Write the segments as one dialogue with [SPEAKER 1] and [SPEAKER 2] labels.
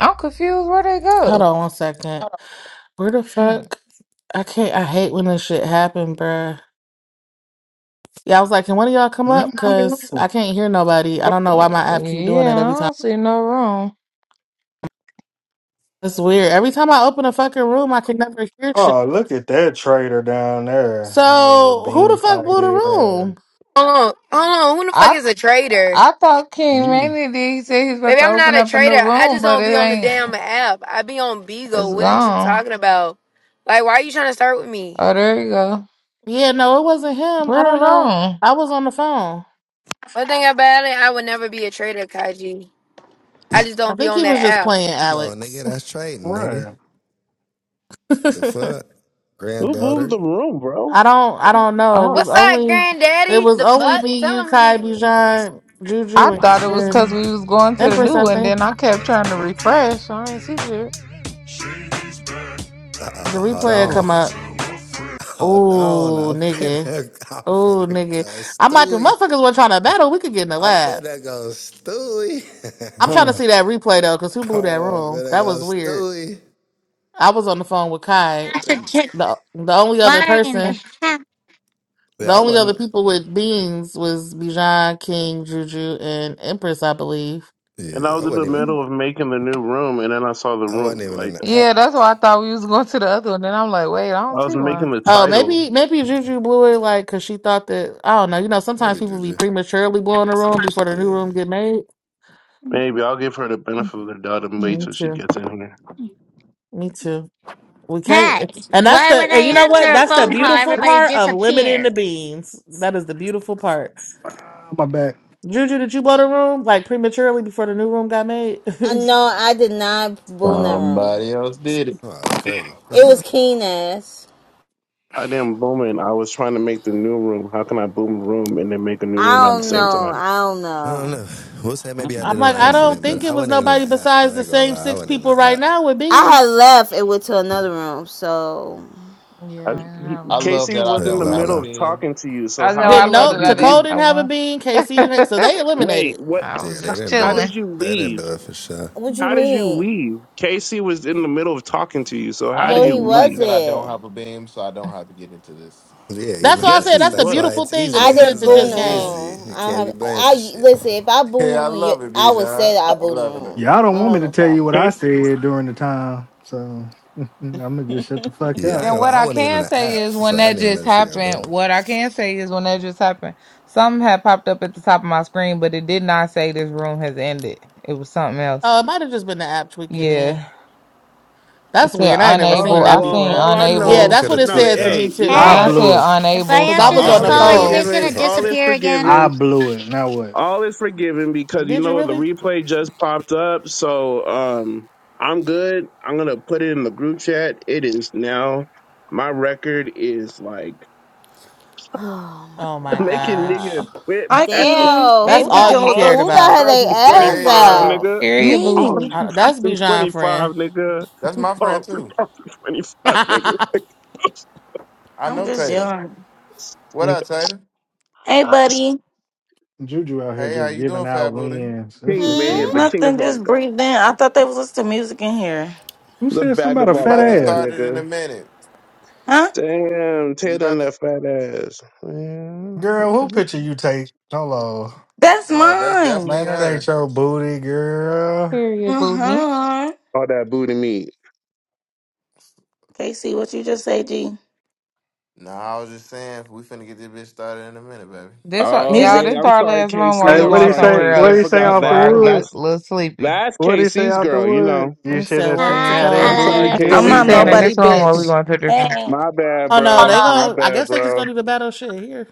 [SPEAKER 1] I'm confused where they
[SPEAKER 2] Hold
[SPEAKER 1] go.
[SPEAKER 2] on one second. Where the
[SPEAKER 1] Mm,
[SPEAKER 2] fuck? I can't. I hate when this shit happen, bruh. Yeah, I was like, can one of y'all come
[SPEAKER 3] Man,
[SPEAKER 2] up?
[SPEAKER 3] what the
[SPEAKER 2] Cause
[SPEAKER 3] hell?
[SPEAKER 2] I can't hear nobody. I don't know why my app keep doing it
[SPEAKER 1] Yeah, I
[SPEAKER 2] every time.
[SPEAKER 1] don't see no room.
[SPEAKER 2] It's weird. Every time I open a fucking room, I can never hear shit.
[SPEAKER 3] Oh, look at that trader down there. Oh,
[SPEAKER 2] So who
[SPEAKER 3] bean
[SPEAKER 2] the fuck
[SPEAKER 3] pie
[SPEAKER 2] blew the
[SPEAKER 3] head ass.
[SPEAKER 2] room?
[SPEAKER 4] Hold on, hold on. Who the fuck
[SPEAKER 1] I
[SPEAKER 4] is a trader?
[SPEAKER 1] I thought King
[SPEAKER 3] You
[SPEAKER 1] Manny did. He said he's about
[SPEAKER 4] Baby,
[SPEAKER 1] to
[SPEAKER 4] I'm not
[SPEAKER 1] open
[SPEAKER 4] a
[SPEAKER 1] up a
[SPEAKER 4] trader.
[SPEAKER 1] new
[SPEAKER 4] I
[SPEAKER 1] room,
[SPEAKER 4] just
[SPEAKER 1] but
[SPEAKER 4] don't
[SPEAKER 1] it
[SPEAKER 4] be on the
[SPEAKER 1] ain't.
[SPEAKER 4] damn app. I be on
[SPEAKER 1] It's
[SPEAKER 4] Beagle. What is you
[SPEAKER 1] gone.
[SPEAKER 4] talking about? Like, why are you trying to start with me?
[SPEAKER 1] Oh, there you go.
[SPEAKER 2] Yeah, no, it wasn't him. I
[SPEAKER 1] Where
[SPEAKER 2] don't know.
[SPEAKER 1] wrong?
[SPEAKER 2] I was on the phone.
[SPEAKER 4] One thing about it, I would never be a trader, Kaji. I just
[SPEAKER 2] I
[SPEAKER 4] don't be
[SPEAKER 2] think
[SPEAKER 4] on
[SPEAKER 2] he was
[SPEAKER 4] that
[SPEAKER 2] just
[SPEAKER 4] app.
[SPEAKER 2] playing
[SPEAKER 5] You go, nigga.
[SPEAKER 2] Alex.
[SPEAKER 5] That's trading, nigga.
[SPEAKER 3] right.
[SPEAKER 5] The fuck,
[SPEAKER 6] Who boomed
[SPEAKER 5] granddaughter.
[SPEAKER 6] the room,
[SPEAKER 2] I
[SPEAKER 6] bro?
[SPEAKER 2] don't. I don't know. It
[SPEAKER 1] Oh,
[SPEAKER 2] was
[SPEAKER 4] What's up,
[SPEAKER 2] only. It
[SPEAKER 4] granddaddy?
[SPEAKER 2] was
[SPEAKER 4] The
[SPEAKER 2] only
[SPEAKER 4] fuck?
[SPEAKER 2] me, you,
[SPEAKER 4] Tell him
[SPEAKER 2] Kai,
[SPEAKER 4] again.
[SPEAKER 2] Bijan, Juju,
[SPEAKER 1] I
[SPEAKER 2] and,
[SPEAKER 1] thought it was
[SPEAKER 2] and
[SPEAKER 1] because we was going to the
[SPEAKER 2] Empress,
[SPEAKER 1] new
[SPEAKER 2] I
[SPEAKER 1] one.
[SPEAKER 2] think
[SPEAKER 1] Then I kept trying to refresh. I ain't see it.
[SPEAKER 2] the
[SPEAKER 5] Uh-oh, hold
[SPEAKER 2] replay had
[SPEAKER 5] on,
[SPEAKER 2] come up.
[SPEAKER 5] hold on.
[SPEAKER 2] Oh,
[SPEAKER 5] I'm
[SPEAKER 2] nigga.
[SPEAKER 5] finna, I'm
[SPEAKER 2] Oh,
[SPEAKER 5] finna go
[SPEAKER 2] nigga. I'm like, if
[SPEAKER 5] stewy.
[SPEAKER 2] motherfuckers were trying to battle, we could get in the
[SPEAKER 5] I'm
[SPEAKER 2] lab.
[SPEAKER 5] finna go stewy.
[SPEAKER 2] I'm trying to
[SPEAKER 3] Hmm.
[SPEAKER 2] see that replay though, because who blew that
[SPEAKER 5] Oh, I'm
[SPEAKER 2] room?
[SPEAKER 5] finna
[SPEAKER 2] That was
[SPEAKER 5] go
[SPEAKER 2] weird.
[SPEAKER 5] stewy.
[SPEAKER 2] I was on the phone with Kai.
[SPEAKER 7] answer to
[SPEAKER 2] The, the only other
[SPEAKER 7] why in
[SPEAKER 2] person,
[SPEAKER 7] the heck?
[SPEAKER 2] the
[SPEAKER 5] Yeah, I
[SPEAKER 2] only other
[SPEAKER 5] wasn't.
[SPEAKER 2] people with beans was Bijan, King, Juju, and Empress, I believe.
[SPEAKER 5] Yeah,
[SPEAKER 6] And I
[SPEAKER 5] I
[SPEAKER 6] was in
[SPEAKER 5] wasn't
[SPEAKER 6] the
[SPEAKER 5] even.
[SPEAKER 6] middle of making the new room, and then I saw the
[SPEAKER 5] I wasn't
[SPEAKER 6] room.
[SPEAKER 5] even in
[SPEAKER 6] Like
[SPEAKER 5] the app.
[SPEAKER 1] Yeah, that's why I thought we was going to the other one. Then I'm like, wait, I don't
[SPEAKER 6] I was
[SPEAKER 1] see one.
[SPEAKER 6] making the
[SPEAKER 2] Oh,
[SPEAKER 6] title.
[SPEAKER 2] maybe maybe Juju blew it like because she thought that I don't know. You know, sometimes
[SPEAKER 5] Maybe
[SPEAKER 2] people be
[SPEAKER 5] Juju.
[SPEAKER 2] prematurely blowing the room before the new
[SPEAKER 5] Yeah.
[SPEAKER 2] room get made.
[SPEAKER 6] Maybe I'll give her the benefit of the doubt and wait
[SPEAKER 2] Me
[SPEAKER 6] till she
[SPEAKER 2] too.
[SPEAKER 6] gets in here.
[SPEAKER 2] Me too. We can't,
[SPEAKER 7] Hey,
[SPEAKER 2] and that's
[SPEAKER 7] why
[SPEAKER 2] the,
[SPEAKER 7] when
[SPEAKER 2] and you
[SPEAKER 7] I
[SPEAKER 2] know what?
[SPEAKER 7] answer a
[SPEAKER 2] That's the
[SPEAKER 7] phone call,
[SPEAKER 2] beautiful
[SPEAKER 7] everybody
[SPEAKER 2] part of limiting
[SPEAKER 7] disappeared?
[SPEAKER 2] the beans. That is the beautiful part.
[SPEAKER 3] Ah, my back.
[SPEAKER 2] Juju, did you blow the room like prematurely before the new room got made?
[SPEAKER 8] Uh, no, I did not boom that room.
[SPEAKER 9] Somebody else did it.
[SPEAKER 5] Oh, that's crazy.
[SPEAKER 8] It was
[SPEAKER 5] I
[SPEAKER 8] keen ass.
[SPEAKER 6] I didn't boom it. I was trying to make the new room. How can I boom the room and then make a new
[SPEAKER 8] I
[SPEAKER 6] room at the
[SPEAKER 8] don't
[SPEAKER 6] same
[SPEAKER 8] know.
[SPEAKER 6] time?
[SPEAKER 8] I don't
[SPEAKER 5] don't
[SPEAKER 8] know.
[SPEAKER 5] know. We'll say maybe I did
[SPEAKER 2] I'm
[SPEAKER 5] it on
[SPEAKER 2] like, I don't
[SPEAKER 5] accident, but
[SPEAKER 2] think
[SPEAKER 9] mm
[SPEAKER 5] I
[SPEAKER 2] it was
[SPEAKER 5] wasn't even in the
[SPEAKER 2] nobody
[SPEAKER 5] app.
[SPEAKER 2] besides
[SPEAKER 5] I
[SPEAKER 2] the
[SPEAKER 5] ain't gonna
[SPEAKER 2] same
[SPEAKER 5] lie. I
[SPEAKER 2] six
[SPEAKER 5] wasn't even
[SPEAKER 2] people
[SPEAKER 5] in the
[SPEAKER 2] right
[SPEAKER 5] app.
[SPEAKER 2] now with
[SPEAKER 8] I had
[SPEAKER 2] beans.
[SPEAKER 8] left and went to another room. So,
[SPEAKER 1] Yeah,
[SPEAKER 6] I,
[SPEAKER 1] I didn't have
[SPEAKER 9] I
[SPEAKER 1] one.
[SPEAKER 9] love
[SPEAKER 6] Casey
[SPEAKER 9] that I
[SPEAKER 6] was
[SPEAKER 5] Hey,
[SPEAKER 6] in the
[SPEAKER 9] don't
[SPEAKER 5] hello,
[SPEAKER 9] have a
[SPEAKER 6] middle
[SPEAKER 5] hello.
[SPEAKER 6] of
[SPEAKER 9] beam.
[SPEAKER 6] talking to you. So
[SPEAKER 1] I know I
[SPEAKER 6] how
[SPEAKER 2] Didn't
[SPEAKER 6] how
[SPEAKER 1] love
[SPEAKER 2] know
[SPEAKER 6] did
[SPEAKER 1] that I
[SPEAKER 6] you leave?
[SPEAKER 1] didn't
[SPEAKER 2] Taco didn't
[SPEAKER 1] have
[SPEAKER 2] have a
[SPEAKER 1] one.
[SPEAKER 2] bean, KC didn't, have, so they
[SPEAKER 6] Wait,
[SPEAKER 2] eliminated.
[SPEAKER 6] what?
[SPEAKER 1] I
[SPEAKER 5] Yeah,
[SPEAKER 1] was
[SPEAKER 5] they
[SPEAKER 6] How,
[SPEAKER 1] just
[SPEAKER 5] didn't
[SPEAKER 6] how
[SPEAKER 5] do
[SPEAKER 1] chilling.
[SPEAKER 5] it.
[SPEAKER 6] did you
[SPEAKER 5] They didn't do
[SPEAKER 6] leave?
[SPEAKER 5] it for sure.
[SPEAKER 8] what you
[SPEAKER 6] How did you
[SPEAKER 8] mean?
[SPEAKER 6] leave? Casey was in the middle of talking to you. So how
[SPEAKER 9] I
[SPEAKER 8] No,
[SPEAKER 6] did
[SPEAKER 8] he
[SPEAKER 6] you
[SPEAKER 9] actually like
[SPEAKER 6] leave?
[SPEAKER 9] that I don't
[SPEAKER 8] wasn't.
[SPEAKER 9] have a beam, so I don't have to get into this.
[SPEAKER 5] Yeah, you
[SPEAKER 2] That's
[SPEAKER 5] know
[SPEAKER 2] why I
[SPEAKER 6] Yes,
[SPEAKER 2] said
[SPEAKER 6] he
[SPEAKER 5] that's
[SPEAKER 2] that's the
[SPEAKER 5] that's
[SPEAKER 6] was.
[SPEAKER 5] why
[SPEAKER 2] beautiful
[SPEAKER 5] it's
[SPEAKER 2] thing of
[SPEAKER 8] I
[SPEAKER 5] easy.
[SPEAKER 2] limited
[SPEAKER 8] did
[SPEAKER 5] That's
[SPEAKER 2] to
[SPEAKER 8] boo
[SPEAKER 5] why
[SPEAKER 8] in
[SPEAKER 2] just
[SPEAKER 8] the
[SPEAKER 5] it's
[SPEAKER 2] game.
[SPEAKER 5] easy.
[SPEAKER 8] room.
[SPEAKER 5] You
[SPEAKER 8] I don't
[SPEAKER 5] can't be
[SPEAKER 8] have.
[SPEAKER 5] blamed for
[SPEAKER 8] I
[SPEAKER 5] shit.
[SPEAKER 8] listen. If I boom the
[SPEAKER 9] Yeah, I
[SPEAKER 8] room, you,
[SPEAKER 9] love it,
[SPEAKER 8] I would say
[SPEAKER 9] Bijan.
[SPEAKER 8] that I
[SPEAKER 9] I
[SPEAKER 8] boom the
[SPEAKER 9] love it.
[SPEAKER 8] room.
[SPEAKER 3] Y'all
[SPEAKER 8] I
[SPEAKER 3] don't
[SPEAKER 8] don't
[SPEAKER 3] want me
[SPEAKER 8] have
[SPEAKER 3] to
[SPEAKER 8] no
[SPEAKER 3] tell you what
[SPEAKER 8] problem.
[SPEAKER 3] I
[SPEAKER 6] Case.
[SPEAKER 3] said during the time, so I'm gonna just shut the fuck
[SPEAKER 5] Yeah, I
[SPEAKER 3] up.
[SPEAKER 5] ain't
[SPEAKER 1] Then
[SPEAKER 5] gonna
[SPEAKER 1] what
[SPEAKER 5] lie, I
[SPEAKER 1] I
[SPEAKER 5] wasn't even in
[SPEAKER 1] can
[SPEAKER 5] the
[SPEAKER 1] say
[SPEAKER 5] app,
[SPEAKER 1] is
[SPEAKER 5] so
[SPEAKER 1] when
[SPEAKER 5] I
[SPEAKER 1] that
[SPEAKER 5] didn't even know
[SPEAKER 1] just
[SPEAKER 5] the shit got
[SPEAKER 1] happened,
[SPEAKER 5] boomed.
[SPEAKER 1] what I can say is when that just happened, something had popped up at the top of my screen, but it did not say this room has ended. It was something else.
[SPEAKER 2] Uh, it might have just been the app tweaking in.
[SPEAKER 1] Yeah.
[SPEAKER 2] That's
[SPEAKER 1] It said
[SPEAKER 2] weird. I ain't never
[SPEAKER 6] All
[SPEAKER 2] seen
[SPEAKER 1] unable.
[SPEAKER 6] right.
[SPEAKER 2] that
[SPEAKER 1] I
[SPEAKER 6] Well,
[SPEAKER 2] before
[SPEAKER 1] seen
[SPEAKER 2] though.
[SPEAKER 6] all I
[SPEAKER 5] Yeah, the
[SPEAKER 2] Yeah,
[SPEAKER 5] app
[SPEAKER 1] unable.
[SPEAKER 6] know,
[SPEAKER 2] that's
[SPEAKER 5] could
[SPEAKER 2] what
[SPEAKER 5] have
[SPEAKER 2] it
[SPEAKER 6] no.
[SPEAKER 5] tweaked
[SPEAKER 2] said to
[SPEAKER 5] out.
[SPEAKER 6] Hey,
[SPEAKER 2] me
[SPEAKER 6] you know
[SPEAKER 2] too.
[SPEAKER 3] I
[SPEAKER 1] Mine
[SPEAKER 7] Hey,
[SPEAKER 6] what?
[SPEAKER 3] blew
[SPEAKER 1] said
[SPEAKER 3] it.
[SPEAKER 7] if I
[SPEAKER 1] unable
[SPEAKER 2] Cause I
[SPEAKER 7] answer
[SPEAKER 2] was
[SPEAKER 7] this
[SPEAKER 2] on
[SPEAKER 5] I
[SPEAKER 6] All
[SPEAKER 1] something.
[SPEAKER 2] the
[SPEAKER 6] is
[SPEAKER 7] call, are
[SPEAKER 5] blew
[SPEAKER 7] you
[SPEAKER 2] phone.
[SPEAKER 5] it.
[SPEAKER 7] guys
[SPEAKER 6] forgiven.
[SPEAKER 7] gonna
[SPEAKER 6] All is
[SPEAKER 7] disappear again?
[SPEAKER 3] I
[SPEAKER 6] forgiven.
[SPEAKER 3] blew it. Now what?
[SPEAKER 6] All is forgiven because you
[SPEAKER 2] Did
[SPEAKER 6] know
[SPEAKER 2] you
[SPEAKER 6] what? The
[SPEAKER 2] really?
[SPEAKER 6] replay just popped up, so um, I'm good. I'm gonna put it in the group chat. It is now. My record is like
[SPEAKER 2] Oh my
[SPEAKER 6] making
[SPEAKER 8] Ah,
[SPEAKER 6] niggas
[SPEAKER 2] gosh.
[SPEAKER 6] quit
[SPEAKER 10] Hi,
[SPEAKER 6] battle
[SPEAKER 10] King.
[SPEAKER 8] damn,
[SPEAKER 10] Hey,
[SPEAKER 2] That's
[SPEAKER 8] who
[SPEAKER 10] B.
[SPEAKER 2] all
[SPEAKER 8] got
[SPEAKER 10] John,
[SPEAKER 2] you
[SPEAKER 10] look
[SPEAKER 6] all
[SPEAKER 10] over.
[SPEAKER 2] cared
[SPEAKER 8] who got
[SPEAKER 2] about.
[SPEAKER 8] her they ass
[SPEAKER 6] 2025,
[SPEAKER 9] Tater,
[SPEAKER 8] out?
[SPEAKER 6] nigga.
[SPEAKER 1] Period,
[SPEAKER 10] Me.
[SPEAKER 6] All
[SPEAKER 1] booty.
[SPEAKER 2] Uh, that's Bijan
[SPEAKER 6] 2025,
[SPEAKER 2] friend.
[SPEAKER 6] nigga.
[SPEAKER 9] that's my friend
[SPEAKER 6] All
[SPEAKER 9] too.
[SPEAKER 6] 2025, nigga.
[SPEAKER 9] I
[SPEAKER 10] I'm
[SPEAKER 9] know
[SPEAKER 10] just
[SPEAKER 9] Tater.
[SPEAKER 10] young.
[SPEAKER 9] What up, Tater?
[SPEAKER 10] Hey,
[SPEAKER 6] Like,
[SPEAKER 10] buddy.
[SPEAKER 3] Juju out here
[SPEAKER 9] Hey, how
[SPEAKER 3] just
[SPEAKER 9] you
[SPEAKER 3] giving
[SPEAKER 9] doing, Fat
[SPEAKER 3] out
[SPEAKER 9] Booty?
[SPEAKER 3] wins. This
[SPEAKER 6] King
[SPEAKER 3] shit
[SPEAKER 6] Mania, the
[SPEAKER 8] Hmm.
[SPEAKER 3] crazy.
[SPEAKER 6] king of
[SPEAKER 10] Nothing.
[SPEAKER 6] all
[SPEAKER 10] Just
[SPEAKER 6] gods,
[SPEAKER 10] breathe in. I thought they was listening to music in here.
[SPEAKER 3] Who
[SPEAKER 6] the
[SPEAKER 3] said something
[SPEAKER 6] bag
[SPEAKER 3] about
[SPEAKER 6] of
[SPEAKER 3] a
[SPEAKER 9] We
[SPEAKER 6] all
[SPEAKER 3] fat
[SPEAKER 9] about to
[SPEAKER 6] gods,
[SPEAKER 3] ass?
[SPEAKER 9] start it in
[SPEAKER 6] nigga.
[SPEAKER 9] a minute.
[SPEAKER 10] Huh?
[SPEAKER 6] Damn,
[SPEAKER 9] We
[SPEAKER 6] Taylor and
[SPEAKER 9] about to.
[SPEAKER 6] that fat ass. Yeah,
[SPEAKER 3] Girl, what
[SPEAKER 6] okay.
[SPEAKER 3] picture you take? Hold
[SPEAKER 10] That's
[SPEAKER 9] No, that's definitely
[SPEAKER 3] Man,
[SPEAKER 10] mine.
[SPEAKER 3] that ain't your
[SPEAKER 9] hers.
[SPEAKER 3] booty, girl.
[SPEAKER 1] Period,
[SPEAKER 10] Uh
[SPEAKER 1] Booty.
[SPEAKER 10] huh.
[SPEAKER 6] All that booty meat.
[SPEAKER 10] Casey, what you just say, G?
[SPEAKER 9] No, I was just saying we finna get this bitch started in a minute, baby.
[SPEAKER 1] This our-
[SPEAKER 6] Oh
[SPEAKER 1] y'all,
[SPEAKER 10] Music?
[SPEAKER 6] wait,
[SPEAKER 1] this
[SPEAKER 6] I'm
[SPEAKER 1] our
[SPEAKER 6] sorry,
[SPEAKER 1] last room or
[SPEAKER 3] Hey,
[SPEAKER 6] Casey.
[SPEAKER 1] we
[SPEAKER 6] I'm
[SPEAKER 3] what do
[SPEAKER 1] going
[SPEAKER 3] you
[SPEAKER 6] sorry,
[SPEAKER 3] say?
[SPEAKER 1] somewhere
[SPEAKER 3] What
[SPEAKER 6] Casey.
[SPEAKER 3] do
[SPEAKER 6] I
[SPEAKER 3] you
[SPEAKER 1] else
[SPEAKER 3] say
[SPEAKER 6] forgot
[SPEAKER 3] off
[SPEAKER 1] before
[SPEAKER 3] the
[SPEAKER 1] I
[SPEAKER 6] that.
[SPEAKER 1] get
[SPEAKER 3] wood?
[SPEAKER 1] a
[SPEAKER 6] That's
[SPEAKER 1] little sleepy.
[SPEAKER 6] that's
[SPEAKER 3] What do you say
[SPEAKER 6] Casey's
[SPEAKER 3] off the
[SPEAKER 6] girl. You
[SPEAKER 3] wood?
[SPEAKER 6] know.
[SPEAKER 3] You
[SPEAKER 2] And
[SPEAKER 3] should
[SPEAKER 2] said
[SPEAKER 3] have
[SPEAKER 2] what
[SPEAKER 3] seen
[SPEAKER 2] to
[SPEAKER 7] Hi,
[SPEAKER 3] how that
[SPEAKER 6] I'm
[SPEAKER 2] call?
[SPEAKER 3] booty
[SPEAKER 6] sorry,
[SPEAKER 1] I said
[SPEAKER 10] I'm
[SPEAKER 1] we
[SPEAKER 7] Alex.
[SPEAKER 6] Casey,
[SPEAKER 10] not
[SPEAKER 3] jiggled,
[SPEAKER 1] staying in
[SPEAKER 3] G.
[SPEAKER 6] bro.
[SPEAKER 10] nobody,
[SPEAKER 1] this room or we
[SPEAKER 10] bitch.
[SPEAKER 1] going to a different
[SPEAKER 10] Hey.
[SPEAKER 6] My bad,
[SPEAKER 2] Oh no,
[SPEAKER 10] Oh
[SPEAKER 6] bro.
[SPEAKER 2] they
[SPEAKER 6] My
[SPEAKER 2] gonna
[SPEAKER 10] no.
[SPEAKER 2] I
[SPEAKER 6] bad,
[SPEAKER 2] guess they just
[SPEAKER 6] bro.
[SPEAKER 2] gonna do the battle shit here.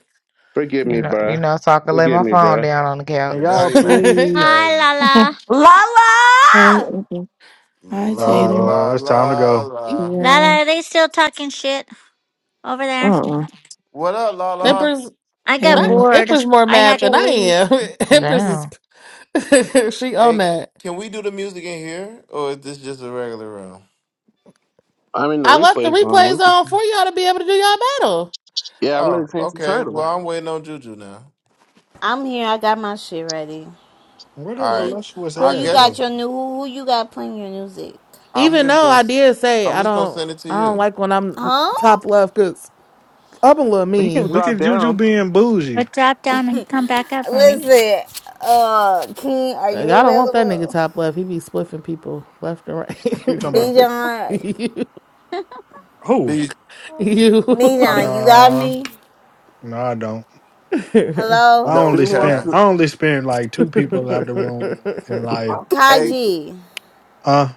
[SPEAKER 6] Forgive
[SPEAKER 1] you
[SPEAKER 6] me,
[SPEAKER 1] know you
[SPEAKER 6] bruh.
[SPEAKER 1] know, so I can lay
[SPEAKER 6] Forgive
[SPEAKER 1] my
[SPEAKER 6] me,
[SPEAKER 1] phone
[SPEAKER 6] bruh.
[SPEAKER 1] down on the
[SPEAKER 3] And
[SPEAKER 9] The
[SPEAKER 1] couch.
[SPEAKER 3] y'all,
[SPEAKER 9] dirty Mackin is
[SPEAKER 3] please.
[SPEAKER 7] Hi,
[SPEAKER 9] crazy.
[SPEAKER 7] Lala.
[SPEAKER 11] Hey,
[SPEAKER 10] Lala.
[SPEAKER 11] Ruby. Hi,
[SPEAKER 3] Oh
[SPEAKER 9] La
[SPEAKER 11] Tatum.
[SPEAKER 9] la
[SPEAKER 3] Lord, it's time to
[SPEAKER 9] la
[SPEAKER 3] go.
[SPEAKER 9] la.
[SPEAKER 11] Yeah.
[SPEAKER 7] Lala, are they still talking shit over there?
[SPEAKER 11] Uh-uh.
[SPEAKER 9] What up, la la?
[SPEAKER 2] Empress
[SPEAKER 7] I got
[SPEAKER 2] not
[SPEAKER 11] Hey.
[SPEAKER 7] bored.
[SPEAKER 2] Empress more
[SPEAKER 7] I had
[SPEAKER 2] mad
[SPEAKER 7] to
[SPEAKER 2] than I
[SPEAKER 7] leave.
[SPEAKER 2] am. Empress
[SPEAKER 1] Down.
[SPEAKER 2] is she on
[SPEAKER 9] Hey,
[SPEAKER 2] that.
[SPEAKER 9] can we do the music in here, or is this just a regular room?
[SPEAKER 6] I mean, the
[SPEAKER 2] I left the
[SPEAKER 6] replay's on.
[SPEAKER 2] replays
[SPEAKER 6] We
[SPEAKER 2] on
[SPEAKER 6] can-
[SPEAKER 2] for y'all to be able to do y'all battle.
[SPEAKER 6] Yeah, I'm gonna
[SPEAKER 9] Oh,
[SPEAKER 6] change the
[SPEAKER 9] okay.
[SPEAKER 6] title.
[SPEAKER 9] Well, I'm waiting on Juju now.
[SPEAKER 8] I'm here. I got my shit ready.
[SPEAKER 3] Where did
[SPEAKER 8] Who
[SPEAKER 9] All right.
[SPEAKER 8] you
[SPEAKER 3] voluptuous
[SPEAKER 8] who
[SPEAKER 9] I
[SPEAKER 3] ass
[SPEAKER 8] you
[SPEAKER 9] guess
[SPEAKER 8] got
[SPEAKER 3] go?
[SPEAKER 8] your new who, who you got playing your music?
[SPEAKER 9] I'm
[SPEAKER 2] Even
[SPEAKER 9] just
[SPEAKER 2] though
[SPEAKER 9] gonna
[SPEAKER 2] I did say
[SPEAKER 9] I'm
[SPEAKER 2] I
[SPEAKER 9] just gonna
[SPEAKER 2] don't
[SPEAKER 9] send it to
[SPEAKER 2] I don't
[SPEAKER 9] you.
[SPEAKER 2] like when I'm
[SPEAKER 8] Huh?
[SPEAKER 2] top left because I'm a little
[SPEAKER 6] But you
[SPEAKER 2] mean.
[SPEAKER 6] can
[SPEAKER 3] Look
[SPEAKER 6] drop
[SPEAKER 3] at Juju
[SPEAKER 6] down.
[SPEAKER 3] being bougie.
[SPEAKER 7] But drop down and come back up for me
[SPEAKER 8] Listen, uh King, are
[SPEAKER 2] Uh,
[SPEAKER 8] you
[SPEAKER 2] Y'all don't want that nigga
[SPEAKER 8] available?
[SPEAKER 2] top left. He be spliffing people left and
[SPEAKER 3] What you talking about?
[SPEAKER 2] right.
[SPEAKER 8] Bijan
[SPEAKER 2] you,
[SPEAKER 3] Who?
[SPEAKER 9] Be I
[SPEAKER 2] you.
[SPEAKER 9] mean,
[SPEAKER 8] Bijan, you got
[SPEAKER 3] Nah,
[SPEAKER 8] me?
[SPEAKER 3] no, I don't. I
[SPEAKER 8] Hello?
[SPEAKER 9] that was
[SPEAKER 3] only
[SPEAKER 6] Who wants
[SPEAKER 3] spent.
[SPEAKER 9] Kai.
[SPEAKER 6] to?
[SPEAKER 3] I only spent like two people out the room in life.
[SPEAKER 9] Hey,
[SPEAKER 8] Kaji,
[SPEAKER 3] Huh?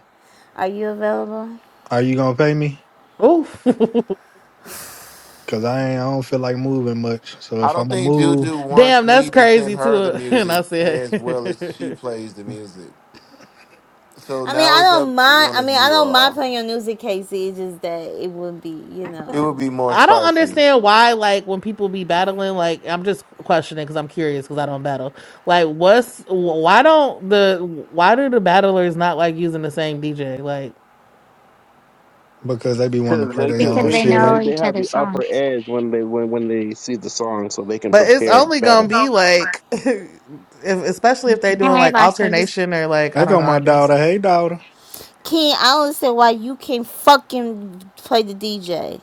[SPEAKER 8] are you available?
[SPEAKER 3] Are you gonna pay me?
[SPEAKER 2] Oh,
[SPEAKER 3] Cause I ain't. I don't feel like moving much. So
[SPEAKER 9] I
[SPEAKER 3] if
[SPEAKER 9] don't
[SPEAKER 3] I'ma
[SPEAKER 9] think
[SPEAKER 3] move,
[SPEAKER 9] Juju
[SPEAKER 2] Damn,
[SPEAKER 9] wants
[SPEAKER 2] that's
[SPEAKER 9] me to
[SPEAKER 2] crazy
[SPEAKER 9] send her the
[SPEAKER 2] too. And I
[SPEAKER 9] music
[SPEAKER 2] said,
[SPEAKER 9] as well as she plays the music. So
[SPEAKER 8] I mean
[SPEAKER 9] now
[SPEAKER 8] I
[SPEAKER 9] it's
[SPEAKER 8] don't
[SPEAKER 9] up to
[SPEAKER 8] mind
[SPEAKER 9] one
[SPEAKER 8] I
[SPEAKER 9] of
[SPEAKER 8] mean I
[SPEAKER 9] you
[SPEAKER 8] don't mind
[SPEAKER 9] all.
[SPEAKER 8] playing your music, Casey. It's just that it would be, you
[SPEAKER 9] It
[SPEAKER 8] know.
[SPEAKER 9] would be more
[SPEAKER 2] I don't
[SPEAKER 9] spicy.
[SPEAKER 2] understand why, like, when people be battling, like, I'm just questioning because I'm curious because I don't battle. Like, what's why don't the why do the battlers not like using the same DJ?
[SPEAKER 3] because they be wanting to
[SPEAKER 6] Because
[SPEAKER 3] play
[SPEAKER 6] they
[SPEAKER 3] their
[SPEAKER 6] can,
[SPEAKER 7] because
[SPEAKER 3] own
[SPEAKER 6] they
[SPEAKER 7] they
[SPEAKER 6] feel
[SPEAKER 3] shit.
[SPEAKER 7] know
[SPEAKER 6] like they
[SPEAKER 7] each
[SPEAKER 6] have the
[SPEAKER 7] other's songs.
[SPEAKER 6] upper edge when they when when they see the song, so they can
[SPEAKER 2] But it's
[SPEAKER 6] prepare
[SPEAKER 2] only
[SPEAKER 6] better.
[SPEAKER 2] gonna be like,
[SPEAKER 3] There
[SPEAKER 2] if, especially if they doing
[SPEAKER 7] Hi,
[SPEAKER 2] like
[SPEAKER 7] boss lady.
[SPEAKER 2] alternation or like I don't
[SPEAKER 3] go
[SPEAKER 2] know. I
[SPEAKER 3] my
[SPEAKER 2] guess
[SPEAKER 3] daughter. Hey, daughter.
[SPEAKER 8] King, I don't understand why you can't fucking play the DJ.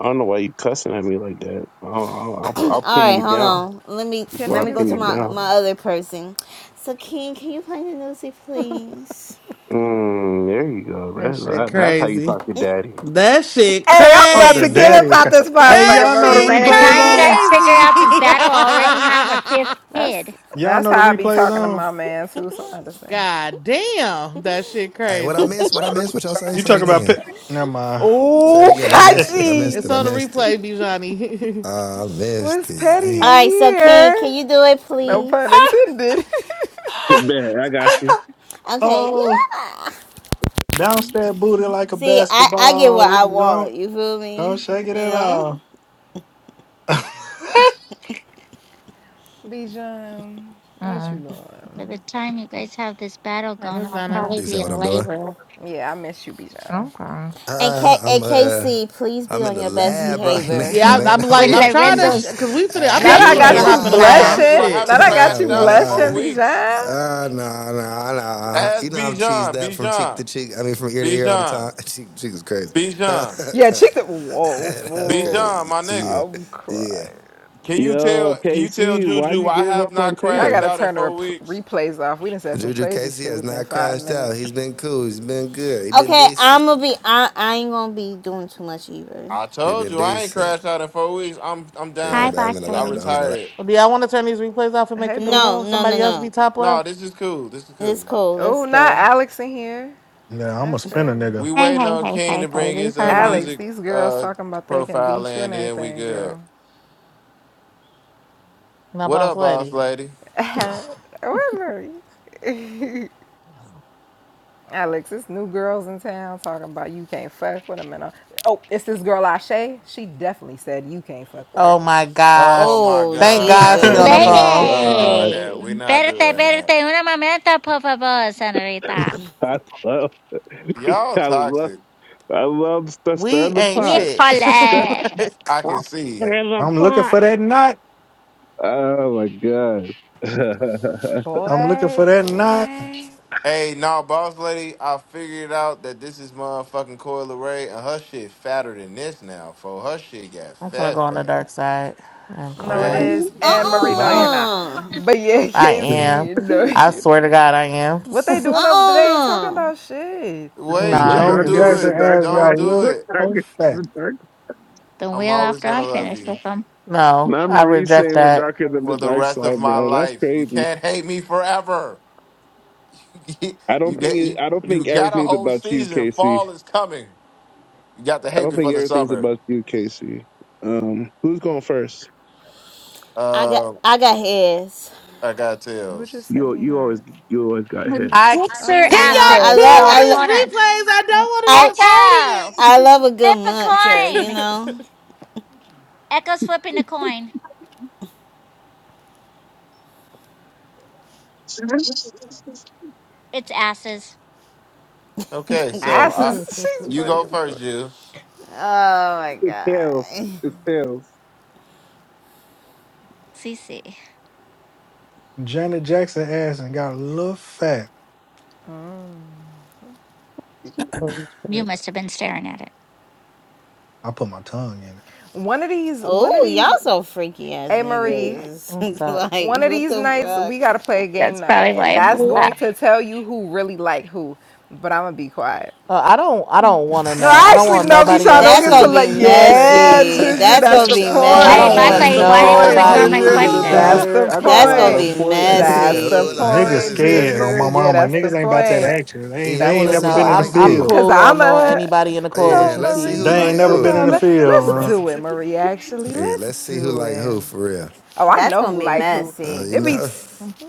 [SPEAKER 6] I don't know why you cussing at me like that. I'll I'll, I'll
[SPEAKER 8] All
[SPEAKER 6] I'll pin
[SPEAKER 8] right,
[SPEAKER 6] you
[SPEAKER 8] hold
[SPEAKER 6] down
[SPEAKER 8] on. Let me
[SPEAKER 12] Can
[SPEAKER 6] before
[SPEAKER 8] let
[SPEAKER 6] I
[SPEAKER 8] me go
[SPEAKER 12] niggas
[SPEAKER 6] pin
[SPEAKER 8] to
[SPEAKER 12] hear
[SPEAKER 6] you
[SPEAKER 8] my
[SPEAKER 12] me?
[SPEAKER 6] down.
[SPEAKER 12] Okay.
[SPEAKER 8] my other person. So King, can you play the music, please?
[SPEAKER 6] Mm, there you go.
[SPEAKER 2] that
[SPEAKER 6] That,
[SPEAKER 2] shit
[SPEAKER 6] that, that's how you
[SPEAKER 2] crazy.
[SPEAKER 6] talk to daddy.
[SPEAKER 2] That shit
[SPEAKER 12] Hey, I'm
[SPEAKER 3] Oh,
[SPEAKER 12] about
[SPEAKER 3] the
[SPEAKER 12] to get
[SPEAKER 2] crazy.
[SPEAKER 3] daddy
[SPEAKER 12] up
[SPEAKER 3] is.
[SPEAKER 12] out
[SPEAKER 3] co-
[SPEAKER 12] this
[SPEAKER 3] Hey,
[SPEAKER 2] That
[SPEAKER 12] motherfucker,
[SPEAKER 3] y'all know the
[SPEAKER 7] By
[SPEAKER 2] shit
[SPEAKER 7] the
[SPEAKER 3] replay is
[SPEAKER 7] time you
[SPEAKER 12] Marie.
[SPEAKER 3] on.
[SPEAKER 7] guys
[SPEAKER 12] Yeah.
[SPEAKER 7] figure out this
[SPEAKER 2] crazy.
[SPEAKER 7] battle, I already have a fifth kid.
[SPEAKER 12] That's
[SPEAKER 3] Y'all
[SPEAKER 12] that's
[SPEAKER 3] know the
[SPEAKER 12] how I be
[SPEAKER 3] replay is
[SPEAKER 12] talking to
[SPEAKER 3] on.
[SPEAKER 12] my man too, so I understand.
[SPEAKER 2] God damn, that shit
[SPEAKER 5] hey, what I
[SPEAKER 2] crazy.
[SPEAKER 5] missed? What I missed? What y'all say?
[SPEAKER 3] You
[SPEAKER 5] Say it
[SPEAKER 3] talk about
[SPEAKER 5] again.
[SPEAKER 3] pit. Never mind.
[SPEAKER 5] Say
[SPEAKER 2] Uh,
[SPEAKER 5] it
[SPEAKER 12] Ooh,
[SPEAKER 2] sh-
[SPEAKER 5] again. I missed it. I missed
[SPEAKER 2] It's
[SPEAKER 5] it.
[SPEAKER 12] Kachi.
[SPEAKER 5] I
[SPEAKER 2] on the
[SPEAKER 5] missed it.
[SPEAKER 2] replay, Bijani.
[SPEAKER 5] I missed
[SPEAKER 12] What's
[SPEAKER 5] it.
[SPEAKER 12] petty
[SPEAKER 8] All
[SPEAKER 12] in
[SPEAKER 5] Damn.
[SPEAKER 8] right, so King, can
[SPEAKER 12] here?
[SPEAKER 8] you do it,
[SPEAKER 12] No pun
[SPEAKER 8] please?
[SPEAKER 12] intended.
[SPEAKER 6] Man, I got you.
[SPEAKER 8] Okay,
[SPEAKER 3] oh,
[SPEAKER 8] yeah.
[SPEAKER 3] bounce that booty like a
[SPEAKER 8] See, I I get what
[SPEAKER 3] basketball. If
[SPEAKER 8] I
[SPEAKER 3] you
[SPEAKER 8] want.
[SPEAKER 3] don't,
[SPEAKER 8] You feel
[SPEAKER 3] don't
[SPEAKER 8] me?
[SPEAKER 3] shake it
[SPEAKER 8] You
[SPEAKER 3] at
[SPEAKER 8] know.
[SPEAKER 3] all.
[SPEAKER 12] Bijan, what
[SPEAKER 1] Uh-uh.
[SPEAKER 12] you
[SPEAKER 7] By the
[SPEAKER 12] doing?
[SPEAKER 7] time you guys have this battle
[SPEAKER 2] Hi,
[SPEAKER 7] going,
[SPEAKER 2] Miss
[SPEAKER 7] I'll
[SPEAKER 2] Donna.
[SPEAKER 7] probably
[SPEAKER 5] You see
[SPEAKER 7] be
[SPEAKER 5] what
[SPEAKER 7] in
[SPEAKER 5] I'm doing?
[SPEAKER 7] labor.
[SPEAKER 12] Yeah, I miss you, Bijan.
[SPEAKER 1] Okay.
[SPEAKER 8] And
[SPEAKER 5] Uh,
[SPEAKER 8] K
[SPEAKER 5] I'm
[SPEAKER 8] and
[SPEAKER 5] uh,
[SPEAKER 8] KC, please be
[SPEAKER 5] I'm in
[SPEAKER 8] on
[SPEAKER 5] the
[SPEAKER 8] your best
[SPEAKER 5] lab right
[SPEAKER 7] With
[SPEAKER 8] behavior.
[SPEAKER 5] now,
[SPEAKER 2] Yeah, I,
[SPEAKER 5] man.
[SPEAKER 2] I'm
[SPEAKER 5] I'm
[SPEAKER 2] like, I'm
[SPEAKER 5] locked
[SPEAKER 2] trying to,
[SPEAKER 5] in.
[SPEAKER 2] sh-
[SPEAKER 7] Lorenzo's
[SPEAKER 2] cause we
[SPEAKER 5] Hey,
[SPEAKER 2] finna, I'm
[SPEAKER 5] I
[SPEAKER 12] Now that
[SPEAKER 5] ain't
[SPEAKER 12] I
[SPEAKER 2] definitely
[SPEAKER 5] gonna
[SPEAKER 2] finna
[SPEAKER 9] Juju,
[SPEAKER 12] got
[SPEAKER 9] I
[SPEAKER 7] triplets,
[SPEAKER 12] you
[SPEAKER 2] hop in the
[SPEAKER 5] lie.
[SPEAKER 9] keep
[SPEAKER 2] lab.
[SPEAKER 7] Lala.
[SPEAKER 9] telling you,
[SPEAKER 12] blushing,
[SPEAKER 9] I
[SPEAKER 2] Shit.
[SPEAKER 12] now
[SPEAKER 9] haven't
[SPEAKER 12] that
[SPEAKER 5] I
[SPEAKER 12] I
[SPEAKER 5] ain't
[SPEAKER 12] got
[SPEAKER 5] gonna
[SPEAKER 12] you
[SPEAKER 9] crashed out in
[SPEAKER 12] blushing,
[SPEAKER 9] four
[SPEAKER 5] lie.
[SPEAKER 9] weeks.
[SPEAKER 12] Bijan.
[SPEAKER 5] Uh, nah, nah. no. You
[SPEAKER 9] Ask
[SPEAKER 5] know I'm cheesed
[SPEAKER 9] Bijan,
[SPEAKER 5] up from cheek to
[SPEAKER 9] Bijan,
[SPEAKER 5] cheek. I mean, from ear to ear all the time.
[SPEAKER 9] Bijan,
[SPEAKER 5] Cheek to cheek was crazy.
[SPEAKER 9] Bijan,
[SPEAKER 12] Yeah, check the whoa
[SPEAKER 5] that was
[SPEAKER 12] fool.
[SPEAKER 9] Bijan, my
[SPEAKER 5] crazy. Yeah,
[SPEAKER 9] nigga.
[SPEAKER 12] I'm
[SPEAKER 5] yeah.
[SPEAKER 12] crying.
[SPEAKER 9] Can you
[SPEAKER 6] Yo,
[SPEAKER 9] tell? Can you tell
[SPEAKER 6] KC, why would
[SPEAKER 9] Juju
[SPEAKER 6] you
[SPEAKER 9] I
[SPEAKER 6] give
[SPEAKER 9] have
[SPEAKER 6] up on
[SPEAKER 9] not
[SPEAKER 12] Y'all
[SPEAKER 9] crashed
[SPEAKER 6] Tater?
[SPEAKER 12] gotta
[SPEAKER 9] out in
[SPEAKER 12] turn the
[SPEAKER 9] four
[SPEAKER 12] repl
[SPEAKER 9] weeks?
[SPEAKER 12] replays off. We done said some
[SPEAKER 5] Juju
[SPEAKER 12] crazy
[SPEAKER 5] Casey
[SPEAKER 12] shit
[SPEAKER 5] has
[SPEAKER 12] within
[SPEAKER 5] not
[SPEAKER 12] five
[SPEAKER 5] crashed
[SPEAKER 12] minutes.
[SPEAKER 5] out. He's been cool. He's been good. He been
[SPEAKER 8] Okay,
[SPEAKER 5] decent.
[SPEAKER 8] I'm gonna be. I I ain't gonna be doing too much either.
[SPEAKER 9] I
[SPEAKER 5] He
[SPEAKER 9] told
[SPEAKER 5] been
[SPEAKER 9] you I ain't
[SPEAKER 5] decent.
[SPEAKER 9] crashed out in four weeks. I'm I'm
[SPEAKER 5] Yeah, my
[SPEAKER 7] Hi,
[SPEAKER 9] done.
[SPEAKER 5] bad. I'm
[SPEAKER 7] boss
[SPEAKER 5] in the
[SPEAKER 9] I
[SPEAKER 5] lab. Though.
[SPEAKER 7] lady.
[SPEAKER 5] I'm in the lab.
[SPEAKER 9] retired.
[SPEAKER 2] Do y'all want to turn these replays off and make
[SPEAKER 12] Hey,
[SPEAKER 2] a new
[SPEAKER 12] boo.
[SPEAKER 8] No,
[SPEAKER 2] room?
[SPEAKER 8] no, no,
[SPEAKER 2] Somebody else be
[SPEAKER 8] no.
[SPEAKER 2] top left?
[SPEAKER 9] No, this is cool. This is
[SPEAKER 8] It's
[SPEAKER 9] cool.
[SPEAKER 8] cool.
[SPEAKER 12] Oh,
[SPEAKER 8] It's
[SPEAKER 12] not
[SPEAKER 8] cool.
[SPEAKER 12] Alex in here.
[SPEAKER 3] yeah, I'm a
[SPEAKER 12] That's
[SPEAKER 3] spinner,
[SPEAKER 12] crazy.
[SPEAKER 3] nigga.
[SPEAKER 9] We
[SPEAKER 7] Hey,
[SPEAKER 9] waiting
[SPEAKER 7] hey,
[SPEAKER 9] on
[SPEAKER 7] hey,
[SPEAKER 9] King
[SPEAKER 7] hey,
[SPEAKER 9] to
[SPEAKER 7] hey.
[SPEAKER 9] bring
[SPEAKER 7] Leave
[SPEAKER 9] his
[SPEAKER 7] her
[SPEAKER 9] uh
[SPEAKER 7] alone.
[SPEAKER 12] Alex,
[SPEAKER 9] music
[SPEAKER 12] these girls
[SPEAKER 9] uh
[SPEAKER 12] talking about they can
[SPEAKER 9] profile
[SPEAKER 12] beat you
[SPEAKER 9] in,
[SPEAKER 12] and
[SPEAKER 9] and then we
[SPEAKER 12] everything,
[SPEAKER 9] good.
[SPEAKER 12] girl.
[SPEAKER 2] My
[SPEAKER 9] What
[SPEAKER 2] boss
[SPEAKER 9] up, boss
[SPEAKER 2] lady.
[SPEAKER 9] lady?
[SPEAKER 12] Where Murray? Alex, it's new girls in town talking about you can't fuck with them and all. Oh, it's this girl Ashay. She definitely said you can't fuck with her.
[SPEAKER 2] oh my
[SPEAKER 9] Oh
[SPEAKER 2] gosh.
[SPEAKER 9] my
[SPEAKER 8] Oh
[SPEAKER 2] Thank God
[SPEAKER 9] God.
[SPEAKER 2] she on
[SPEAKER 8] Jesus.
[SPEAKER 6] Oh
[SPEAKER 2] the
[SPEAKER 6] my
[SPEAKER 9] Yeah,
[SPEAKER 2] phone.
[SPEAKER 9] we ain't doing
[SPEAKER 6] God,
[SPEAKER 9] that.
[SPEAKER 7] Lady!
[SPEAKER 9] we not
[SPEAKER 7] Espérate,
[SPEAKER 9] doing that.
[SPEAKER 7] espérate. Una momento, por favor, senorita.
[SPEAKER 6] I love,
[SPEAKER 9] Y'all
[SPEAKER 6] I love,
[SPEAKER 9] toxic.
[SPEAKER 6] I love stir, stir
[SPEAKER 2] We
[SPEAKER 6] the
[SPEAKER 2] ain't
[SPEAKER 6] pot.
[SPEAKER 2] shit.
[SPEAKER 6] Stir,
[SPEAKER 7] Híjole!
[SPEAKER 2] Like,
[SPEAKER 9] I
[SPEAKER 6] stir
[SPEAKER 9] can see.
[SPEAKER 6] the
[SPEAKER 3] I'm looking
[SPEAKER 6] pot.
[SPEAKER 3] for that knot.
[SPEAKER 6] Oh my god.
[SPEAKER 3] I'm looking
[SPEAKER 12] Boy,
[SPEAKER 3] for that knot.
[SPEAKER 12] boy.
[SPEAKER 9] Hey, no, boss lady, I figured out that this is motherfucking Coil Ray and her shit fatter than this now, fo. Her shit got
[SPEAKER 2] I'm gonna
[SPEAKER 9] fat
[SPEAKER 2] go on the
[SPEAKER 9] fat.
[SPEAKER 2] dark side. I ain't gonna
[SPEAKER 12] No, it
[SPEAKER 2] lie.
[SPEAKER 12] is.
[SPEAKER 8] Uh
[SPEAKER 9] Crazy,
[SPEAKER 12] And
[SPEAKER 9] fo.
[SPEAKER 12] Marie, no, you're
[SPEAKER 3] Bye.
[SPEAKER 12] not.
[SPEAKER 8] uh
[SPEAKER 12] But yeah,
[SPEAKER 2] I am.
[SPEAKER 12] Casey, no,
[SPEAKER 2] I
[SPEAKER 12] you're not.
[SPEAKER 2] swear to God I am.
[SPEAKER 12] What they doing over there? They ain't talking
[SPEAKER 8] Uh-uh.
[SPEAKER 12] about shit.
[SPEAKER 9] Wait,
[SPEAKER 6] we're
[SPEAKER 2] nah,
[SPEAKER 9] don't
[SPEAKER 3] Janet
[SPEAKER 2] niggas
[SPEAKER 6] darker
[SPEAKER 9] do
[SPEAKER 6] than
[SPEAKER 2] is-
[SPEAKER 6] the
[SPEAKER 3] Jackson
[SPEAKER 9] it.
[SPEAKER 6] dark
[SPEAKER 3] adding
[SPEAKER 6] side.
[SPEAKER 9] Don't
[SPEAKER 3] y'all
[SPEAKER 9] do
[SPEAKER 3] look
[SPEAKER 6] We're
[SPEAKER 9] it.
[SPEAKER 3] whole
[SPEAKER 6] darker than
[SPEAKER 3] fat.
[SPEAKER 6] the dark.
[SPEAKER 7] The
[SPEAKER 9] I'm
[SPEAKER 7] wheel
[SPEAKER 9] always
[SPEAKER 7] after
[SPEAKER 9] gonna
[SPEAKER 7] I'm
[SPEAKER 9] love
[SPEAKER 7] finished
[SPEAKER 9] you
[SPEAKER 7] with them.
[SPEAKER 2] no,
[SPEAKER 6] Not
[SPEAKER 2] I
[SPEAKER 6] Marie
[SPEAKER 2] reject
[SPEAKER 6] saying we're
[SPEAKER 2] that.
[SPEAKER 6] darker than the
[SPEAKER 9] for the
[SPEAKER 6] dark
[SPEAKER 9] rest of
[SPEAKER 6] side,
[SPEAKER 9] my
[SPEAKER 6] bro. That's
[SPEAKER 9] life. You
[SPEAKER 6] crazy.
[SPEAKER 9] can't hate me forever.
[SPEAKER 6] I
[SPEAKER 9] you
[SPEAKER 6] don't think
[SPEAKER 9] get you
[SPEAKER 6] it, I don't
[SPEAKER 9] you
[SPEAKER 6] think
[SPEAKER 9] got a
[SPEAKER 6] everything's
[SPEAKER 9] whole
[SPEAKER 6] about you,
[SPEAKER 9] season.
[SPEAKER 6] Casey.
[SPEAKER 9] Fall is coming. You got to
[SPEAKER 6] I
[SPEAKER 9] hate
[SPEAKER 6] don't
[SPEAKER 9] me for
[SPEAKER 6] think
[SPEAKER 9] the
[SPEAKER 6] everything's
[SPEAKER 9] summer.
[SPEAKER 6] about you, Casey. Um, who's going first?
[SPEAKER 8] I got
[SPEAKER 9] Uh,
[SPEAKER 8] I got his.
[SPEAKER 9] I got
[SPEAKER 12] Who just
[SPEAKER 9] tails.
[SPEAKER 12] sent
[SPEAKER 6] You
[SPEAKER 12] me
[SPEAKER 6] you always
[SPEAKER 12] hers?
[SPEAKER 6] you always got
[SPEAKER 2] I
[SPEAKER 6] heads.
[SPEAKER 7] Dicks her
[SPEAKER 12] Oh,
[SPEAKER 8] You
[SPEAKER 2] can
[SPEAKER 8] know,
[SPEAKER 2] y'all
[SPEAKER 12] hi,
[SPEAKER 8] I
[SPEAKER 2] chill
[SPEAKER 7] asses.
[SPEAKER 8] love
[SPEAKER 7] So
[SPEAKER 2] on
[SPEAKER 8] I
[SPEAKER 2] these
[SPEAKER 7] hold
[SPEAKER 8] lo-
[SPEAKER 7] on.
[SPEAKER 12] Kale.
[SPEAKER 2] replays.
[SPEAKER 8] I
[SPEAKER 7] Echo!
[SPEAKER 2] I don't
[SPEAKER 8] I love a good
[SPEAKER 7] Flip a
[SPEAKER 8] muncher, you
[SPEAKER 7] coin!
[SPEAKER 2] want to
[SPEAKER 8] know.
[SPEAKER 7] Echo's flipping a coin.
[SPEAKER 6] It's
[SPEAKER 7] It's asses.
[SPEAKER 9] Okay, so I,
[SPEAKER 2] be
[SPEAKER 12] Asses.
[SPEAKER 2] a part of
[SPEAKER 12] She's
[SPEAKER 9] you
[SPEAKER 2] it.
[SPEAKER 12] funny
[SPEAKER 9] go
[SPEAKER 12] as
[SPEAKER 9] first,
[SPEAKER 12] fuck.
[SPEAKER 9] you.
[SPEAKER 8] Oh my god.
[SPEAKER 6] tails. It's tails.
[SPEAKER 7] Cece,
[SPEAKER 3] Janet Jackson ass and got a little fat.
[SPEAKER 1] She old as
[SPEAKER 7] You
[SPEAKER 1] fuck.
[SPEAKER 7] must have been staring at it.
[SPEAKER 3] I put my tongue in it.
[SPEAKER 12] One of these, one of
[SPEAKER 8] Oh, y'all
[SPEAKER 12] these,
[SPEAKER 8] so freaky ass
[SPEAKER 12] hey Marie,
[SPEAKER 8] niggas.
[SPEAKER 2] What's up?
[SPEAKER 8] like,
[SPEAKER 12] one of
[SPEAKER 8] what
[SPEAKER 12] these
[SPEAKER 8] the
[SPEAKER 12] nights we gotta
[SPEAKER 8] fuck?
[SPEAKER 12] play a game
[SPEAKER 7] That's
[SPEAKER 12] night,
[SPEAKER 7] probably why
[SPEAKER 12] and
[SPEAKER 7] it
[SPEAKER 12] that's
[SPEAKER 7] blew up.
[SPEAKER 12] going to tell you who really like who. But I'm gonna be quiet.
[SPEAKER 2] Uh, I don't. I don't want to
[SPEAKER 12] No,
[SPEAKER 2] know.
[SPEAKER 12] I
[SPEAKER 2] I don't
[SPEAKER 12] actually
[SPEAKER 2] want
[SPEAKER 12] no, Bisha,
[SPEAKER 2] nobody
[SPEAKER 12] I
[SPEAKER 2] else
[SPEAKER 12] don't
[SPEAKER 8] That's
[SPEAKER 12] get to
[SPEAKER 8] gonna
[SPEAKER 2] tea.
[SPEAKER 8] be
[SPEAKER 12] let.
[SPEAKER 5] what the
[SPEAKER 12] Yeah,
[SPEAKER 8] messy.
[SPEAKER 5] hell?
[SPEAKER 12] Juju,
[SPEAKER 8] That's
[SPEAKER 12] that's
[SPEAKER 8] gonna
[SPEAKER 12] the
[SPEAKER 5] what
[SPEAKER 8] be
[SPEAKER 5] y'all
[SPEAKER 2] I
[SPEAKER 7] Hey,
[SPEAKER 2] don't
[SPEAKER 5] uh,
[SPEAKER 12] point.
[SPEAKER 7] boss
[SPEAKER 2] want
[SPEAKER 12] That's the
[SPEAKER 7] lady,
[SPEAKER 8] messy.
[SPEAKER 7] why did you
[SPEAKER 12] point,
[SPEAKER 7] ignore
[SPEAKER 6] Oh,
[SPEAKER 2] nobody
[SPEAKER 7] my
[SPEAKER 6] Uber's
[SPEAKER 12] Juju.
[SPEAKER 2] tea,
[SPEAKER 6] gonna be
[SPEAKER 7] question?
[SPEAKER 12] That's
[SPEAKER 2] bruh.
[SPEAKER 12] the
[SPEAKER 6] there. I got
[SPEAKER 8] That's
[SPEAKER 6] like
[SPEAKER 8] gonna
[SPEAKER 6] an
[SPEAKER 12] point.
[SPEAKER 8] be
[SPEAKER 6] appointment.
[SPEAKER 5] what the
[SPEAKER 12] That's
[SPEAKER 5] hell?
[SPEAKER 12] the
[SPEAKER 5] Who
[SPEAKER 8] messy.
[SPEAKER 5] like
[SPEAKER 3] Niggas
[SPEAKER 5] who
[SPEAKER 12] point,
[SPEAKER 5] is
[SPEAKER 3] scared on
[SPEAKER 12] Juju.
[SPEAKER 3] my
[SPEAKER 5] crazy?
[SPEAKER 12] Yeah,
[SPEAKER 3] mama.
[SPEAKER 12] that's the
[SPEAKER 3] Niggas ain't about that
[SPEAKER 12] point.
[SPEAKER 3] action. They ain't,
[SPEAKER 5] Yeah, I
[SPEAKER 3] they
[SPEAKER 12] That's
[SPEAKER 5] want
[SPEAKER 3] ain't
[SPEAKER 5] to
[SPEAKER 12] the
[SPEAKER 2] You
[SPEAKER 3] never
[SPEAKER 5] see
[SPEAKER 2] know,
[SPEAKER 3] been
[SPEAKER 5] who
[SPEAKER 3] in
[SPEAKER 12] point.
[SPEAKER 3] the
[SPEAKER 5] like
[SPEAKER 2] I'm I'm
[SPEAKER 5] who.
[SPEAKER 3] field.
[SPEAKER 12] Cause
[SPEAKER 2] cool
[SPEAKER 12] I'm
[SPEAKER 2] on knowing
[SPEAKER 12] a
[SPEAKER 2] anybody in the
[SPEAKER 5] Yeah,
[SPEAKER 12] no,
[SPEAKER 2] coalition
[SPEAKER 5] let's
[SPEAKER 7] If
[SPEAKER 5] see
[SPEAKER 2] tea.
[SPEAKER 5] who
[SPEAKER 3] They
[SPEAKER 12] Marie.
[SPEAKER 3] ain't
[SPEAKER 5] like
[SPEAKER 3] never been
[SPEAKER 5] who.
[SPEAKER 12] No,
[SPEAKER 3] in the
[SPEAKER 6] Yeah,
[SPEAKER 12] let
[SPEAKER 3] field.
[SPEAKER 12] let's do it,
[SPEAKER 3] man.
[SPEAKER 12] Marie. Actually,
[SPEAKER 5] Yeah,
[SPEAKER 12] let's
[SPEAKER 5] let's see who
[SPEAKER 12] do
[SPEAKER 5] like
[SPEAKER 12] it.
[SPEAKER 5] who for real.
[SPEAKER 12] Oh, I
[SPEAKER 8] That's
[SPEAKER 12] know
[SPEAKER 8] gonna
[SPEAKER 12] who
[SPEAKER 8] be
[SPEAKER 12] like who.
[SPEAKER 5] Uh,
[SPEAKER 8] messy.
[SPEAKER 5] you
[SPEAKER 12] It be
[SPEAKER 5] know?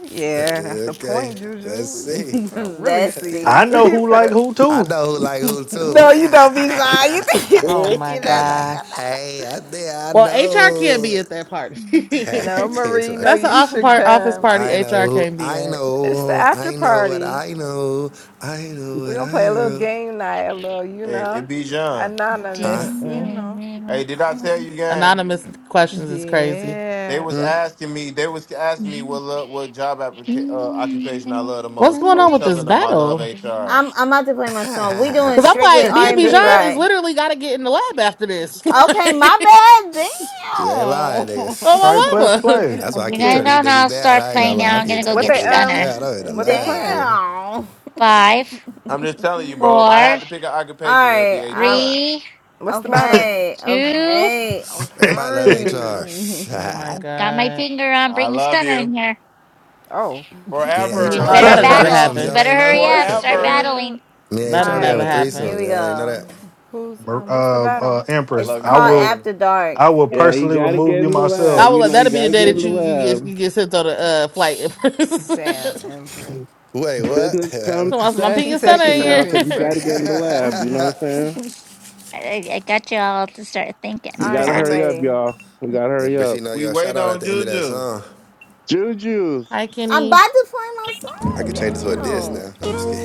[SPEAKER 12] yeah. That's the
[SPEAKER 5] Okay,
[SPEAKER 12] point, Juju.
[SPEAKER 5] let's
[SPEAKER 12] We
[SPEAKER 5] see.
[SPEAKER 12] we finna really see.
[SPEAKER 3] I
[SPEAKER 8] messy.
[SPEAKER 3] know
[SPEAKER 12] We
[SPEAKER 3] who like
[SPEAKER 12] finna.
[SPEAKER 3] who
[SPEAKER 5] I
[SPEAKER 3] too.
[SPEAKER 5] know who like who too.
[SPEAKER 12] No, you don't be shy. You think you
[SPEAKER 2] Oh
[SPEAKER 12] think
[SPEAKER 2] my
[SPEAKER 12] you know. da,
[SPEAKER 2] gosh.
[SPEAKER 5] hey, I think I
[SPEAKER 2] Well, HR can't
[SPEAKER 5] know.
[SPEAKER 2] be at that party.
[SPEAKER 12] No,
[SPEAKER 5] It's
[SPEAKER 12] Marie, no,
[SPEAKER 5] like,
[SPEAKER 2] That's an
[SPEAKER 12] you
[SPEAKER 2] office
[SPEAKER 12] should
[SPEAKER 2] part office
[SPEAKER 12] come.
[SPEAKER 2] party
[SPEAKER 5] I
[SPEAKER 2] HR
[SPEAKER 5] know,
[SPEAKER 2] can't be
[SPEAKER 5] I
[SPEAKER 2] at.
[SPEAKER 12] It's the
[SPEAKER 5] know,
[SPEAKER 12] after
[SPEAKER 5] I know what
[SPEAKER 12] party.
[SPEAKER 5] I know. I know
[SPEAKER 12] We're
[SPEAKER 5] what
[SPEAKER 12] gonna
[SPEAKER 5] I
[SPEAKER 12] play a little
[SPEAKER 5] know.
[SPEAKER 12] game night, a little, you
[SPEAKER 9] It,
[SPEAKER 12] know,
[SPEAKER 9] it be John.
[SPEAKER 12] anonymous, you
[SPEAKER 2] Mm-mm.
[SPEAKER 12] know.
[SPEAKER 9] Hey, did I tell you, gang?
[SPEAKER 2] Anonymous questions is crazy.
[SPEAKER 9] They
[SPEAKER 12] Yeah.
[SPEAKER 9] was asking me. They was asking me what lo- what job applica- uh, occupation I love the
[SPEAKER 2] What's
[SPEAKER 9] most. I
[SPEAKER 2] going on
[SPEAKER 9] was
[SPEAKER 2] with this
[SPEAKER 9] telling them I love
[SPEAKER 2] battle?
[SPEAKER 9] HR.
[SPEAKER 8] I'm I'm about to play my
[SPEAKER 5] you
[SPEAKER 8] song. We doing
[SPEAKER 2] Cause I'm
[SPEAKER 8] strictly
[SPEAKER 2] like, me
[SPEAKER 8] R
[SPEAKER 2] and
[SPEAKER 8] and B,
[SPEAKER 2] Bijan is
[SPEAKER 8] right?
[SPEAKER 2] literally gotta get in the lab after this.
[SPEAKER 8] Okay,
[SPEAKER 2] like,
[SPEAKER 8] my
[SPEAKER 5] ain't lying,
[SPEAKER 8] bad.
[SPEAKER 5] nigga.
[SPEAKER 3] Right?
[SPEAKER 2] oh my
[SPEAKER 3] Plus
[SPEAKER 2] mama.
[SPEAKER 3] play.
[SPEAKER 5] That's why I
[SPEAKER 7] you
[SPEAKER 5] keep
[SPEAKER 7] guys
[SPEAKER 3] Shit.
[SPEAKER 5] turning you
[SPEAKER 7] don't know,
[SPEAKER 5] niggas
[SPEAKER 7] I'll
[SPEAKER 5] down.
[SPEAKER 7] start
[SPEAKER 5] I ain't gonna
[SPEAKER 7] playing
[SPEAKER 5] lie.
[SPEAKER 7] now.
[SPEAKER 5] I
[SPEAKER 7] I'm
[SPEAKER 5] keep
[SPEAKER 7] gonna go
[SPEAKER 12] What
[SPEAKER 5] turning you
[SPEAKER 7] get
[SPEAKER 12] they
[SPEAKER 5] niggas
[SPEAKER 7] stunner.
[SPEAKER 12] um
[SPEAKER 5] down. I'm in a
[SPEAKER 8] Damn.
[SPEAKER 12] what they
[SPEAKER 5] lie,
[SPEAKER 12] playing?
[SPEAKER 5] nigga.
[SPEAKER 8] Damn.
[SPEAKER 7] Five,
[SPEAKER 9] I'm just telling you, bro. If I
[SPEAKER 7] four,
[SPEAKER 9] had to pick an
[SPEAKER 8] All
[SPEAKER 9] occupation, it'll
[SPEAKER 8] right.
[SPEAKER 9] be
[SPEAKER 8] Um.
[SPEAKER 9] HR.
[SPEAKER 7] three,
[SPEAKER 12] What's the battle?
[SPEAKER 8] Okay.
[SPEAKER 7] Two.
[SPEAKER 8] Okay. Okay.
[SPEAKER 5] Everybody loves
[SPEAKER 2] Oh
[SPEAKER 5] HR.
[SPEAKER 2] my
[SPEAKER 7] Got my
[SPEAKER 2] god.
[SPEAKER 7] finger on
[SPEAKER 9] I
[SPEAKER 7] bringing
[SPEAKER 9] love
[SPEAKER 7] Stunner
[SPEAKER 9] you
[SPEAKER 7] in here.
[SPEAKER 12] Oh.
[SPEAKER 5] Me and
[SPEAKER 7] Then we
[SPEAKER 5] HR
[SPEAKER 9] forever,
[SPEAKER 2] Oh,
[SPEAKER 5] be
[SPEAKER 7] better
[SPEAKER 2] that'll
[SPEAKER 5] having
[SPEAKER 2] never
[SPEAKER 5] threesomes.
[SPEAKER 7] battle. You
[SPEAKER 2] happen.
[SPEAKER 5] Y'all
[SPEAKER 7] better
[SPEAKER 5] ain't know?
[SPEAKER 7] hurry
[SPEAKER 12] What
[SPEAKER 7] up. and Start
[SPEAKER 12] the
[SPEAKER 9] forever.
[SPEAKER 12] hell?
[SPEAKER 7] battling.
[SPEAKER 8] All
[SPEAKER 5] Me and
[SPEAKER 2] That'll
[SPEAKER 5] HR be
[SPEAKER 2] never
[SPEAKER 5] having
[SPEAKER 8] right.
[SPEAKER 2] happen.
[SPEAKER 8] Here
[SPEAKER 5] threesomes.
[SPEAKER 8] we
[SPEAKER 5] Y'all ain't know
[SPEAKER 8] go.
[SPEAKER 5] that?
[SPEAKER 12] Who's
[SPEAKER 3] Mer-
[SPEAKER 12] um what's the
[SPEAKER 3] um, uh,
[SPEAKER 12] battle?
[SPEAKER 9] I
[SPEAKER 3] Empress,
[SPEAKER 8] It's
[SPEAKER 9] love you
[SPEAKER 3] I
[SPEAKER 8] called
[SPEAKER 3] will
[SPEAKER 9] forever.
[SPEAKER 8] After
[SPEAKER 3] I
[SPEAKER 8] Dark.
[SPEAKER 3] will
[SPEAKER 6] Yeah, you
[SPEAKER 3] personally
[SPEAKER 6] gotta
[SPEAKER 3] remove
[SPEAKER 6] get
[SPEAKER 3] you
[SPEAKER 6] in the lab.
[SPEAKER 2] I
[SPEAKER 3] myself.
[SPEAKER 6] You
[SPEAKER 2] will.
[SPEAKER 6] know, you
[SPEAKER 2] That'll be the
[SPEAKER 6] gotta
[SPEAKER 2] day
[SPEAKER 6] get in
[SPEAKER 2] that
[SPEAKER 6] the
[SPEAKER 2] you you get you get sent on a uh, flight. so
[SPEAKER 12] Damn, Empress.
[SPEAKER 6] lab.
[SPEAKER 5] Wait, what?
[SPEAKER 6] Business comes
[SPEAKER 2] awesome. I'm
[SPEAKER 6] se-
[SPEAKER 2] my
[SPEAKER 12] She
[SPEAKER 2] Santa
[SPEAKER 12] says
[SPEAKER 2] center
[SPEAKER 12] she
[SPEAKER 6] second
[SPEAKER 12] finna
[SPEAKER 6] now
[SPEAKER 12] ping
[SPEAKER 6] because you
[SPEAKER 2] here.
[SPEAKER 6] gotta
[SPEAKER 12] thunder
[SPEAKER 6] get in the
[SPEAKER 12] here.
[SPEAKER 6] lab. You know what I'm saying?
[SPEAKER 7] I, I I got you all to start thinking.
[SPEAKER 8] All
[SPEAKER 6] We
[SPEAKER 5] Empress,
[SPEAKER 8] right.
[SPEAKER 6] gotta
[SPEAKER 5] I'll
[SPEAKER 7] Ah,
[SPEAKER 8] I'm
[SPEAKER 6] hurry
[SPEAKER 5] take
[SPEAKER 6] up,
[SPEAKER 5] it.
[SPEAKER 8] ready.
[SPEAKER 6] y'all. We gotta hurry
[SPEAKER 5] Empress, you
[SPEAKER 6] up.
[SPEAKER 5] know
[SPEAKER 9] We
[SPEAKER 5] your shout
[SPEAKER 9] waiting
[SPEAKER 5] out at
[SPEAKER 9] on
[SPEAKER 5] the end of that
[SPEAKER 9] Juju.
[SPEAKER 5] song.
[SPEAKER 6] Juju's.
[SPEAKER 2] Hi,
[SPEAKER 8] I'm
[SPEAKER 2] Kenny.
[SPEAKER 8] about to play my
[SPEAKER 5] I could
[SPEAKER 8] song.
[SPEAKER 5] change it to a diss now.
[SPEAKER 8] Damn.
[SPEAKER 5] No, I'm just kidding.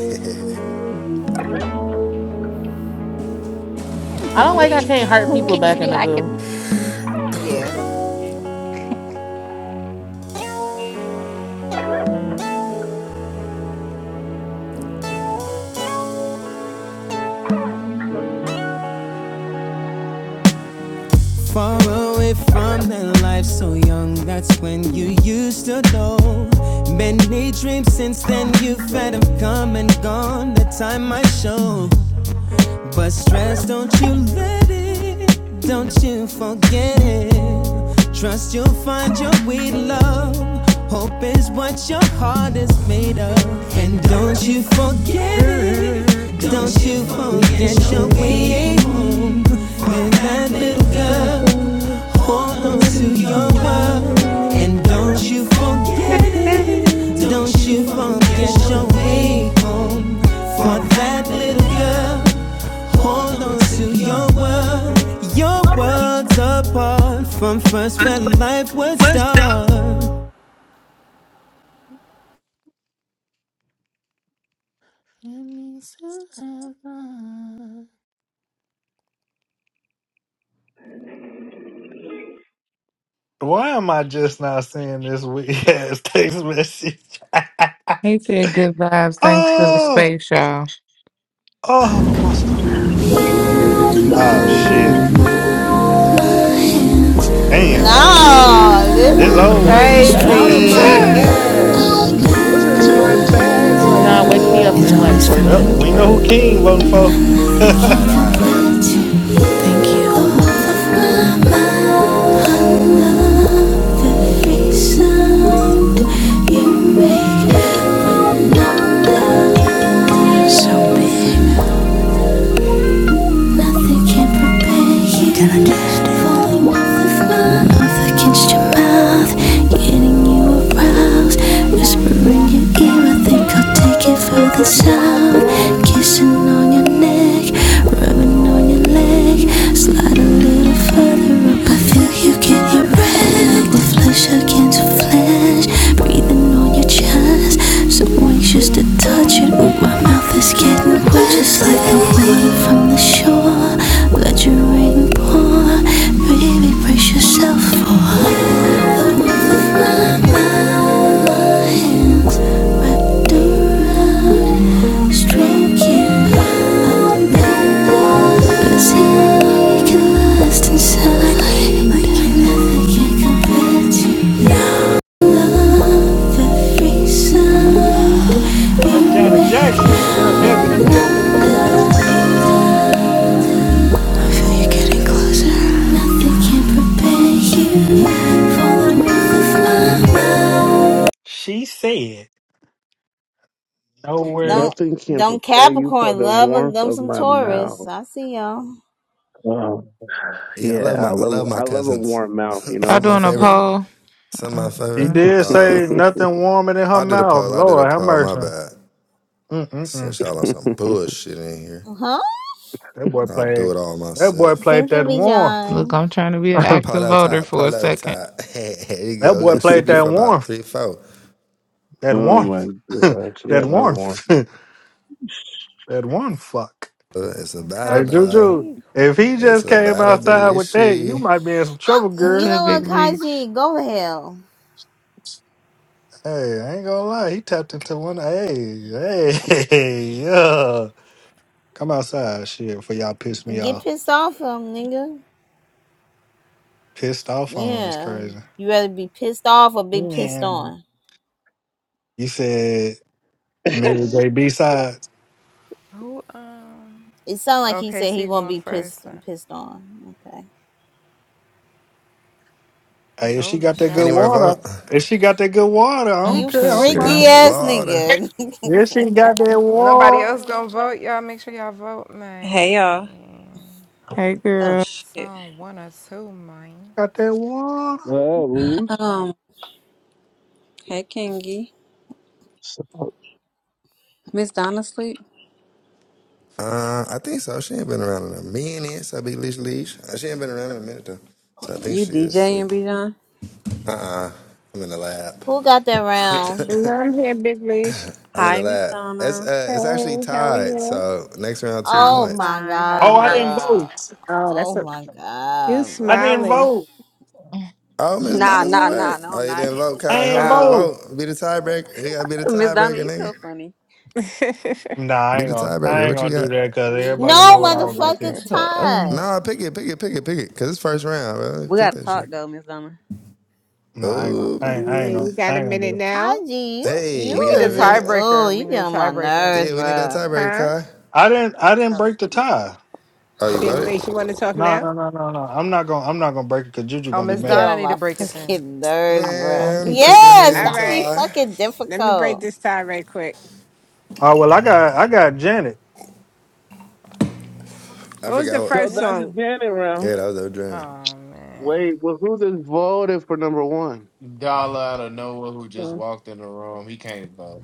[SPEAKER 2] I
[SPEAKER 7] Who
[SPEAKER 2] don't like I
[SPEAKER 7] kicks
[SPEAKER 2] can't hurt
[SPEAKER 7] who
[SPEAKER 2] people
[SPEAKER 7] kicks
[SPEAKER 2] back
[SPEAKER 7] me
[SPEAKER 2] in the
[SPEAKER 7] under
[SPEAKER 2] goo.
[SPEAKER 7] me?
[SPEAKER 12] yeah.
[SPEAKER 13] Far
[SPEAKER 2] I'm
[SPEAKER 13] away from that life so young, that's when you used to know. Many dreams since then you've had them come and gone, the time might show. But stress, don't you let it, don't you forget it. Trust you'll find your way, to love. Hope is what your heart is made of. And don't you forget it. Don't you forget your way home. And that little girl. Hold on to your world and don't you forget it. Don't you
[SPEAKER 2] treating
[SPEAKER 13] forget your way
[SPEAKER 2] you
[SPEAKER 13] home for that little girl. Hold on
[SPEAKER 2] Oh,
[SPEAKER 13] to
[SPEAKER 2] in
[SPEAKER 13] your world. Your world's
[SPEAKER 2] me so
[SPEAKER 13] apart from
[SPEAKER 2] proud,
[SPEAKER 13] first
[SPEAKER 1] What's,
[SPEAKER 13] when life would
[SPEAKER 1] what's
[SPEAKER 13] start.
[SPEAKER 1] up?
[SPEAKER 2] and me so ever.
[SPEAKER 3] Why am I just not seeing this weird ass text message?
[SPEAKER 1] He said good vibes, thanks for the
[SPEAKER 3] oh,
[SPEAKER 1] space, y'all.
[SPEAKER 3] oh, I must Oh shit! Damn,
[SPEAKER 14] It's
[SPEAKER 8] No, this
[SPEAKER 3] it's
[SPEAKER 2] I'm
[SPEAKER 8] is
[SPEAKER 2] gonna
[SPEAKER 3] over
[SPEAKER 2] go to
[SPEAKER 3] with.
[SPEAKER 2] sleep
[SPEAKER 6] Get
[SPEAKER 2] though.
[SPEAKER 6] out of my
[SPEAKER 8] crazy.
[SPEAKER 6] bag. This is my bag
[SPEAKER 2] And
[SPEAKER 6] right
[SPEAKER 2] Dijon, wake me
[SPEAKER 6] here.
[SPEAKER 2] up in like
[SPEAKER 14] always for
[SPEAKER 2] 40
[SPEAKER 3] well,
[SPEAKER 2] minutes,
[SPEAKER 14] me.
[SPEAKER 3] we know who
[SPEAKER 2] bruh.
[SPEAKER 3] King voting for.
[SPEAKER 14] Thank
[SPEAKER 5] all right,
[SPEAKER 3] That's
[SPEAKER 5] all right. I got you.
[SPEAKER 14] you. So big. Nothing can prepare you Falling off my mouth against your mouth Getting you aroused Whispering your ear I think I'll take it further south Kissing on your neck Rubbing on your leg Slide a little further up I feel you get erect The flesh against flesh Breathing on your chest So anxious to touch touch it, but my mouth is getting wet. Just like the wind from the shore, let your rain pour. Baby, brace yourself for the warmth of my hands wrapped around, stroking our back. Let's see how we can last inside. Like nothing can compare to now. Ooh, I
[SPEAKER 3] Janet Jackson, the girl Debbie hooked me up with. She said nowhere.
[SPEAKER 8] Don't,
[SPEAKER 6] Nothing can
[SPEAKER 8] don't
[SPEAKER 6] prepare you for
[SPEAKER 8] Capricorn
[SPEAKER 6] the
[SPEAKER 8] love them
[SPEAKER 6] warmth
[SPEAKER 8] them
[SPEAKER 6] of
[SPEAKER 8] some
[SPEAKER 6] my
[SPEAKER 8] Taurus.
[SPEAKER 6] mouth.
[SPEAKER 8] I see y'all.
[SPEAKER 6] Um,
[SPEAKER 5] Yeah, I
[SPEAKER 6] yeah,
[SPEAKER 5] love my
[SPEAKER 6] I
[SPEAKER 5] I love
[SPEAKER 6] love
[SPEAKER 5] my
[SPEAKER 6] I love a
[SPEAKER 5] cousins.
[SPEAKER 6] warm mouth, you
[SPEAKER 1] Y'all
[SPEAKER 5] Some
[SPEAKER 6] know?
[SPEAKER 5] of my
[SPEAKER 1] doing a
[SPEAKER 5] favorite.
[SPEAKER 1] poll?
[SPEAKER 5] Some of my
[SPEAKER 3] She
[SPEAKER 5] favorite.
[SPEAKER 1] Mm-mm.
[SPEAKER 3] did
[SPEAKER 5] Uh,
[SPEAKER 3] say nothing warmer than her
[SPEAKER 5] I did a
[SPEAKER 3] mouth.
[SPEAKER 5] poll. I did a
[SPEAKER 3] Lord have
[SPEAKER 5] poll. My
[SPEAKER 3] mercy.
[SPEAKER 5] bad. Since
[SPEAKER 3] Mm-mm-mm.
[SPEAKER 5] y'all on some bullshit in here,
[SPEAKER 8] Huh?
[SPEAKER 3] That boy
[SPEAKER 5] I'll do
[SPEAKER 3] played.
[SPEAKER 5] it all
[SPEAKER 3] That boy
[SPEAKER 5] myself.
[SPEAKER 3] played
[SPEAKER 8] Thank you,
[SPEAKER 3] that
[SPEAKER 8] B.
[SPEAKER 3] warmth.
[SPEAKER 1] Look,
[SPEAKER 8] John.
[SPEAKER 1] I'm trying to be an active
[SPEAKER 5] Polo
[SPEAKER 1] voter
[SPEAKER 5] top,
[SPEAKER 1] for a
[SPEAKER 5] polo
[SPEAKER 1] second.
[SPEAKER 5] top. Here you
[SPEAKER 3] that
[SPEAKER 5] go. We
[SPEAKER 3] boy
[SPEAKER 5] got
[SPEAKER 3] played
[SPEAKER 5] sleepy
[SPEAKER 3] that
[SPEAKER 5] for
[SPEAKER 3] warmth.
[SPEAKER 5] about three, four.
[SPEAKER 3] That
[SPEAKER 6] oh my
[SPEAKER 3] warmth.
[SPEAKER 6] gosh. Yeah,
[SPEAKER 3] that
[SPEAKER 6] I love warm.
[SPEAKER 3] warmth. that one fuck.
[SPEAKER 5] Uh, It's a battle,
[SPEAKER 3] Hey,
[SPEAKER 12] Kaji,
[SPEAKER 5] dog.
[SPEAKER 3] Juju,
[SPEAKER 12] be
[SPEAKER 3] if he
[SPEAKER 12] quiet.
[SPEAKER 5] It's
[SPEAKER 3] just
[SPEAKER 5] a
[SPEAKER 3] came
[SPEAKER 5] battle, big
[SPEAKER 3] outside with that, you
[SPEAKER 5] lishy.
[SPEAKER 3] might be in some trouble,
[SPEAKER 8] You
[SPEAKER 1] To
[SPEAKER 3] girl.
[SPEAKER 1] a
[SPEAKER 8] know what,
[SPEAKER 1] big league.
[SPEAKER 8] Kaji? Go to hell.
[SPEAKER 3] Hey, I ain't gonna lie. He tapped into one. Hey, hey, yeah. Come outside, shit, before y'all piss me
[SPEAKER 8] Get
[SPEAKER 3] off.
[SPEAKER 8] pissed off him, nigga.
[SPEAKER 3] Pissed off on is
[SPEAKER 8] Yeah.
[SPEAKER 3] crazy.
[SPEAKER 8] You rather be pissed off or be pissed
[SPEAKER 3] Yeah.
[SPEAKER 8] on?
[SPEAKER 3] You said Mary J. B. Sides.
[SPEAKER 12] Who? Um.
[SPEAKER 8] It sounds like he
[SPEAKER 12] Okay,
[SPEAKER 8] said
[SPEAKER 12] so
[SPEAKER 8] he
[SPEAKER 12] you
[SPEAKER 8] won't
[SPEAKER 12] going
[SPEAKER 8] be
[SPEAKER 12] first?
[SPEAKER 8] pissed
[SPEAKER 12] Huh?
[SPEAKER 8] pissed on. Okay.
[SPEAKER 3] Hey, if she
[SPEAKER 12] Golden
[SPEAKER 3] got that good
[SPEAKER 12] showers
[SPEAKER 5] Anywhere
[SPEAKER 12] is
[SPEAKER 3] water,
[SPEAKER 5] vote?
[SPEAKER 3] if she got that good water, I don't
[SPEAKER 8] You
[SPEAKER 1] What's
[SPEAKER 3] care. I
[SPEAKER 1] up,
[SPEAKER 3] don't
[SPEAKER 5] She got
[SPEAKER 3] mind.
[SPEAKER 8] freaky
[SPEAKER 1] girl?
[SPEAKER 5] that
[SPEAKER 8] ass
[SPEAKER 5] water.
[SPEAKER 8] nigga.
[SPEAKER 3] If she got that
[SPEAKER 12] good. Nobody else
[SPEAKER 3] water,
[SPEAKER 12] gonna vote. Y'all make sure y'all vote,
[SPEAKER 15] Hey y'all.
[SPEAKER 12] man.
[SPEAKER 1] Hey,
[SPEAKER 15] Oh
[SPEAKER 1] girl.
[SPEAKER 15] shit.
[SPEAKER 12] Song one or two, man.
[SPEAKER 3] got that water.
[SPEAKER 6] Well, Reese.
[SPEAKER 15] Um, hey Kingy.
[SPEAKER 6] So,
[SPEAKER 15] Miss Donna sleep?
[SPEAKER 5] Uh, I think so. She ain't been around in a minute. So big leash leash. Uh, She ain't been around in a minute though. So I think
[SPEAKER 15] You
[SPEAKER 5] she is
[SPEAKER 15] DJing
[SPEAKER 5] asleep.
[SPEAKER 15] Bijan?
[SPEAKER 5] I'm in the lab.
[SPEAKER 8] Who got that round?
[SPEAKER 16] And I'm here, Big Leash.
[SPEAKER 5] I'm into
[SPEAKER 15] Hi, Miss
[SPEAKER 5] that. It's
[SPEAKER 15] Donna.
[SPEAKER 5] uh,
[SPEAKER 16] Hey,
[SPEAKER 5] it's actually
[SPEAKER 16] how are
[SPEAKER 5] tied.
[SPEAKER 16] you?
[SPEAKER 5] So next round, two
[SPEAKER 15] I'm
[SPEAKER 8] Oh
[SPEAKER 5] points.
[SPEAKER 8] my
[SPEAKER 15] fine. How
[SPEAKER 3] Oh,
[SPEAKER 8] god,
[SPEAKER 3] I
[SPEAKER 15] you?
[SPEAKER 3] didn't
[SPEAKER 8] bro.
[SPEAKER 3] vote.
[SPEAKER 16] Oh, that's
[SPEAKER 8] Oh
[SPEAKER 16] a
[SPEAKER 8] my
[SPEAKER 16] you
[SPEAKER 8] god,
[SPEAKER 3] I didn't
[SPEAKER 8] bro.
[SPEAKER 16] smiling.
[SPEAKER 3] vote.
[SPEAKER 5] Oh, Miss
[SPEAKER 15] Nah,
[SPEAKER 5] Donna's
[SPEAKER 15] nah,
[SPEAKER 5] away.
[SPEAKER 15] nah, no,
[SPEAKER 5] Oh,
[SPEAKER 15] I'm
[SPEAKER 5] you
[SPEAKER 15] not.
[SPEAKER 5] didn't vote,
[SPEAKER 3] I
[SPEAKER 5] Kai.
[SPEAKER 3] ain't
[SPEAKER 5] Hold on,
[SPEAKER 16] Oh,
[SPEAKER 3] vote.
[SPEAKER 5] vote. Be the tiebreaker. You gotta be the
[SPEAKER 15] Miss Donna,
[SPEAKER 5] tiebreaker,
[SPEAKER 15] you so
[SPEAKER 5] nigga.
[SPEAKER 15] funny.
[SPEAKER 16] yeah.
[SPEAKER 3] Nah, I
[SPEAKER 5] Be
[SPEAKER 3] ain't
[SPEAKER 5] the
[SPEAKER 3] gonna. I
[SPEAKER 5] tiebreaker.
[SPEAKER 3] ain't
[SPEAKER 5] What you
[SPEAKER 3] gonna do
[SPEAKER 5] got?
[SPEAKER 3] that because
[SPEAKER 15] We
[SPEAKER 3] everybody
[SPEAKER 8] No
[SPEAKER 3] know what
[SPEAKER 15] um
[SPEAKER 3] I
[SPEAKER 15] wait,
[SPEAKER 3] was
[SPEAKER 15] who
[SPEAKER 3] gonna
[SPEAKER 15] is
[SPEAKER 3] pick.
[SPEAKER 8] motherfucking
[SPEAKER 15] that?
[SPEAKER 1] Uh, I
[SPEAKER 8] time.
[SPEAKER 5] Nah, pick it, pick it, pick it, pick it. Cause it's first round, bro.
[SPEAKER 15] We
[SPEAKER 5] Pick
[SPEAKER 15] gotta
[SPEAKER 5] that
[SPEAKER 15] talk
[SPEAKER 5] shit.
[SPEAKER 15] though, Miss Donna.
[SPEAKER 3] Nah, I ain't gonna.
[SPEAKER 5] Oh,
[SPEAKER 3] I
[SPEAKER 5] Miss
[SPEAKER 3] ain't, I ain't
[SPEAKER 5] Donna.
[SPEAKER 3] gonna.
[SPEAKER 16] You got
[SPEAKER 3] I
[SPEAKER 16] a
[SPEAKER 3] ain't gonna do
[SPEAKER 16] minute
[SPEAKER 3] that.
[SPEAKER 16] now,
[SPEAKER 8] Kaji, you
[SPEAKER 5] Hey,
[SPEAKER 8] you
[SPEAKER 12] We
[SPEAKER 5] you
[SPEAKER 12] need
[SPEAKER 5] got
[SPEAKER 12] a
[SPEAKER 5] a
[SPEAKER 8] is just
[SPEAKER 5] minute?
[SPEAKER 8] oh,
[SPEAKER 12] tiebreaker. We
[SPEAKER 8] you
[SPEAKER 12] need
[SPEAKER 8] get
[SPEAKER 12] a
[SPEAKER 8] on my
[SPEAKER 12] tiebreaker.
[SPEAKER 8] nerves,
[SPEAKER 5] Yeah, we need that
[SPEAKER 8] bro.
[SPEAKER 5] tiebreaker,
[SPEAKER 16] huh?
[SPEAKER 5] Kai.
[SPEAKER 3] I didn't. I didn't
[SPEAKER 15] Oh
[SPEAKER 3] break the
[SPEAKER 15] shoot.
[SPEAKER 3] tie.
[SPEAKER 5] Oh, you
[SPEAKER 16] Big
[SPEAKER 5] voted?
[SPEAKER 16] Leash, you want to talk
[SPEAKER 3] No,
[SPEAKER 16] now?
[SPEAKER 3] no, no, no, no. I'm not gonna. I'm not gonna break it because Juju
[SPEAKER 12] Oh,
[SPEAKER 3] gonna be
[SPEAKER 12] Miss
[SPEAKER 8] You get
[SPEAKER 3] mad.
[SPEAKER 12] Donna
[SPEAKER 8] on
[SPEAKER 12] need
[SPEAKER 8] my
[SPEAKER 12] to break it then.
[SPEAKER 8] fucking nerves, bro.
[SPEAKER 1] don't
[SPEAKER 5] Man,
[SPEAKER 1] think she
[SPEAKER 5] break the
[SPEAKER 1] can hear
[SPEAKER 8] Yeah,
[SPEAKER 5] damn
[SPEAKER 16] All
[SPEAKER 8] stop
[SPEAKER 1] you.
[SPEAKER 8] being
[SPEAKER 16] right.
[SPEAKER 5] tie.
[SPEAKER 8] fucking
[SPEAKER 16] Let me break
[SPEAKER 8] difficult.
[SPEAKER 16] this tie right quick.
[SPEAKER 3] Oh well, I got. I got Janet.
[SPEAKER 5] I
[SPEAKER 16] What was the
[SPEAKER 5] forgot
[SPEAKER 15] The
[SPEAKER 5] what.
[SPEAKER 6] so
[SPEAKER 16] first
[SPEAKER 15] hell?
[SPEAKER 6] that's a
[SPEAKER 16] song?
[SPEAKER 6] Janet round.
[SPEAKER 5] Yeah, that was a dream.
[SPEAKER 12] Oh man.
[SPEAKER 6] Wait, well who just voted for number one?
[SPEAKER 9] Dollar out of nowhere who just
[SPEAKER 16] Uh,
[SPEAKER 9] walked in the room. He came back.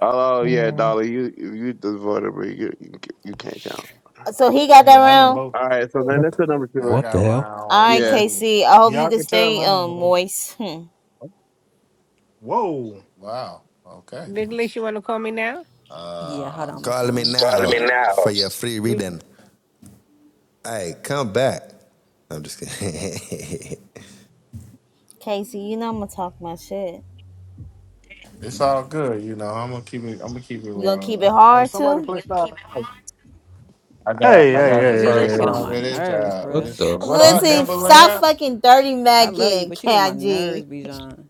[SPEAKER 6] Oh yeah,
[SPEAKER 1] Yeah.
[SPEAKER 6] Dolly, you you just voted, but you you, you can't count.
[SPEAKER 8] Uh, So he got that
[SPEAKER 3] Yeah, I didn't
[SPEAKER 8] round.
[SPEAKER 3] vote.
[SPEAKER 6] All right, so then that's
[SPEAKER 17] What,
[SPEAKER 6] the number
[SPEAKER 9] Yeah, I
[SPEAKER 6] two.
[SPEAKER 17] what
[SPEAKER 9] got
[SPEAKER 17] the hell?
[SPEAKER 8] All
[SPEAKER 9] round
[SPEAKER 8] right,
[SPEAKER 6] Yeah.
[SPEAKER 9] number.
[SPEAKER 8] Casey. I hope you
[SPEAKER 3] Y'all
[SPEAKER 8] can
[SPEAKER 3] can tell.
[SPEAKER 8] stay
[SPEAKER 3] I ain't
[SPEAKER 8] um
[SPEAKER 3] vote.
[SPEAKER 8] moist. Hmm.
[SPEAKER 3] Whoa.
[SPEAKER 9] Wow. Okay.
[SPEAKER 16] Big Leash, you want to call me now?
[SPEAKER 15] Yeah, hold
[SPEAKER 9] Uh,
[SPEAKER 15] on, Miss
[SPEAKER 5] Call me
[SPEAKER 15] Donna.
[SPEAKER 5] now for your free reading. Hey, come back. I'm just kidding.
[SPEAKER 8] Casey, you know I'm gonna talk my shit.
[SPEAKER 9] it's all good. You know, I'm gonna keep it. I'm gonna keep it
[SPEAKER 8] You gonna keep it
[SPEAKER 9] rolling.
[SPEAKER 3] Hey,
[SPEAKER 8] hard
[SPEAKER 3] somebody
[SPEAKER 8] too?
[SPEAKER 3] play Silent Night.
[SPEAKER 9] I got.
[SPEAKER 3] Hey,
[SPEAKER 9] I
[SPEAKER 3] hey,
[SPEAKER 9] got
[SPEAKER 15] Bijan
[SPEAKER 3] hey,
[SPEAKER 9] the
[SPEAKER 15] Bijan
[SPEAKER 3] hey,
[SPEAKER 9] first
[SPEAKER 3] hey.
[SPEAKER 15] get on
[SPEAKER 9] song of
[SPEAKER 15] my
[SPEAKER 3] hey.
[SPEAKER 9] this.
[SPEAKER 15] nerves,
[SPEAKER 9] Uh,
[SPEAKER 17] What
[SPEAKER 15] bruh.
[SPEAKER 9] this
[SPEAKER 17] the
[SPEAKER 9] one. What
[SPEAKER 17] fuck?
[SPEAKER 9] up,
[SPEAKER 8] Listen, stop
[SPEAKER 9] Timberland?
[SPEAKER 8] fucking dirty
[SPEAKER 15] I love you,
[SPEAKER 8] macking,
[SPEAKER 15] but you get on my
[SPEAKER 8] KG.
[SPEAKER 15] nerves, Bijan.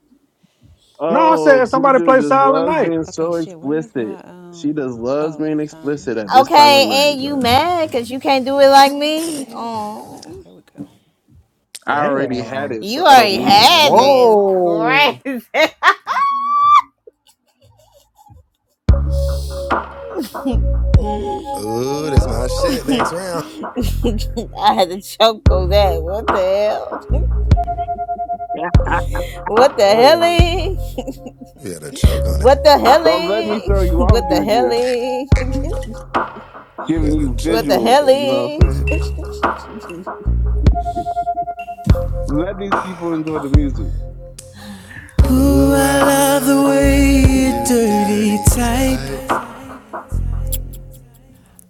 [SPEAKER 3] No, I
[SPEAKER 6] Oh,
[SPEAKER 3] said somebody
[SPEAKER 6] Juju
[SPEAKER 3] play
[SPEAKER 6] just
[SPEAKER 3] Silent
[SPEAKER 6] loves
[SPEAKER 3] Night.
[SPEAKER 6] being
[SPEAKER 15] Okay,
[SPEAKER 6] so
[SPEAKER 15] shit, where is
[SPEAKER 6] explicit.
[SPEAKER 15] my
[SPEAKER 6] She
[SPEAKER 15] um
[SPEAKER 6] just loves
[SPEAKER 15] oh
[SPEAKER 6] being
[SPEAKER 15] Miss Donna. Let me
[SPEAKER 6] explicit at
[SPEAKER 15] call
[SPEAKER 6] this
[SPEAKER 15] Miss
[SPEAKER 6] time
[SPEAKER 15] Donna.
[SPEAKER 6] of
[SPEAKER 8] Okay,
[SPEAKER 6] night,
[SPEAKER 8] and you
[SPEAKER 6] bruh.
[SPEAKER 8] mad because you can't do it like
[SPEAKER 15] What the
[SPEAKER 8] me?
[SPEAKER 15] hell? Oh,
[SPEAKER 8] Oh,
[SPEAKER 15] there we go.
[SPEAKER 6] I already had
[SPEAKER 3] Damn.
[SPEAKER 6] it,
[SPEAKER 8] you
[SPEAKER 6] so I don't
[SPEAKER 8] already
[SPEAKER 6] need it right
[SPEAKER 8] had
[SPEAKER 6] now.
[SPEAKER 8] it.
[SPEAKER 3] Whoa.
[SPEAKER 8] It's crazy. I
[SPEAKER 5] Ooh, that's my shit next round.
[SPEAKER 8] had to choke on that. What the hell? What the
[SPEAKER 3] Whoa.
[SPEAKER 8] helly?
[SPEAKER 5] You had a choke on it.
[SPEAKER 8] What the
[SPEAKER 6] don't let me
[SPEAKER 8] helly?
[SPEAKER 6] throw you off,
[SPEAKER 8] What the
[SPEAKER 6] Juju.
[SPEAKER 8] helly?
[SPEAKER 6] Giving
[SPEAKER 5] Shit, the
[SPEAKER 6] you
[SPEAKER 5] choke
[SPEAKER 8] What
[SPEAKER 5] on
[SPEAKER 8] the
[SPEAKER 5] is
[SPEAKER 6] visuals, you
[SPEAKER 5] crazy.
[SPEAKER 6] know what
[SPEAKER 8] helly?
[SPEAKER 6] I'm saying? Let these people enjoy the music.
[SPEAKER 5] Ooh, I
[SPEAKER 14] love the
[SPEAKER 5] love the
[SPEAKER 14] way
[SPEAKER 5] way
[SPEAKER 14] you
[SPEAKER 5] you
[SPEAKER 14] dirty
[SPEAKER 5] dirty
[SPEAKER 14] type.
[SPEAKER 5] type.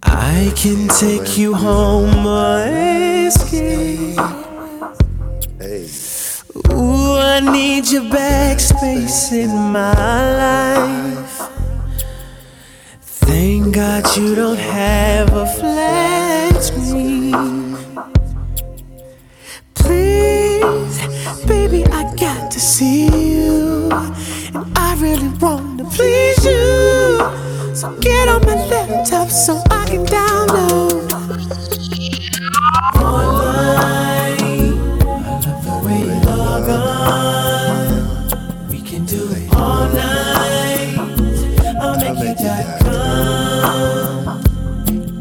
[SPEAKER 14] I
[SPEAKER 5] I
[SPEAKER 14] can
[SPEAKER 5] can't
[SPEAKER 14] take you
[SPEAKER 5] wake you
[SPEAKER 14] home
[SPEAKER 5] on an
[SPEAKER 14] or escape.
[SPEAKER 5] escape. Hey,
[SPEAKER 14] Ooh, I need your backspace
[SPEAKER 5] backspace
[SPEAKER 14] in
[SPEAKER 5] in
[SPEAKER 14] my
[SPEAKER 5] my
[SPEAKER 14] life.
[SPEAKER 5] life.
[SPEAKER 14] Thank
[SPEAKER 5] Thank
[SPEAKER 14] God
[SPEAKER 5] God
[SPEAKER 14] you
[SPEAKER 5] you
[SPEAKER 14] don't
[SPEAKER 5] don't
[SPEAKER 14] have a
[SPEAKER 5] have a
[SPEAKER 14] flat
[SPEAKER 5] flat
[SPEAKER 14] screen.
[SPEAKER 5] screen.
[SPEAKER 14] Please,
[SPEAKER 5] This,
[SPEAKER 14] baby,
[SPEAKER 5] baby,
[SPEAKER 14] I
[SPEAKER 5] I
[SPEAKER 14] got to
[SPEAKER 5] got to
[SPEAKER 14] see
[SPEAKER 5] see
[SPEAKER 14] you.
[SPEAKER 5] it.
[SPEAKER 14] And I really want to please you. So
[SPEAKER 5] I
[SPEAKER 14] get
[SPEAKER 5] put
[SPEAKER 14] on
[SPEAKER 5] on
[SPEAKER 14] my
[SPEAKER 5] my
[SPEAKER 14] laptop
[SPEAKER 5] laptop
[SPEAKER 14] so
[SPEAKER 5] so
[SPEAKER 14] I
[SPEAKER 5] I
[SPEAKER 14] can
[SPEAKER 5] can download.
[SPEAKER 14] download
[SPEAKER 5] I wanna,
[SPEAKER 14] online. I love the
[SPEAKER 5] I
[SPEAKER 14] way
[SPEAKER 5] know where
[SPEAKER 14] you
[SPEAKER 5] you
[SPEAKER 14] log
[SPEAKER 5] log
[SPEAKER 14] on.
[SPEAKER 5] on.
[SPEAKER 14] We can
[SPEAKER 5] You
[SPEAKER 14] do
[SPEAKER 5] make
[SPEAKER 14] it
[SPEAKER 5] it
[SPEAKER 14] all
[SPEAKER 5] all
[SPEAKER 14] night.
[SPEAKER 5] night.
[SPEAKER 14] I'll
[SPEAKER 5] I'll
[SPEAKER 14] make you
[SPEAKER 5] make you
[SPEAKER 14] dot
[SPEAKER 5] dot
[SPEAKER 14] com.
[SPEAKER 5] com.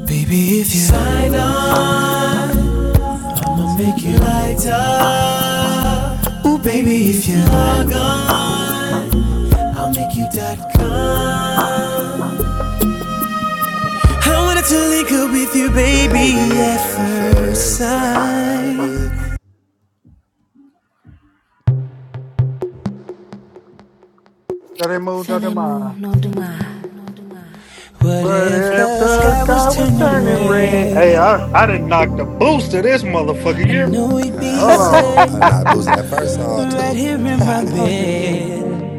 [SPEAKER 14] Baby, if you sign on. I'ma make you lighter.
[SPEAKER 5] Five minutes.
[SPEAKER 14] Ooh, baby, if you're not gone, I'll make you dot com. I wanted to link up with you, baby,
[SPEAKER 5] Baby,
[SPEAKER 14] at
[SPEAKER 5] at
[SPEAKER 14] first
[SPEAKER 5] first sight.
[SPEAKER 14] sight.
[SPEAKER 3] So they moved out of
[SPEAKER 13] Fais-les-mots,
[SPEAKER 3] mine.
[SPEAKER 13] What
[SPEAKER 3] But
[SPEAKER 13] if
[SPEAKER 3] if
[SPEAKER 13] the
[SPEAKER 3] the
[SPEAKER 13] sky was
[SPEAKER 3] sky was
[SPEAKER 13] turning
[SPEAKER 3] turning red.
[SPEAKER 13] red?
[SPEAKER 3] Hey, I, I didn't knock the boost to this motherfucker. You
[SPEAKER 13] I
[SPEAKER 3] hear me?
[SPEAKER 13] know we'd be
[SPEAKER 3] Hold
[SPEAKER 5] Ah,
[SPEAKER 3] on.
[SPEAKER 13] safe
[SPEAKER 5] and I boosted that first song too.
[SPEAKER 13] right here in my
[SPEAKER 1] Oh,
[SPEAKER 13] bed.
[SPEAKER 1] baby.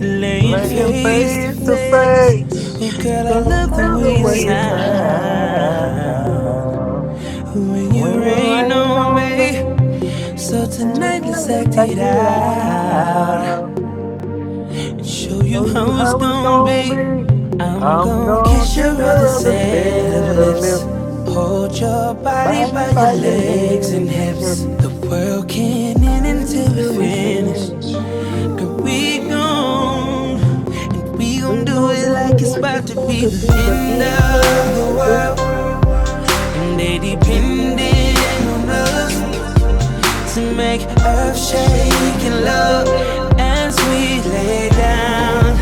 [SPEAKER 13] Laying
[SPEAKER 3] Laying
[SPEAKER 1] Oh,
[SPEAKER 13] face to
[SPEAKER 3] face to
[SPEAKER 13] face. Oh,
[SPEAKER 3] face.
[SPEAKER 13] girl, I
[SPEAKER 3] Girl, I
[SPEAKER 13] love the
[SPEAKER 1] thank
[SPEAKER 3] love
[SPEAKER 1] you
[SPEAKER 3] the
[SPEAKER 13] way you
[SPEAKER 1] for
[SPEAKER 3] way you
[SPEAKER 1] your time.
[SPEAKER 13] sound.
[SPEAKER 3] sound.
[SPEAKER 13] When you
[SPEAKER 3] When
[SPEAKER 1] We
[SPEAKER 3] you
[SPEAKER 13] rain
[SPEAKER 1] went
[SPEAKER 3] rain
[SPEAKER 13] on
[SPEAKER 3] on me,
[SPEAKER 13] me.
[SPEAKER 1] on
[SPEAKER 13] So tonight,
[SPEAKER 3] turn
[SPEAKER 13] let's
[SPEAKER 1] another
[SPEAKER 3] the
[SPEAKER 13] act it
[SPEAKER 3] it
[SPEAKER 1] time.
[SPEAKER 13] out.
[SPEAKER 3] out.
[SPEAKER 13] And show you
[SPEAKER 3] Oh, you
[SPEAKER 13] how it's
[SPEAKER 3] how it's
[SPEAKER 13] gonna
[SPEAKER 3] gonna
[SPEAKER 13] be.
[SPEAKER 3] be.
[SPEAKER 13] I'm
[SPEAKER 3] I'm
[SPEAKER 13] gonna
[SPEAKER 3] gonna
[SPEAKER 13] kiss your
[SPEAKER 3] kiss your
[SPEAKER 13] other
[SPEAKER 3] other
[SPEAKER 13] set of
[SPEAKER 3] feet
[SPEAKER 13] lips. Hold your body
[SPEAKER 3] Body
[SPEAKER 13] by your
[SPEAKER 3] by your
[SPEAKER 13] legs and
[SPEAKER 3] legs and her
[SPEAKER 13] hips. The world can't end until we
[SPEAKER 3] until we
[SPEAKER 13] finish.
[SPEAKER 3] finish.
[SPEAKER 13] And
[SPEAKER 1] We
[SPEAKER 13] we
[SPEAKER 1] lost
[SPEAKER 13] gon' and we gon'
[SPEAKER 3] We
[SPEAKER 13] do
[SPEAKER 3] gon'
[SPEAKER 13] it
[SPEAKER 3] do
[SPEAKER 13] like
[SPEAKER 3] it
[SPEAKER 13] it's
[SPEAKER 3] like
[SPEAKER 13] about
[SPEAKER 3] it's
[SPEAKER 13] to
[SPEAKER 3] about
[SPEAKER 13] be
[SPEAKER 3] to
[SPEAKER 13] the
[SPEAKER 3] be the
[SPEAKER 13] end
[SPEAKER 3] end
[SPEAKER 13] of the
[SPEAKER 3] of the
[SPEAKER 1] time.
[SPEAKER 3] world.
[SPEAKER 13] world. And they
[SPEAKER 3] Baby,
[SPEAKER 1] This
[SPEAKER 3] baby,
[SPEAKER 13] depending
[SPEAKER 1] song
[SPEAKER 13] on
[SPEAKER 1] one more
[SPEAKER 13] us to make earth
[SPEAKER 3] I'm shaking
[SPEAKER 13] shaking
[SPEAKER 3] the
[SPEAKER 13] love
[SPEAKER 3] love.
[SPEAKER 13] as we lay down,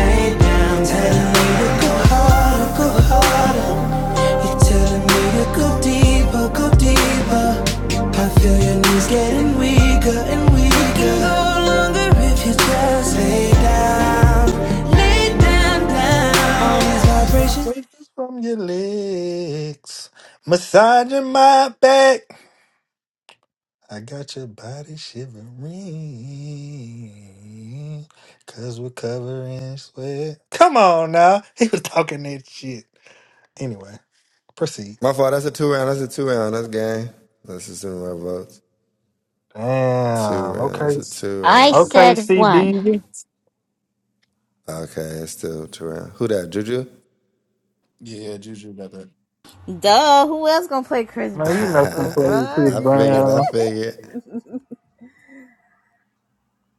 [SPEAKER 13] lay down. Telling me
[SPEAKER 3] Tell
[SPEAKER 13] to
[SPEAKER 3] me
[SPEAKER 13] go
[SPEAKER 3] it's okay
[SPEAKER 13] harder, go
[SPEAKER 3] to go
[SPEAKER 13] harder.
[SPEAKER 3] on.
[SPEAKER 13] You're telling me to go deeper, go deeper. I feel your knees getting weaker and weaker. No longer if you just lay down, lay down, down. All these
[SPEAKER 3] And I
[SPEAKER 13] vibrations.
[SPEAKER 3] take from your legs, massaging my back. I got your body shivering. Cause we're covering sweat. Come on now. He was talking that shit. Anyway, proceed.
[SPEAKER 5] My fault. That's a two round. That's a two round. That's game. That's just in my votes. Two
[SPEAKER 3] Damn.
[SPEAKER 5] round. That's
[SPEAKER 3] Okay.
[SPEAKER 5] a two
[SPEAKER 7] I
[SPEAKER 5] round.
[SPEAKER 3] Okay,
[SPEAKER 7] said one.
[SPEAKER 3] CB.
[SPEAKER 5] Okay, it's still two round. Who that? Juju?
[SPEAKER 9] Yeah, Juju got that.
[SPEAKER 8] Duh, who else gonna play Chris
[SPEAKER 5] I
[SPEAKER 3] Man, you know
[SPEAKER 8] Brown?
[SPEAKER 3] she played Chris
[SPEAKER 8] The
[SPEAKER 5] figured. I
[SPEAKER 3] Brown.
[SPEAKER 5] figured.
[SPEAKER 8] fuck?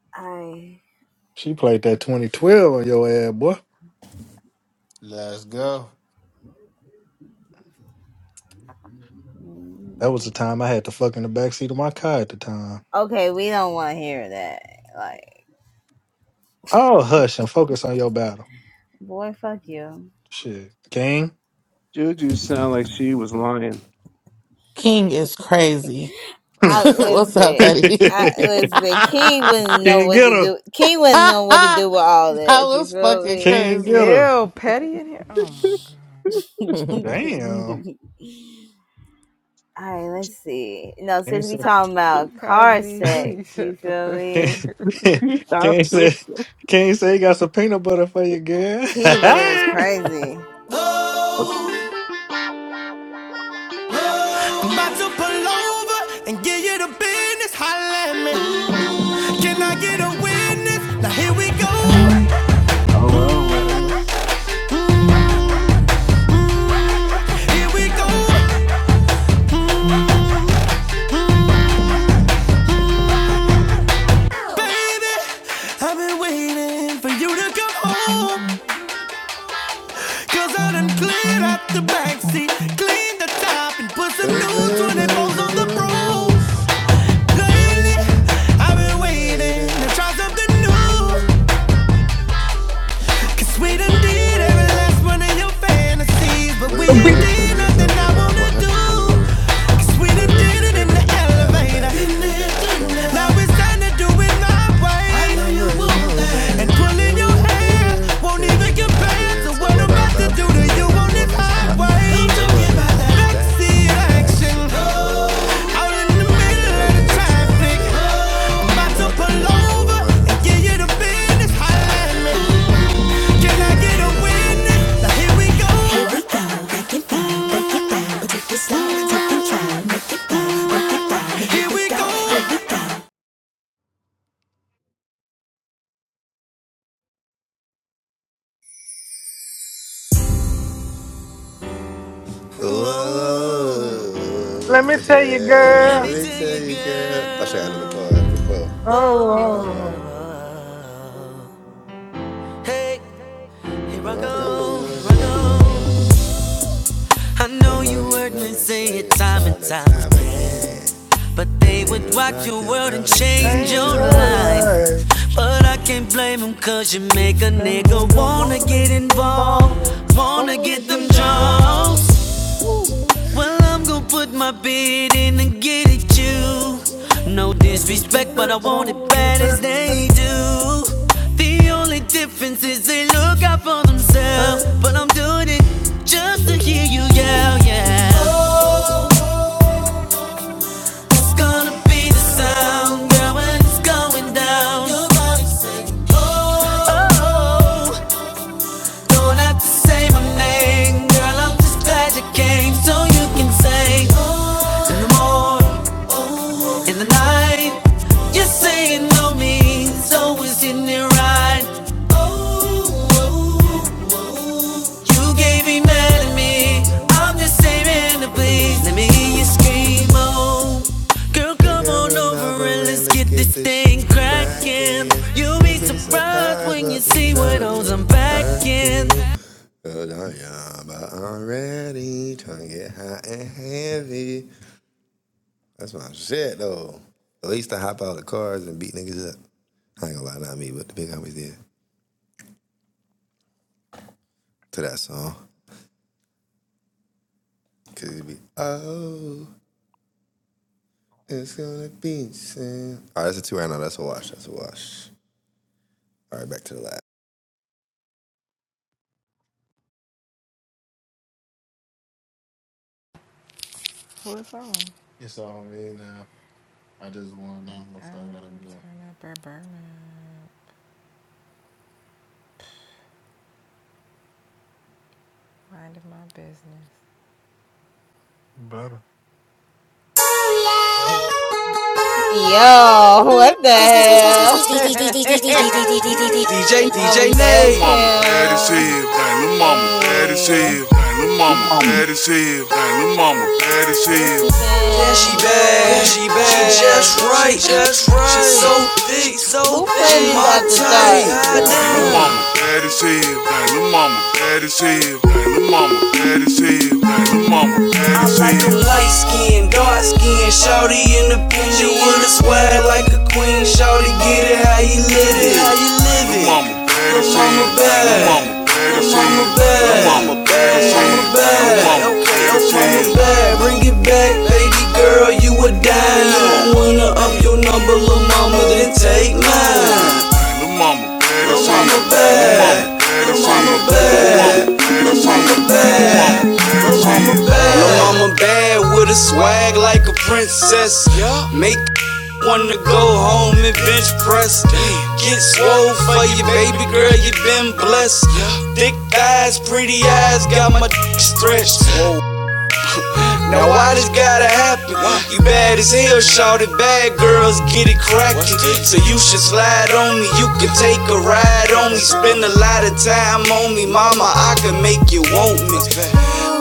[SPEAKER 8] I
[SPEAKER 3] She played that 2012 on your ass, boy.
[SPEAKER 9] Let's go.
[SPEAKER 3] That was the time I had to fuck in the backseat of my car at the time.
[SPEAKER 8] okay, we don't want to hear that. Like,
[SPEAKER 3] Oh, hush and focus on your battle.
[SPEAKER 8] boy, fuck you.
[SPEAKER 3] Shit. King.
[SPEAKER 6] Juju sound like she was lying.
[SPEAKER 2] King is crazy.
[SPEAKER 3] King
[SPEAKER 8] I
[SPEAKER 2] What's up,
[SPEAKER 8] listen.
[SPEAKER 2] Petty?
[SPEAKER 8] I listen. King wouldn't know what
[SPEAKER 3] get
[SPEAKER 8] to
[SPEAKER 3] her.
[SPEAKER 8] do. King wouldn't know what to
[SPEAKER 2] that
[SPEAKER 8] do with all this. You
[SPEAKER 2] was
[SPEAKER 8] feel
[SPEAKER 2] fucking
[SPEAKER 8] me?
[SPEAKER 3] King get
[SPEAKER 2] crazy.
[SPEAKER 3] her.
[SPEAKER 12] Ew, petty in here. Oh my
[SPEAKER 3] Damn.
[SPEAKER 8] all right. Let's see. No,
[SPEAKER 3] Can't
[SPEAKER 8] since we
[SPEAKER 3] say
[SPEAKER 8] talking about
[SPEAKER 12] god,
[SPEAKER 8] car
[SPEAKER 12] Kaji, please
[SPEAKER 8] sex, you
[SPEAKER 12] shut the
[SPEAKER 8] feel
[SPEAKER 12] fuck
[SPEAKER 3] can't,
[SPEAKER 12] up.
[SPEAKER 8] me?
[SPEAKER 6] She out
[SPEAKER 3] can't
[SPEAKER 6] here.
[SPEAKER 3] say can't say you got some peanut butter for you, girl.
[SPEAKER 8] Peanut butter is crazy.
[SPEAKER 13] I'm about to pull over and give you the business. Holla at me. Can I get a witness? Now here we go.
[SPEAKER 6] oh well, well.
[SPEAKER 13] Here we go, baby. I've been waiting for you to come home. Cause I done cleared out the backseat, cleaned the top, and put
[SPEAKER 5] But
[SPEAKER 13] some
[SPEAKER 5] it's me
[SPEAKER 13] new
[SPEAKER 5] that is
[SPEAKER 13] 24s on the
[SPEAKER 5] the
[SPEAKER 13] pro.
[SPEAKER 5] roof,
[SPEAKER 13] Lately,
[SPEAKER 5] baby.
[SPEAKER 13] I've
[SPEAKER 5] I've
[SPEAKER 13] been
[SPEAKER 5] been
[SPEAKER 13] waiting to
[SPEAKER 5] waiting.
[SPEAKER 13] try something
[SPEAKER 5] You
[SPEAKER 13] new.
[SPEAKER 5] knew.
[SPEAKER 13] Cause we done
[SPEAKER 5] But
[SPEAKER 13] did every last one of your fantasies, but we
[SPEAKER 5] I
[SPEAKER 13] ain't
[SPEAKER 5] don't
[SPEAKER 13] did
[SPEAKER 5] do
[SPEAKER 13] nothing I
[SPEAKER 5] something I wanna
[SPEAKER 13] wanna do.
[SPEAKER 5] do.
[SPEAKER 13] Cause we
[SPEAKER 5] So
[SPEAKER 13] done
[SPEAKER 5] you
[SPEAKER 13] did
[SPEAKER 5] did
[SPEAKER 13] it in
[SPEAKER 5] it
[SPEAKER 13] the
[SPEAKER 5] in the
[SPEAKER 13] elevator.
[SPEAKER 5] elevator, then there, done
[SPEAKER 13] Now
[SPEAKER 5] that.
[SPEAKER 13] it's time to do it my way.
[SPEAKER 5] The way you want
[SPEAKER 13] And
[SPEAKER 5] that to give
[SPEAKER 13] pulling
[SPEAKER 5] me
[SPEAKER 13] your
[SPEAKER 5] your
[SPEAKER 13] hair
[SPEAKER 5] hair
[SPEAKER 13] won't
[SPEAKER 5] can't
[SPEAKER 13] even
[SPEAKER 5] even
[SPEAKER 13] compare
[SPEAKER 5] compare
[SPEAKER 13] to
[SPEAKER 5] to
[SPEAKER 13] what
[SPEAKER 5] what
[SPEAKER 13] I'm
[SPEAKER 5] I'm
[SPEAKER 13] to
[SPEAKER 5] about
[SPEAKER 13] do
[SPEAKER 5] to
[SPEAKER 13] to
[SPEAKER 5] do
[SPEAKER 13] you
[SPEAKER 5] to
[SPEAKER 13] on
[SPEAKER 5] you
[SPEAKER 13] this
[SPEAKER 5] on this hotline.
[SPEAKER 13] highway.
[SPEAKER 5] I'm running about that
[SPEAKER 13] Backseat
[SPEAKER 5] backseat
[SPEAKER 13] action.
[SPEAKER 5] action, oh,
[SPEAKER 13] Out in the middle of
[SPEAKER 5] middle
[SPEAKER 13] the
[SPEAKER 5] of the
[SPEAKER 13] traffic.
[SPEAKER 5] traffic.
[SPEAKER 13] I'm to
[SPEAKER 5] About to
[SPEAKER 13] pull
[SPEAKER 5] pull
[SPEAKER 13] over
[SPEAKER 5] over
[SPEAKER 13] and give
[SPEAKER 5] and
[SPEAKER 13] you the
[SPEAKER 5] get a
[SPEAKER 13] business.
[SPEAKER 5] business.
[SPEAKER 13] Holla
[SPEAKER 5] Holla
[SPEAKER 13] at me.
[SPEAKER 5] at me. Can I get a witness?
[SPEAKER 14] Whoa,
[SPEAKER 5] Whoa,
[SPEAKER 3] Let me tell you,
[SPEAKER 5] yeah.
[SPEAKER 14] let
[SPEAKER 3] girl.
[SPEAKER 5] let
[SPEAKER 14] me
[SPEAKER 5] me
[SPEAKER 14] tell
[SPEAKER 5] tell
[SPEAKER 14] you,
[SPEAKER 5] you, girl. Oh, shit, out of the
[SPEAKER 14] girl.
[SPEAKER 5] pole, Out of the pole.
[SPEAKER 14] Whoa,
[SPEAKER 3] Oh,
[SPEAKER 14] whoa, whoa. Hey, here I
[SPEAKER 5] Here I
[SPEAKER 14] go,
[SPEAKER 5] go,
[SPEAKER 14] here I
[SPEAKER 5] here I
[SPEAKER 14] go.
[SPEAKER 5] go.
[SPEAKER 14] I
[SPEAKER 5] I
[SPEAKER 14] know
[SPEAKER 5] know
[SPEAKER 14] you
[SPEAKER 5] you
[SPEAKER 14] heard me
[SPEAKER 5] family
[SPEAKER 14] say
[SPEAKER 5] say
[SPEAKER 14] it
[SPEAKER 5] it
[SPEAKER 14] time and
[SPEAKER 5] time and
[SPEAKER 14] time
[SPEAKER 5] time
[SPEAKER 14] again.
[SPEAKER 5] again
[SPEAKER 14] But
[SPEAKER 5] that
[SPEAKER 14] they
[SPEAKER 5] it
[SPEAKER 14] would
[SPEAKER 5] would
[SPEAKER 14] rock
[SPEAKER 5] rock
[SPEAKER 14] your
[SPEAKER 5] your
[SPEAKER 14] world and
[SPEAKER 5] world and
[SPEAKER 3] oh
[SPEAKER 14] change
[SPEAKER 5] change
[SPEAKER 3] ain't
[SPEAKER 14] your
[SPEAKER 5] your
[SPEAKER 14] life.
[SPEAKER 3] your
[SPEAKER 5] life.
[SPEAKER 3] life.
[SPEAKER 14] But I can't blame them cause you
[SPEAKER 3] This
[SPEAKER 14] make a
[SPEAKER 3] good
[SPEAKER 14] nigga
[SPEAKER 3] nigga
[SPEAKER 14] wanna
[SPEAKER 3] wanna
[SPEAKER 14] get
[SPEAKER 3] get
[SPEAKER 14] involved,
[SPEAKER 3] involved,
[SPEAKER 14] wanna
[SPEAKER 3] wanna
[SPEAKER 14] get them
[SPEAKER 3] get them
[SPEAKER 14] drugs.
[SPEAKER 3] drugs.
[SPEAKER 14] Well, I'm gonna put my bid in and get at you. No
[SPEAKER 3] Well, bitch, you
[SPEAKER 14] disrespect, but
[SPEAKER 3] sure,
[SPEAKER 14] I
[SPEAKER 3] but I
[SPEAKER 14] want it
[SPEAKER 3] want it,
[SPEAKER 14] bad as
[SPEAKER 3] baby.
[SPEAKER 14] they do.
[SPEAKER 3] baby,
[SPEAKER 14] The only difference is they look out for themselves. But I'm doing it just to hear you
[SPEAKER 3] baby.
[SPEAKER 14] yell, yeah. Oh,
[SPEAKER 3] Oh.
[SPEAKER 14] it's gonna be the sound, girl, when it's going down. Your body say, oh, oh, oh. don't have to say my name, girl. I'm just glad you came so you can say, oh, no more. In the night, you say you know me, so always in it right. Oh, oh, oh. You gave me mad at me. I'm just saving the please. Let me hear you scream, oh. Girl,
[SPEAKER 5] Look
[SPEAKER 14] come
[SPEAKER 5] at
[SPEAKER 14] on over
[SPEAKER 5] over
[SPEAKER 14] and
[SPEAKER 5] and
[SPEAKER 14] let's
[SPEAKER 5] let's
[SPEAKER 14] get
[SPEAKER 5] get
[SPEAKER 14] this
[SPEAKER 5] this shit
[SPEAKER 14] thing cracking.
[SPEAKER 5] brackin'.
[SPEAKER 14] You'll
[SPEAKER 5] You'll
[SPEAKER 14] be
[SPEAKER 5] be
[SPEAKER 14] surprised
[SPEAKER 5] surprised
[SPEAKER 14] when you
[SPEAKER 5] what we
[SPEAKER 14] see what
[SPEAKER 5] trying
[SPEAKER 14] holes
[SPEAKER 5] to
[SPEAKER 14] I'm packing.
[SPEAKER 5] packin'. But I am already trying to get high and heavy. That's my shit though. At least I hop out of cars and beat niggas up. I ain't gonna lie, not me, but the big homies did to that song. Cause it'd be, oh. It's gonna be soon. All right, that's a two right now. That's a wash. That's a wash. All right, back to the lab.
[SPEAKER 12] What's on?
[SPEAKER 9] It's on me now. I just want to know
[SPEAKER 12] I
[SPEAKER 9] so I gotta go.
[SPEAKER 12] turn up at Burma, minding my business.
[SPEAKER 3] Better.
[SPEAKER 8] Yo, what
[SPEAKER 14] DJ,
[SPEAKER 8] the hell?
[SPEAKER 14] DJ
[SPEAKER 8] Mama bad
[SPEAKER 14] Nate.
[SPEAKER 8] as
[SPEAKER 14] mama bad as
[SPEAKER 8] hell.
[SPEAKER 14] hell. Dang, lil' mama bad as
[SPEAKER 8] Hey,
[SPEAKER 14] hell. Dang, lil' mama
[SPEAKER 3] Mom.
[SPEAKER 14] bad as hell. Dang, lil' mama bad as
[SPEAKER 8] then
[SPEAKER 14] hell.
[SPEAKER 8] she
[SPEAKER 14] Then she
[SPEAKER 8] bad.
[SPEAKER 14] bad, she
[SPEAKER 8] That's
[SPEAKER 14] bad,
[SPEAKER 8] right.
[SPEAKER 14] she just right, she just right. She so thick, she so
[SPEAKER 8] Who
[SPEAKER 14] thick,
[SPEAKER 8] played
[SPEAKER 14] she
[SPEAKER 8] this
[SPEAKER 14] my
[SPEAKER 8] after
[SPEAKER 14] type.
[SPEAKER 8] dark?
[SPEAKER 12] Y'all
[SPEAKER 14] Lil'
[SPEAKER 12] trolling,
[SPEAKER 14] mama bad as hell. Dang, mama bad as hell. Dang, mama bad as hell. Dang, mama bad as hell. I like hell. them light skin, dark skin, shawty in the pin. She with a swag like a queen, shawty get it how you live it, how you live Lil' it. Little mama bad as Lil' hell. little mama Lil' bad bag, mama bag, mama bag, mama bag, mama bag, Bring it back, baby girl, you a dime. You don't wanna up your number, lil mama, then take mine. Lil mama bag, Lil' mama bag, lil' mama bag, bad. mama bag, Lil' mama bad. Lil' mama bad with a swag like a princess. Make Wanna go home and bench press. Get swole for your baby girl, you been blessed. Thick thighs, pretty eyes, got my d- stretched. Now why this gotta happen? You bad as hell,
[SPEAKER 12] bro.
[SPEAKER 14] shorty. Bad girls get it crackin'. So you should
[SPEAKER 12] Is it
[SPEAKER 14] slide
[SPEAKER 12] going?
[SPEAKER 14] on me. You can take a ride
[SPEAKER 12] They
[SPEAKER 14] on me.
[SPEAKER 12] posted it on
[SPEAKER 14] Spend a
[SPEAKER 12] their
[SPEAKER 14] lot
[SPEAKER 12] page.
[SPEAKER 14] of time on me, mama. I can make you want me.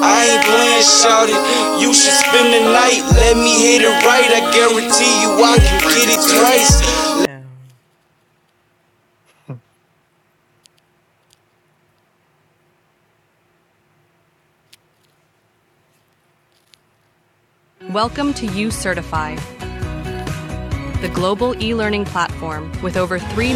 [SPEAKER 14] I ain't playing, shorty. You should spend the night. Let me hit it right. I guarantee you, I can get it twice.
[SPEAKER 12] Damn.
[SPEAKER 13] Welcome to You Certify, the global e learning platform with over 3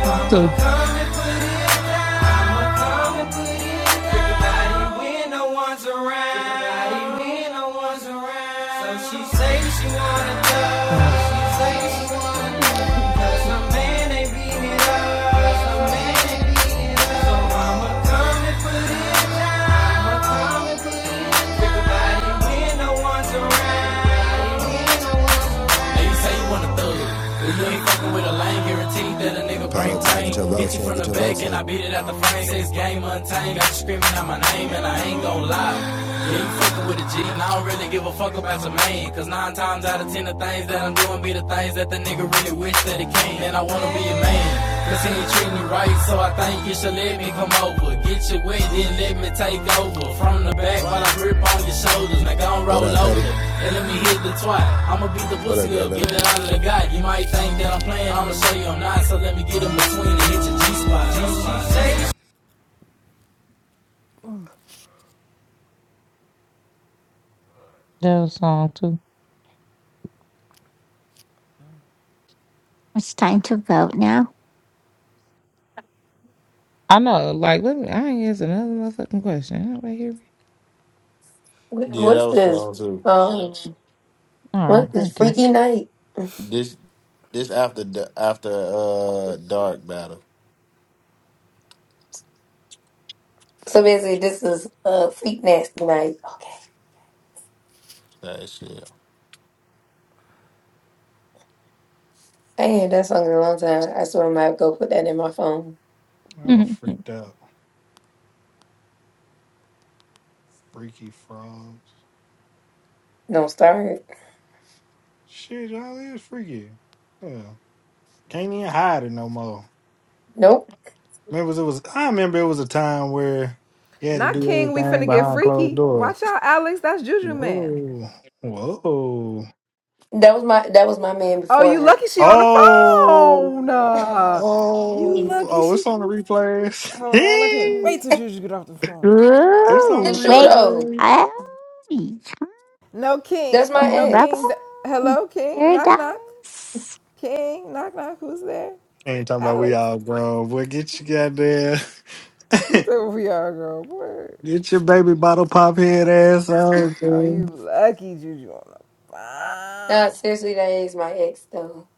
[SPEAKER 1] time too. Uh,
[SPEAKER 13] million Hey, you say you want a thug. but you ain't fucking with a lane, guaranteed that a nigga
[SPEAKER 5] Pull
[SPEAKER 13] bring
[SPEAKER 5] up top.
[SPEAKER 13] pain.
[SPEAKER 5] Get your
[SPEAKER 13] Hit
[SPEAKER 5] votes
[SPEAKER 13] you
[SPEAKER 5] in.
[SPEAKER 13] from
[SPEAKER 5] Get
[SPEAKER 13] the
[SPEAKER 5] your
[SPEAKER 13] back
[SPEAKER 5] votes
[SPEAKER 13] and
[SPEAKER 5] in.
[SPEAKER 13] I beat it out the frame. Say it's game untamed, got you screaming out my name and I ain't gon' lie. Yeah, you fucking with a G, and I don't really give a fuck about your man. Cause nine times out of ten, the things that I'm doing be the things that the nigga really wish that he can. And I wanna be a man. Cause he ain't treating you right, so I think you should let me come over. Get you wet, then let me take over. From the back while I grip on your shoulders. Now gon'
[SPEAKER 5] What
[SPEAKER 13] roll
[SPEAKER 5] up, Petty?
[SPEAKER 13] over and let me hit the twat. I'ma beat the
[SPEAKER 5] What up,
[SPEAKER 13] pussy up,
[SPEAKER 5] granddaughter?
[SPEAKER 13] give it all I got. You might think that I'm playing, I'ma show you I'm not. So let me get in between and hit your G-spot.
[SPEAKER 1] that song too.
[SPEAKER 7] It's time to vote now.
[SPEAKER 1] I know, like, let me, I ain't answer another motherfucking question. Nobody hear me?
[SPEAKER 4] Wh-
[SPEAKER 9] Yeah,
[SPEAKER 4] What's
[SPEAKER 9] that was
[SPEAKER 4] this?
[SPEAKER 9] strong too.
[SPEAKER 4] Um,
[SPEAKER 1] All right,
[SPEAKER 4] what is
[SPEAKER 1] thank
[SPEAKER 4] Freaky Night?
[SPEAKER 9] This. This after the after uh dark battle.
[SPEAKER 4] So basically, this is uh Freak Nasty Night.
[SPEAKER 9] That shit.
[SPEAKER 4] I ain't heard that song in a long time. I swear I might go put that in my phone.
[SPEAKER 3] I
[SPEAKER 1] you.
[SPEAKER 3] freaked out. Freaky frogs.
[SPEAKER 4] Don't start.
[SPEAKER 3] Shit, y'all is freaky. Yeah. Can't even hide it no more.
[SPEAKER 4] Nope.
[SPEAKER 3] Remember it was I remember it was a time where you had to
[SPEAKER 12] Not
[SPEAKER 3] do
[SPEAKER 12] King, we
[SPEAKER 3] everything
[SPEAKER 12] finna get
[SPEAKER 3] behind closed
[SPEAKER 12] freaky.
[SPEAKER 3] door.
[SPEAKER 12] Watch out, Alex. That's Juju man.
[SPEAKER 3] Whoa. Whoa.
[SPEAKER 4] That was my that was my man
[SPEAKER 12] Oh,
[SPEAKER 4] before
[SPEAKER 12] you
[SPEAKER 4] her.
[SPEAKER 12] lucky she on the
[SPEAKER 3] Oh.
[SPEAKER 12] phone. Uh, you
[SPEAKER 3] Oh.
[SPEAKER 12] lucky
[SPEAKER 3] Oh,
[SPEAKER 12] she.
[SPEAKER 3] it's on the
[SPEAKER 12] Hold on, I can't
[SPEAKER 3] replays.
[SPEAKER 12] wait till Juju get off the phone.
[SPEAKER 3] It's on the
[SPEAKER 7] Ooh,
[SPEAKER 4] It's true
[SPEAKER 7] wait.
[SPEAKER 4] though.
[SPEAKER 3] replays.
[SPEAKER 7] Oh,
[SPEAKER 12] No King.
[SPEAKER 4] That's
[SPEAKER 12] Oh,
[SPEAKER 4] my
[SPEAKER 12] no
[SPEAKER 7] rubber.
[SPEAKER 12] King.
[SPEAKER 4] ex.
[SPEAKER 12] D- Hello, King. Knock
[SPEAKER 7] Paradise.
[SPEAKER 12] knock. King. Knock knock. Who's there?
[SPEAKER 3] Ain't talking about we
[SPEAKER 12] Alex.
[SPEAKER 3] all grown. Boy, get your goddamn,
[SPEAKER 12] He took we are girl. Word.
[SPEAKER 3] get your baby bottle pop head ass on,
[SPEAKER 12] Oh, you
[SPEAKER 3] dude.
[SPEAKER 12] lucky Juju on the
[SPEAKER 4] Nah,
[SPEAKER 12] phone.
[SPEAKER 4] seriously, that is my ex though.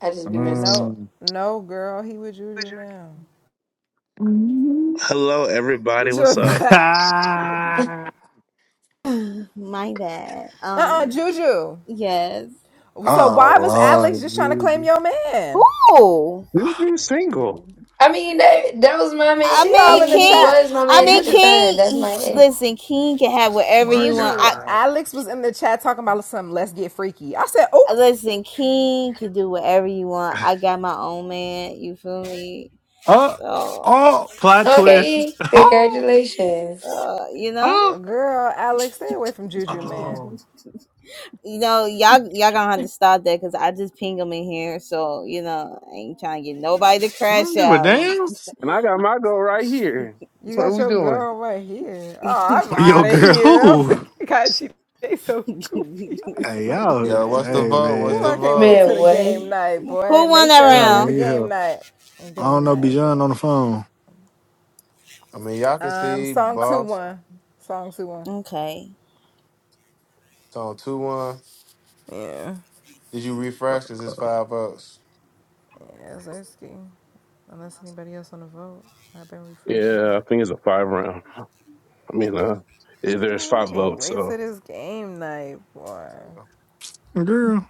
[SPEAKER 4] I just be messing.
[SPEAKER 12] No,
[SPEAKER 3] Mm.
[SPEAKER 12] no girl. He with Juju now.
[SPEAKER 7] Mm,
[SPEAKER 6] Hello, everybody.
[SPEAKER 12] Get your
[SPEAKER 6] What's up?
[SPEAKER 12] uh-uh,
[SPEAKER 3] oh
[SPEAKER 8] My bad. Um,
[SPEAKER 12] Juju.
[SPEAKER 8] yes.
[SPEAKER 12] So why was Alex
[SPEAKER 3] Lord,
[SPEAKER 12] just trying to claim
[SPEAKER 3] dude.
[SPEAKER 12] your man?
[SPEAKER 8] Who?
[SPEAKER 3] Oh
[SPEAKER 6] Juju single,
[SPEAKER 4] I mean that that was my
[SPEAKER 8] I
[SPEAKER 12] She
[SPEAKER 4] man. I
[SPEAKER 12] all
[SPEAKER 8] mean,
[SPEAKER 12] in the
[SPEAKER 4] mean he
[SPEAKER 8] King.
[SPEAKER 12] chat.
[SPEAKER 4] was my
[SPEAKER 8] I
[SPEAKER 4] man
[SPEAKER 8] mean,
[SPEAKER 4] at the
[SPEAKER 12] Juju,
[SPEAKER 4] time.
[SPEAKER 8] King.
[SPEAKER 4] That's my
[SPEAKER 8] he-
[SPEAKER 4] ex.
[SPEAKER 8] Listen, King can have whatever
[SPEAKER 3] my
[SPEAKER 8] he want.
[SPEAKER 12] Juju,
[SPEAKER 8] I
[SPEAKER 3] God.
[SPEAKER 12] Alex was in the chat talking about some let's get freaky. I said, oh,
[SPEAKER 8] listen. King can do whatever you want. I got my own man. You feel me?
[SPEAKER 3] Oh,
[SPEAKER 8] So,
[SPEAKER 3] oh, plot twist.
[SPEAKER 4] Okay, congratulations,
[SPEAKER 8] uh, you know,
[SPEAKER 3] Oh,
[SPEAKER 12] girl, Alex, stay away from Juju, man.
[SPEAKER 3] oh, oh.
[SPEAKER 8] you know, y'all, y'all gonna have to stop that because I just ping him in here. So, you know, I ain't trying to get nobody to
[SPEAKER 3] I don't
[SPEAKER 8] crash
[SPEAKER 3] give a
[SPEAKER 8] out.
[SPEAKER 3] damn.
[SPEAKER 6] and I got my goal right here.
[SPEAKER 12] You
[SPEAKER 6] What are
[SPEAKER 12] got
[SPEAKER 6] we
[SPEAKER 12] your
[SPEAKER 6] doing?
[SPEAKER 12] girl right here. Oh, I'm
[SPEAKER 3] Yo,
[SPEAKER 12] out of
[SPEAKER 3] girl,
[SPEAKER 12] here.
[SPEAKER 3] who?
[SPEAKER 12] God, she they so
[SPEAKER 8] Who
[SPEAKER 12] goofy this
[SPEAKER 3] Hey,
[SPEAKER 12] month.
[SPEAKER 3] y'all,
[SPEAKER 9] Yeah, what's the
[SPEAKER 3] hey,
[SPEAKER 9] vote? What's
[SPEAKER 12] Ooh,
[SPEAKER 3] man.
[SPEAKER 9] the
[SPEAKER 12] I can't wait
[SPEAKER 9] vote?
[SPEAKER 4] man.
[SPEAKER 12] till the
[SPEAKER 4] What? Oh,
[SPEAKER 12] game night, boy.
[SPEAKER 8] won
[SPEAKER 12] Make
[SPEAKER 8] that
[SPEAKER 12] sure
[SPEAKER 3] Y'all
[SPEAKER 12] everybody at the
[SPEAKER 8] round?
[SPEAKER 3] need help.
[SPEAKER 12] game night.
[SPEAKER 3] I don't
[SPEAKER 12] Game
[SPEAKER 3] know,
[SPEAKER 12] night,
[SPEAKER 3] Bijan on
[SPEAKER 12] game
[SPEAKER 3] the phone.
[SPEAKER 9] I mean, y'all can
[SPEAKER 12] Um,
[SPEAKER 9] see
[SPEAKER 12] song two
[SPEAKER 9] boss.
[SPEAKER 12] one, song two one.
[SPEAKER 8] Okay.
[SPEAKER 9] It's on two one.
[SPEAKER 12] Yeah,
[SPEAKER 9] Did you refresh? Cause it's five votes.
[SPEAKER 12] yeah, Zersky. Unless anybody else on the vote, I've been refreshing them.
[SPEAKER 6] Yeah, I think it's a five round. I mean, uh, it- there's
[SPEAKER 12] Ooh, I
[SPEAKER 6] five
[SPEAKER 12] can't
[SPEAKER 6] votes,
[SPEAKER 12] wait till
[SPEAKER 6] so
[SPEAKER 12] this game night, boy.
[SPEAKER 9] Yeah.
[SPEAKER 3] Girl,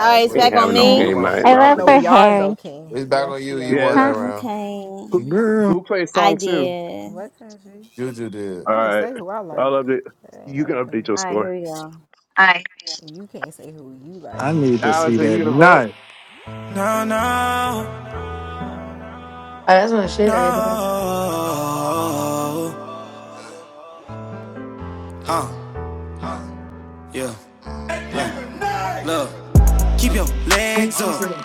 [SPEAKER 8] All
[SPEAKER 12] We
[SPEAKER 8] right,
[SPEAKER 9] right.
[SPEAKER 8] it's
[SPEAKER 6] we ain't
[SPEAKER 8] back
[SPEAKER 12] gonna
[SPEAKER 9] Well,
[SPEAKER 8] on
[SPEAKER 6] having
[SPEAKER 12] get
[SPEAKER 6] no
[SPEAKER 7] Uh,
[SPEAKER 8] me.
[SPEAKER 9] come
[SPEAKER 6] game
[SPEAKER 9] on.
[SPEAKER 12] crazy.
[SPEAKER 6] night. And
[SPEAKER 7] I
[SPEAKER 6] I don't
[SPEAKER 7] vote
[SPEAKER 12] No,
[SPEAKER 6] think.
[SPEAKER 7] for
[SPEAKER 6] It,
[SPEAKER 12] we are though,
[SPEAKER 7] Harry.
[SPEAKER 12] King.
[SPEAKER 9] It's
[SPEAKER 12] We
[SPEAKER 9] back on you.
[SPEAKER 12] actually
[SPEAKER 9] You
[SPEAKER 12] are.
[SPEAKER 6] yeah,
[SPEAKER 9] won that
[SPEAKER 6] it's-
[SPEAKER 7] Huh?
[SPEAKER 9] round.
[SPEAKER 8] Okay.
[SPEAKER 6] who,
[SPEAKER 3] girl,
[SPEAKER 6] who plays
[SPEAKER 8] I
[SPEAKER 6] song two?
[SPEAKER 8] did.
[SPEAKER 12] What country?
[SPEAKER 9] Juju did.
[SPEAKER 6] All
[SPEAKER 12] I can
[SPEAKER 6] right,
[SPEAKER 12] say who I
[SPEAKER 6] I'll
[SPEAKER 12] like.
[SPEAKER 6] update.
[SPEAKER 12] That ain't
[SPEAKER 6] You
[SPEAKER 12] never
[SPEAKER 6] can update
[SPEAKER 12] been.
[SPEAKER 6] your
[SPEAKER 8] All right,
[SPEAKER 6] score.
[SPEAKER 8] here we go.
[SPEAKER 4] Hi.
[SPEAKER 12] You can't say who you like.
[SPEAKER 3] I need to see
[SPEAKER 6] Alex, are
[SPEAKER 3] that
[SPEAKER 6] you gonna vote?
[SPEAKER 3] night.
[SPEAKER 13] No, no,
[SPEAKER 4] Oh, that's my shit
[SPEAKER 13] no.
[SPEAKER 4] right there.
[SPEAKER 13] Uh, yeah. Look, Keep your
[SPEAKER 4] Let
[SPEAKER 13] legs up.
[SPEAKER 4] a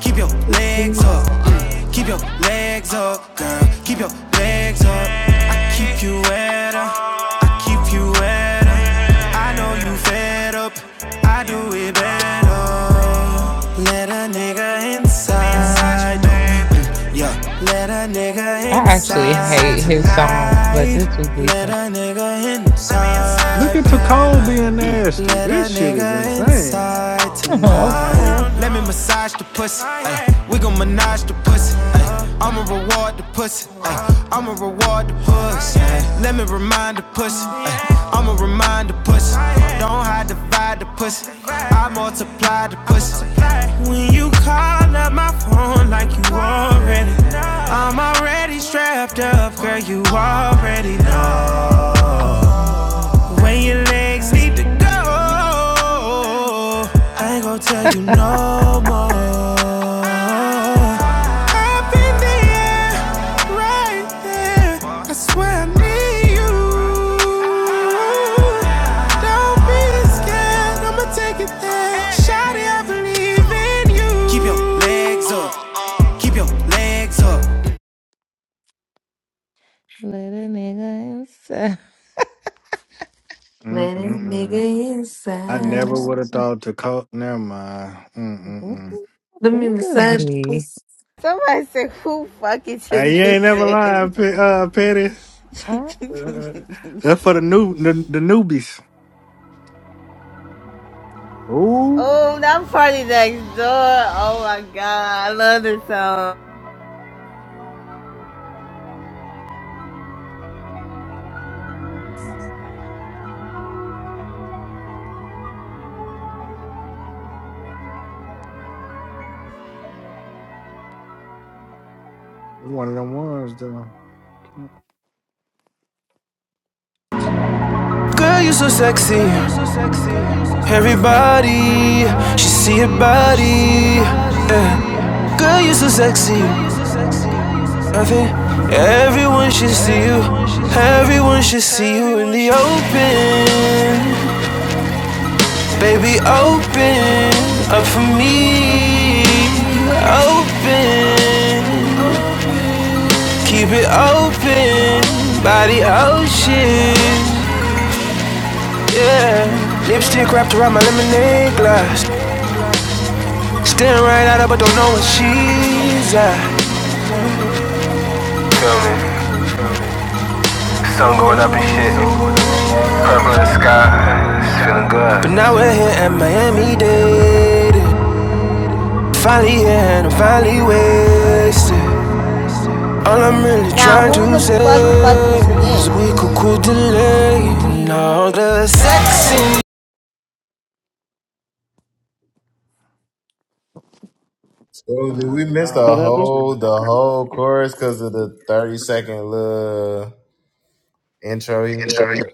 [SPEAKER 13] Keep your legs up. Mm. Keep your legs up, girl. Keep your legs up. I keep you wetter. I keep you wetter. I know you fed up. I do it better. Let a nigga inside.
[SPEAKER 1] Um,
[SPEAKER 13] Mm, Yeah. Let a nigga
[SPEAKER 1] I actually
[SPEAKER 13] inside
[SPEAKER 1] hate his songs, but
[SPEAKER 13] tonight.
[SPEAKER 1] this was
[SPEAKER 13] Let
[SPEAKER 1] decent.
[SPEAKER 13] a nigga
[SPEAKER 3] Look
[SPEAKER 13] inside.
[SPEAKER 3] at
[SPEAKER 13] baby.
[SPEAKER 3] Tacole being nasty.
[SPEAKER 13] Let
[SPEAKER 3] This
[SPEAKER 13] a
[SPEAKER 3] shit is
[SPEAKER 13] nigga
[SPEAKER 3] insane.
[SPEAKER 13] inside
[SPEAKER 1] I'm
[SPEAKER 13] tonight.
[SPEAKER 1] sorry.
[SPEAKER 13] Oh, no, no. Let me massage the pussy. ay. We gon' menage the pussy. ay. I'ma reward the pussy. ay. I'ma reward the pussy. ay. Let me remind the pussy. ay. I'ma remind the pussy. Oh, yeah. Don't hide divide the pussy. Oh, yeah. I multiply the pussy. When you call up my phone like you already, know. I'm already strapped up, girl. You already know. When your legs need to go, I ain't gon' tell you no more. Up in the air, right there. That's where I need you. Don't be scared, I'ma take it there. Shawty, I believe in you. Keep your legs up, keep your legs up.
[SPEAKER 1] Let a nigga inside.
[SPEAKER 3] Mm-mm-mm.
[SPEAKER 4] nigga
[SPEAKER 3] I never
[SPEAKER 4] inside.
[SPEAKER 3] would have thought Tacole. Never mind. Mm-mm-mm.
[SPEAKER 4] Let me
[SPEAKER 1] Think of
[SPEAKER 4] massage the
[SPEAKER 1] me.
[SPEAKER 4] pussy.
[SPEAKER 8] Somebody said, who fucking to
[SPEAKER 3] Hey, you ain't
[SPEAKER 8] this
[SPEAKER 3] never
[SPEAKER 8] shit?
[SPEAKER 3] lying, Pe- uh, Petty. Uh, uh, That's for the new the, the newbies. Ooh,
[SPEAKER 8] oh, that party next door. Oh my god, I love this song.
[SPEAKER 3] one of them ones though.
[SPEAKER 14] Girl, you so sexy. Everybody should see your body. Girl, you so sexy. Everyone should see you. Everyone should see you in the open. Baby, open up for me. Open. Keep it open. Body ocean. Yeah. Lipstick wrapped around my lemonade glass. Staring right at her, but don't know what she's at. Sun going up and shit. Purple in the sky. It's feeling good. But now we're here at Miami Dade. Finally here and I'm finally wasted. All I'm really
[SPEAKER 8] Now,
[SPEAKER 14] trying
[SPEAKER 8] who
[SPEAKER 14] to
[SPEAKER 8] the
[SPEAKER 14] say
[SPEAKER 8] fuck fucking to
[SPEAKER 14] is we could
[SPEAKER 8] this?
[SPEAKER 14] cool delay and all the sexy
[SPEAKER 9] So did we
[SPEAKER 3] Uh,
[SPEAKER 9] miss
[SPEAKER 3] y'all
[SPEAKER 9] the
[SPEAKER 6] What
[SPEAKER 3] playing
[SPEAKER 6] happened?
[SPEAKER 3] too
[SPEAKER 9] whole the
[SPEAKER 3] much.
[SPEAKER 9] whole chorus because of the thirty second little intro he had?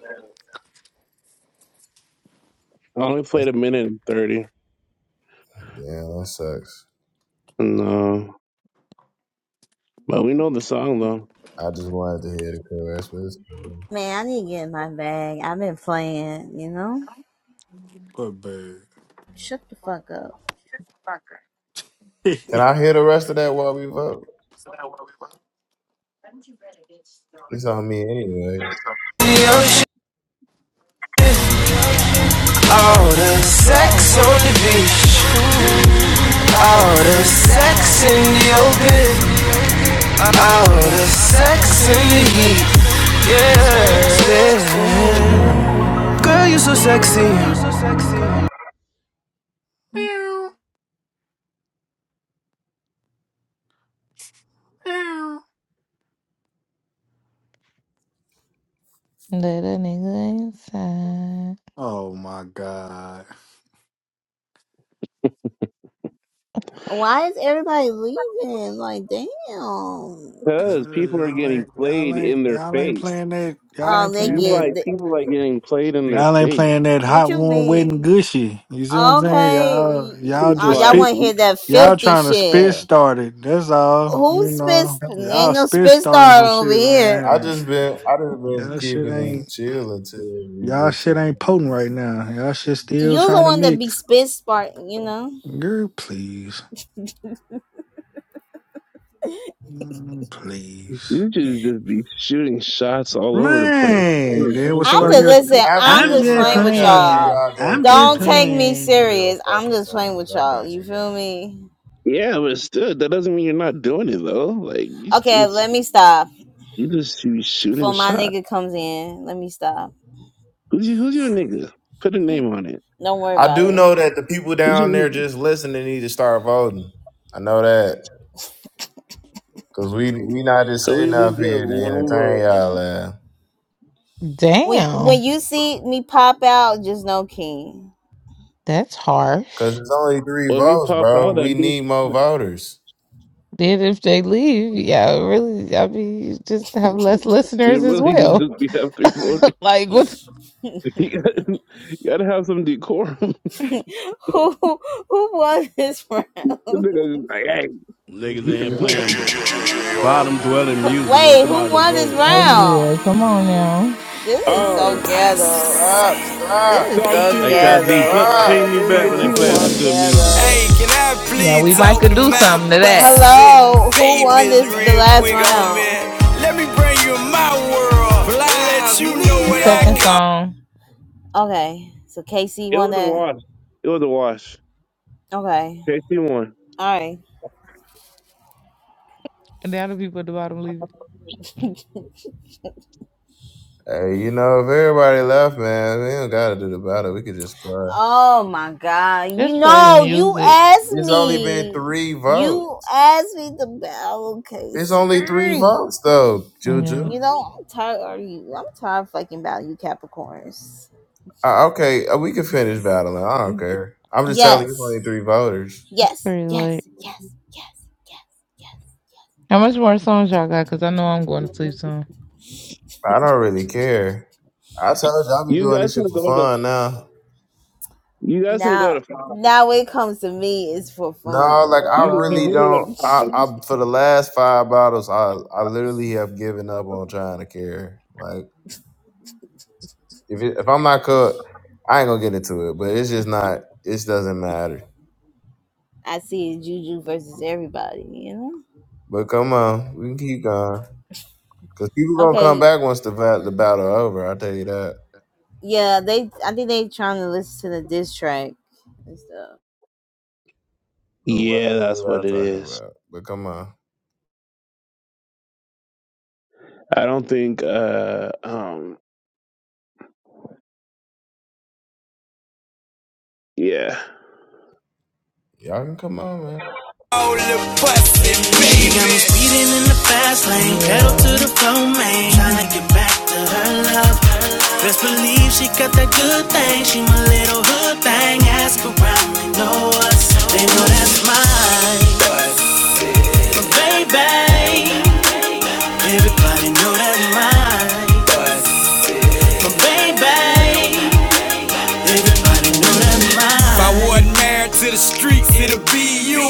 [SPEAKER 6] I only played
[SPEAKER 9] That's,
[SPEAKER 6] a minute and thirty.
[SPEAKER 9] damn, that sucks.
[SPEAKER 6] No, but we know the song though,
[SPEAKER 9] I just wanted to hear the chorus, but it's cool.
[SPEAKER 8] Man, I need to get in my bag. I've been playing, you know?
[SPEAKER 3] What bird?
[SPEAKER 8] Shut the fuck up.
[SPEAKER 9] Can I hear the rest of that while we vote? It's on me anyway.
[SPEAKER 14] ocean, all the sex on the beach, all the sex in the open, all the sex in the heat. Yeah, yeah. girl, you are so
[SPEAKER 3] meow,
[SPEAKER 14] sexy.
[SPEAKER 3] meow, meow.
[SPEAKER 1] Let a nigga inside.
[SPEAKER 3] Oh my God.
[SPEAKER 8] Why is everybody leaving? Like, damn. Oh,
[SPEAKER 6] because
[SPEAKER 3] Cause
[SPEAKER 6] people are
[SPEAKER 3] y'all
[SPEAKER 6] getting
[SPEAKER 3] ain't y'all
[SPEAKER 6] played
[SPEAKER 3] ain't
[SPEAKER 6] in their
[SPEAKER 3] y'all ain't
[SPEAKER 6] face.
[SPEAKER 3] playing that y'all ain't
[SPEAKER 8] they
[SPEAKER 3] playing
[SPEAKER 6] You
[SPEAKER 3] that
[SPEAKER 6] like
[SPEAKER 8] getting.
[SPEAKER 6] people like getting played in their
[SPEAKER 3] y'all ain't
[SPEAKER 6] face.
[SPEAKER 3] playing that
[SPEAKER 8] Would
[SPEAKER 3] hot
[SPEAKER 8] you
[SPEAKER 3] warm wet
[SPEAKER 8] be
[SPEAKER 3] and gushy. You see what I'm saying?
[SPEAKER 8] okay?
[SPEAKER 3] Y'all y'all
[SPEAKER 6] It's
[SPEAKER 8] Oh,
[SPEAKER 3] just
[SPEAKER 8] y'all
[SPEAKER 6] like
[SPEAKER 3] spit
[SPEAKER 8] want to hear that
[SPEAKER 3] y'all
[SPEAKER 8] filthy
[SPEAKER 3] trying to spit
[SPEAKER 8] shit?
[SPEAKER 3] start it. That's all.
[SPEAKER 8] Who
[SPEAKER 3] You
[SPEAKER 8] spit?
[SPEAKER 3] know. Y'all
[SPEAKER 8] Ain't no
[SPEAKER 3] spit
[SPEAKER 8] spit
[SPEAKER 3] starting
[SPEAKER 8] star
[SPEAKER 3] some shit
[SPEAKER 8] over
[SPEAKER 3] right
[SPEAKER 8] here.
[SPEAKER 9] I
[SPEAKER 3] here.
[SPEAKER 9] just been I just been
[SPEAKER 3] Y'all shit
[SPEAKER 9] keeping it
[SPEAKER 3] ain't
[SPEAKER 9] chill until we
[SPEAKER 3] y'all
[SPEAKER 9] get to
[SPEAKER 3] shit ain't
[SPEAKER 9] it.
[SPEAKER 3] potent right now. Y'all shit still
[SPEAKER 8] You're the
[SPEAKER 3] trying to
[SPEAKER 8] one that be
[SPEAKER 3] mix.
[SPEAKER 8] spit sparking, you know.
[SPEAKER 3] Girl, please. Mm, Please.
[SPEAKER 6] you just just be shooting shots all over the place.
[SPEAKER 3] Man,
[SPEAKER 9] Hey,
[SPEAKER 3] dude, was
[SPEAKER 8] I'm
[SPEAKER 3] somebody
[SPEAKER 8] just
[SPEAKER 3] get?
[SPEAKER 8] listen.
[SPEAKER 9] after
[SPEAKER 8] I'm
[SPEAKER 3] I'm
[SPEAKER 9] this
[SPEAKER 8] just
[SPEAKER 3] just
[SPEAKER 8] playing
[SPEAKER 9] round,
[SPEAKER 8] with
[SPEAKER 9] Kaji,
[SPEAKER 8] y'all.
[SPEAKER 3] playing.
[SPEAKER 9] I'll go
[SPEAKER 3] I'm
[SPEAKER 9] for
[SPEAKER 3] just
[SPEAKER 9] some
[SPEAKER 8] Don't take me
[SPEAKER 9] really some
[SPEAKER 3] playing.
[SPEAKER 9] real
[SPEAKER 8] serious. I'm
[SPEAKER 9] fucking
[SPEAKER 8] just playing
[SPEAKER 9] songs.
[SPEAKER 8] with
[SPEAKER 9] I
[SPEAKER 8] y'all.
[SPEAKER 9] got
[SPEAKER 8] You
[SPEAKER 9] you
[SPEAKER 8] feel
[SPEAKER 9] guys.
[SPEAKER 8] me?
[SPEAKER 6] Yeah, but still, that doesn't mean you're not doing it though. Like you just
[SPEAKER 8] Okay, let
[SPEAKER 6] you
[SPEAKER 8] me stop.
[SPEAKER 6] just you
[SPEAKER 8] Before
[SPEAKER 6] shooting
[SPEAKER 8] my
[SPEAKER 6] shot.
[SPEAKER 8] nigga comes in, let me stop.
[SPEAKER 6] Who's your, who's your nigga? Put a
[SPEAKER 8] Mm,
[SPEAKER 6] name on it.
[SPEAKER 8] Don't worry
[SPEAKER 9] I
[SPEAKER 8] about
[SPEAKER 9] do
[SPEAKER 8] it.
[SPEAKER 9] know that the people
[SPEAKER 6] Who's your
[SPEAKER 9] down there
[SPEAKER 6] nigga?
[SPEAKER 9] just listening need to start voting. I know that. Cause we we not just
[SPEAKER 6] Can we
[SPEAKER 9] sitting
[SPEAKER 6] at
[SPEAKER 9] up
[SPEAKER 6] least get
[SPEAKER 9] here to
[SPEAKER 6] one
[SPEAKER 9] entertain
[SPEAKER 6] vote?
[SPEAKER 9] y'all uh,
[SPEAKER 8] when when
[SPEAKER 1] Damn,
[SPEAKER 8] you see me pop out, just know King.
[SPEAKER 1] that's harsh.
[SPEAKER 9] Cause it's only three
[SPEAKER 6] Well, if you
[SPEAKER 9] votes,
[SPEAKER 6] pop
[SPEAKER 9] bro.
[SPEAKER 6] out,
[SPEAKER 9] We
[SPEAKER 6] that means
[SPEAKER 9] need more voters.
[SPEAKER 1] Then if they leave, yeah, really, I mean, you just have less
[SPEAKER 6] you're
[SPEAKER 1] listeners as
[SPEAKER 6] really you
[SPEAKER 1] well.
[SPEAKER 6] just be have three voters.
[SPEAKER 1] Like, what?
[SPEAKER 8] who
[SPEAKER 6] You gotta, you gotta have some decorum. the
[SPEAKER 8] who won this round?
[SPEAKER 6] nigga just like,
[SPEAKER 18] Niggas in here
[SPEAKER 6] hey,
[SPEAKER 18] playing bottom
[SPEAKER 14] Hey,
[SPEAKER 18] dwelling music. Want
[SPEAKER 8] Wait, who
[SPEAKER 18] somebody to
[SPEAKER 8] won this
[SPEAKER 18] vote,
[SPEAKER 1] Oh
[SPEAKER 18] nigga.
[SPEAKER 8] round?
[SPEAKER 1] yeah, come on now.
[SPEAKER 8] This is so
[SPEAKER 6] oh,
[SPEAKER 8] ghetto.
[SPEAKER 9] Stop,
[SPEAKER 8] This
[SPEAKER 9] stop,
[SPEAKER 8] is
[SPEAKER 6] song
[SPEAKER 8] so
[SPEAKER 6] two
[SPEAKER 18] Hey,
[SPEAKER 6] one,
[SPEAKER 18] Kaji,
[SPEAKER 8] ghetto,
[SPEAKER 18] play,
[SPEAKER 9] stop.
[SPEAKER 18] ping
[SPEAKER 8] bruh.
[SPEAKER 18] me
[SPEAKER 8] This
[SPEAKER 18] back
[SPEAKER 6] KC
[SPEAKER 18] when they
[SPEAKER 8] is just
[SPEAKER 18] playing
[SPEAKER 8] so
[SPEAKER 6] one.
[SPEAKER 18] some good music,
[SPEAKER 8] ghetto.
[SPEAKER 18] bro.
[SPEAKER 14] can I
[SPEAKER 1] Yeah,
[SPEAKER 14] please
[SPEAKER 1] we might
[SPEAKER 14] talk
[SPEAKER 1] could
[SPEAKER 14] to
[SPEAKER 1] do
[SPEAKER 14] my
[SPEAKER 1] something to that.
[SPEAKER 14] busted
[SPEAKER 8] Hello, who won
[SPEAKER 14] babies
[SPEAKER 8] this the
[SPEAKER 14] real
[SPEAKER 8] last
[SPEAKER 14] quick on me?
[SPEAKER 8] round?
[SPEAKER 14] Let me bring you in my world. Well, I let you know
[SPEAKER 1] And
[SPEAKER 14] what I
[SPEAKER 1] second
[SPEAKER 14] call
[SPEAKER 1] song,
[SPEAKER 8] Okay, so KC
[SPEAKER 6] It
[SPEAKER 8] won
[SPEAKER 6] was a
[SPEAKER 8] that.
[SPEAKER 6] wash. It was a wash.
[SPEAKER 8] Okay,
[SPEAKER 6] KC one.
[SPEAKER 8] all right.
[SPEAKER 1] and now the people at the bottom leaving.
[SPEAKER 9] Hey, you know, if everybody left, man, we don't gotta do the battle. We could just play.
[SPEAKER 8] Oh my God. You
[SPEAKER 1] Just play the
[SPEAKER 8] know, you
[SPEAKER 1] music.
[SPEAKER 8] asked
[SPEAKER 9] It's only been
[SPEAKER 8] me.
[SPEAKER 9] three votes.
[SPEAKER 8] You asked me to battle
[SPEAKER 9] It's
[SPEAKER 8] case.
[SPEAKER 9] only three
[SPEAKER 8] Mm.
[SPEAKER 9] votes though,
[SPEAKER 1] Yeah,
[SPEAKER 9] Juju.
[SPEAKER 8] You know, I'm tired of you. I'm tired of fucking about you Capricorns.
[SPEAKER 9] Uh, okay, uh, we can finish battling. I don't care. I'm just telling you, it's only
[SPEAKER 8] Yes.
[SPEAKER 9] three voters.
[SPEAKER 1] it's
[SPEAKER 8] Yes.
[SPEAKER 1] pretty late.
[SPEAKER 8] Yes. Yes. Yes. Yes.
[SPEAKER 1] How much more songs y'all got? Cause I know I'm going to sleep soon.
[SPEAKER 9] I
[SPEAKER 8] Yes.
[SPEAKER 9] don't really care. I told you I'll be
[SPEAKER 6] You
[SPEAKER 9] doing
[SPEAKER 6] guys
[SPEAKER 9] this shit
[SPEAKER 6] can
[SPEAKER 9] for
[SPEAKER 6] go to
[SPEAKER 9] fun now.
[SPEAKER 6] you guys can go to
[SPEAKER 8] now
[SPEAKER 6] five.
[SPEAKER 8] now when it comes to me it's for
[SPEAKER 9] No,
[SPEAKER 8] fun. You
[SPEAKER 9] like I
[SPEAKER 6] You, you
[SPEAKER 9] really
[SPEAKER 6] really
[SPEAKER 8] know?
[SPEAKER 9] don't.
[SPEAKER 6] gotta- stop
[SPEAKER 9] I,
[SPEAKER 6] that.
[SPEAKER 9] I for the last five bottles, I I literally have given up on trying to care. Like if it, if I'm not cooked, I ain't gonna get into it. But it's just not. It doesn't matter.
[SPEAKER 8] I see it juju versus everybody, you know?
[SPEAKER 9] But come on, we can keep going. Cause people gonna come
[SPEAKER 8] Okay,
[SPEAKER 9] back once the va- the battle over. I tell you that.
[SPEAKER 8] Yeah, they. I think they trying to listen to the diss track and stuff.
[SPEAKER 9] But what
[SPEAKER 6] yeah,
[SPEAKER 9] the
[SPEAKER 6] that's
[SPEAKER 9] hell y'all
[SPEAKER 6] what it
[SPEAKER 9] talking
[SPEAKER 6] is.
[SPEAKER 9] about? But come on,
[SPEAKER 6] I don't think. Uh, um, yeah,
[SPEAKER 9] y'all can come on, man.
[SPEAKER 14] the busted She got me speeding in the fast lane, pedal to
[SPEAKER 1] Yeah.
[SPEAKER 14] the floor, man. Tryna
[SPEAKER 1] Mhm.
[SPEAKER 14] get back to her love. Best believe she got that good thing. She my little hood thing. Ask around, they know us. They know that's mine, baby. Everybody know that I'm mine, Oh, baby. Everybody
[SPEAKER 1] Everybody
[SPEAKER 14] know that I'm
[SPEAKER 1] know
[SPEAKER 14] mine. If I
[SPEAKER 1] that.
[SPEAKER 14] wear streaks, it'll be you.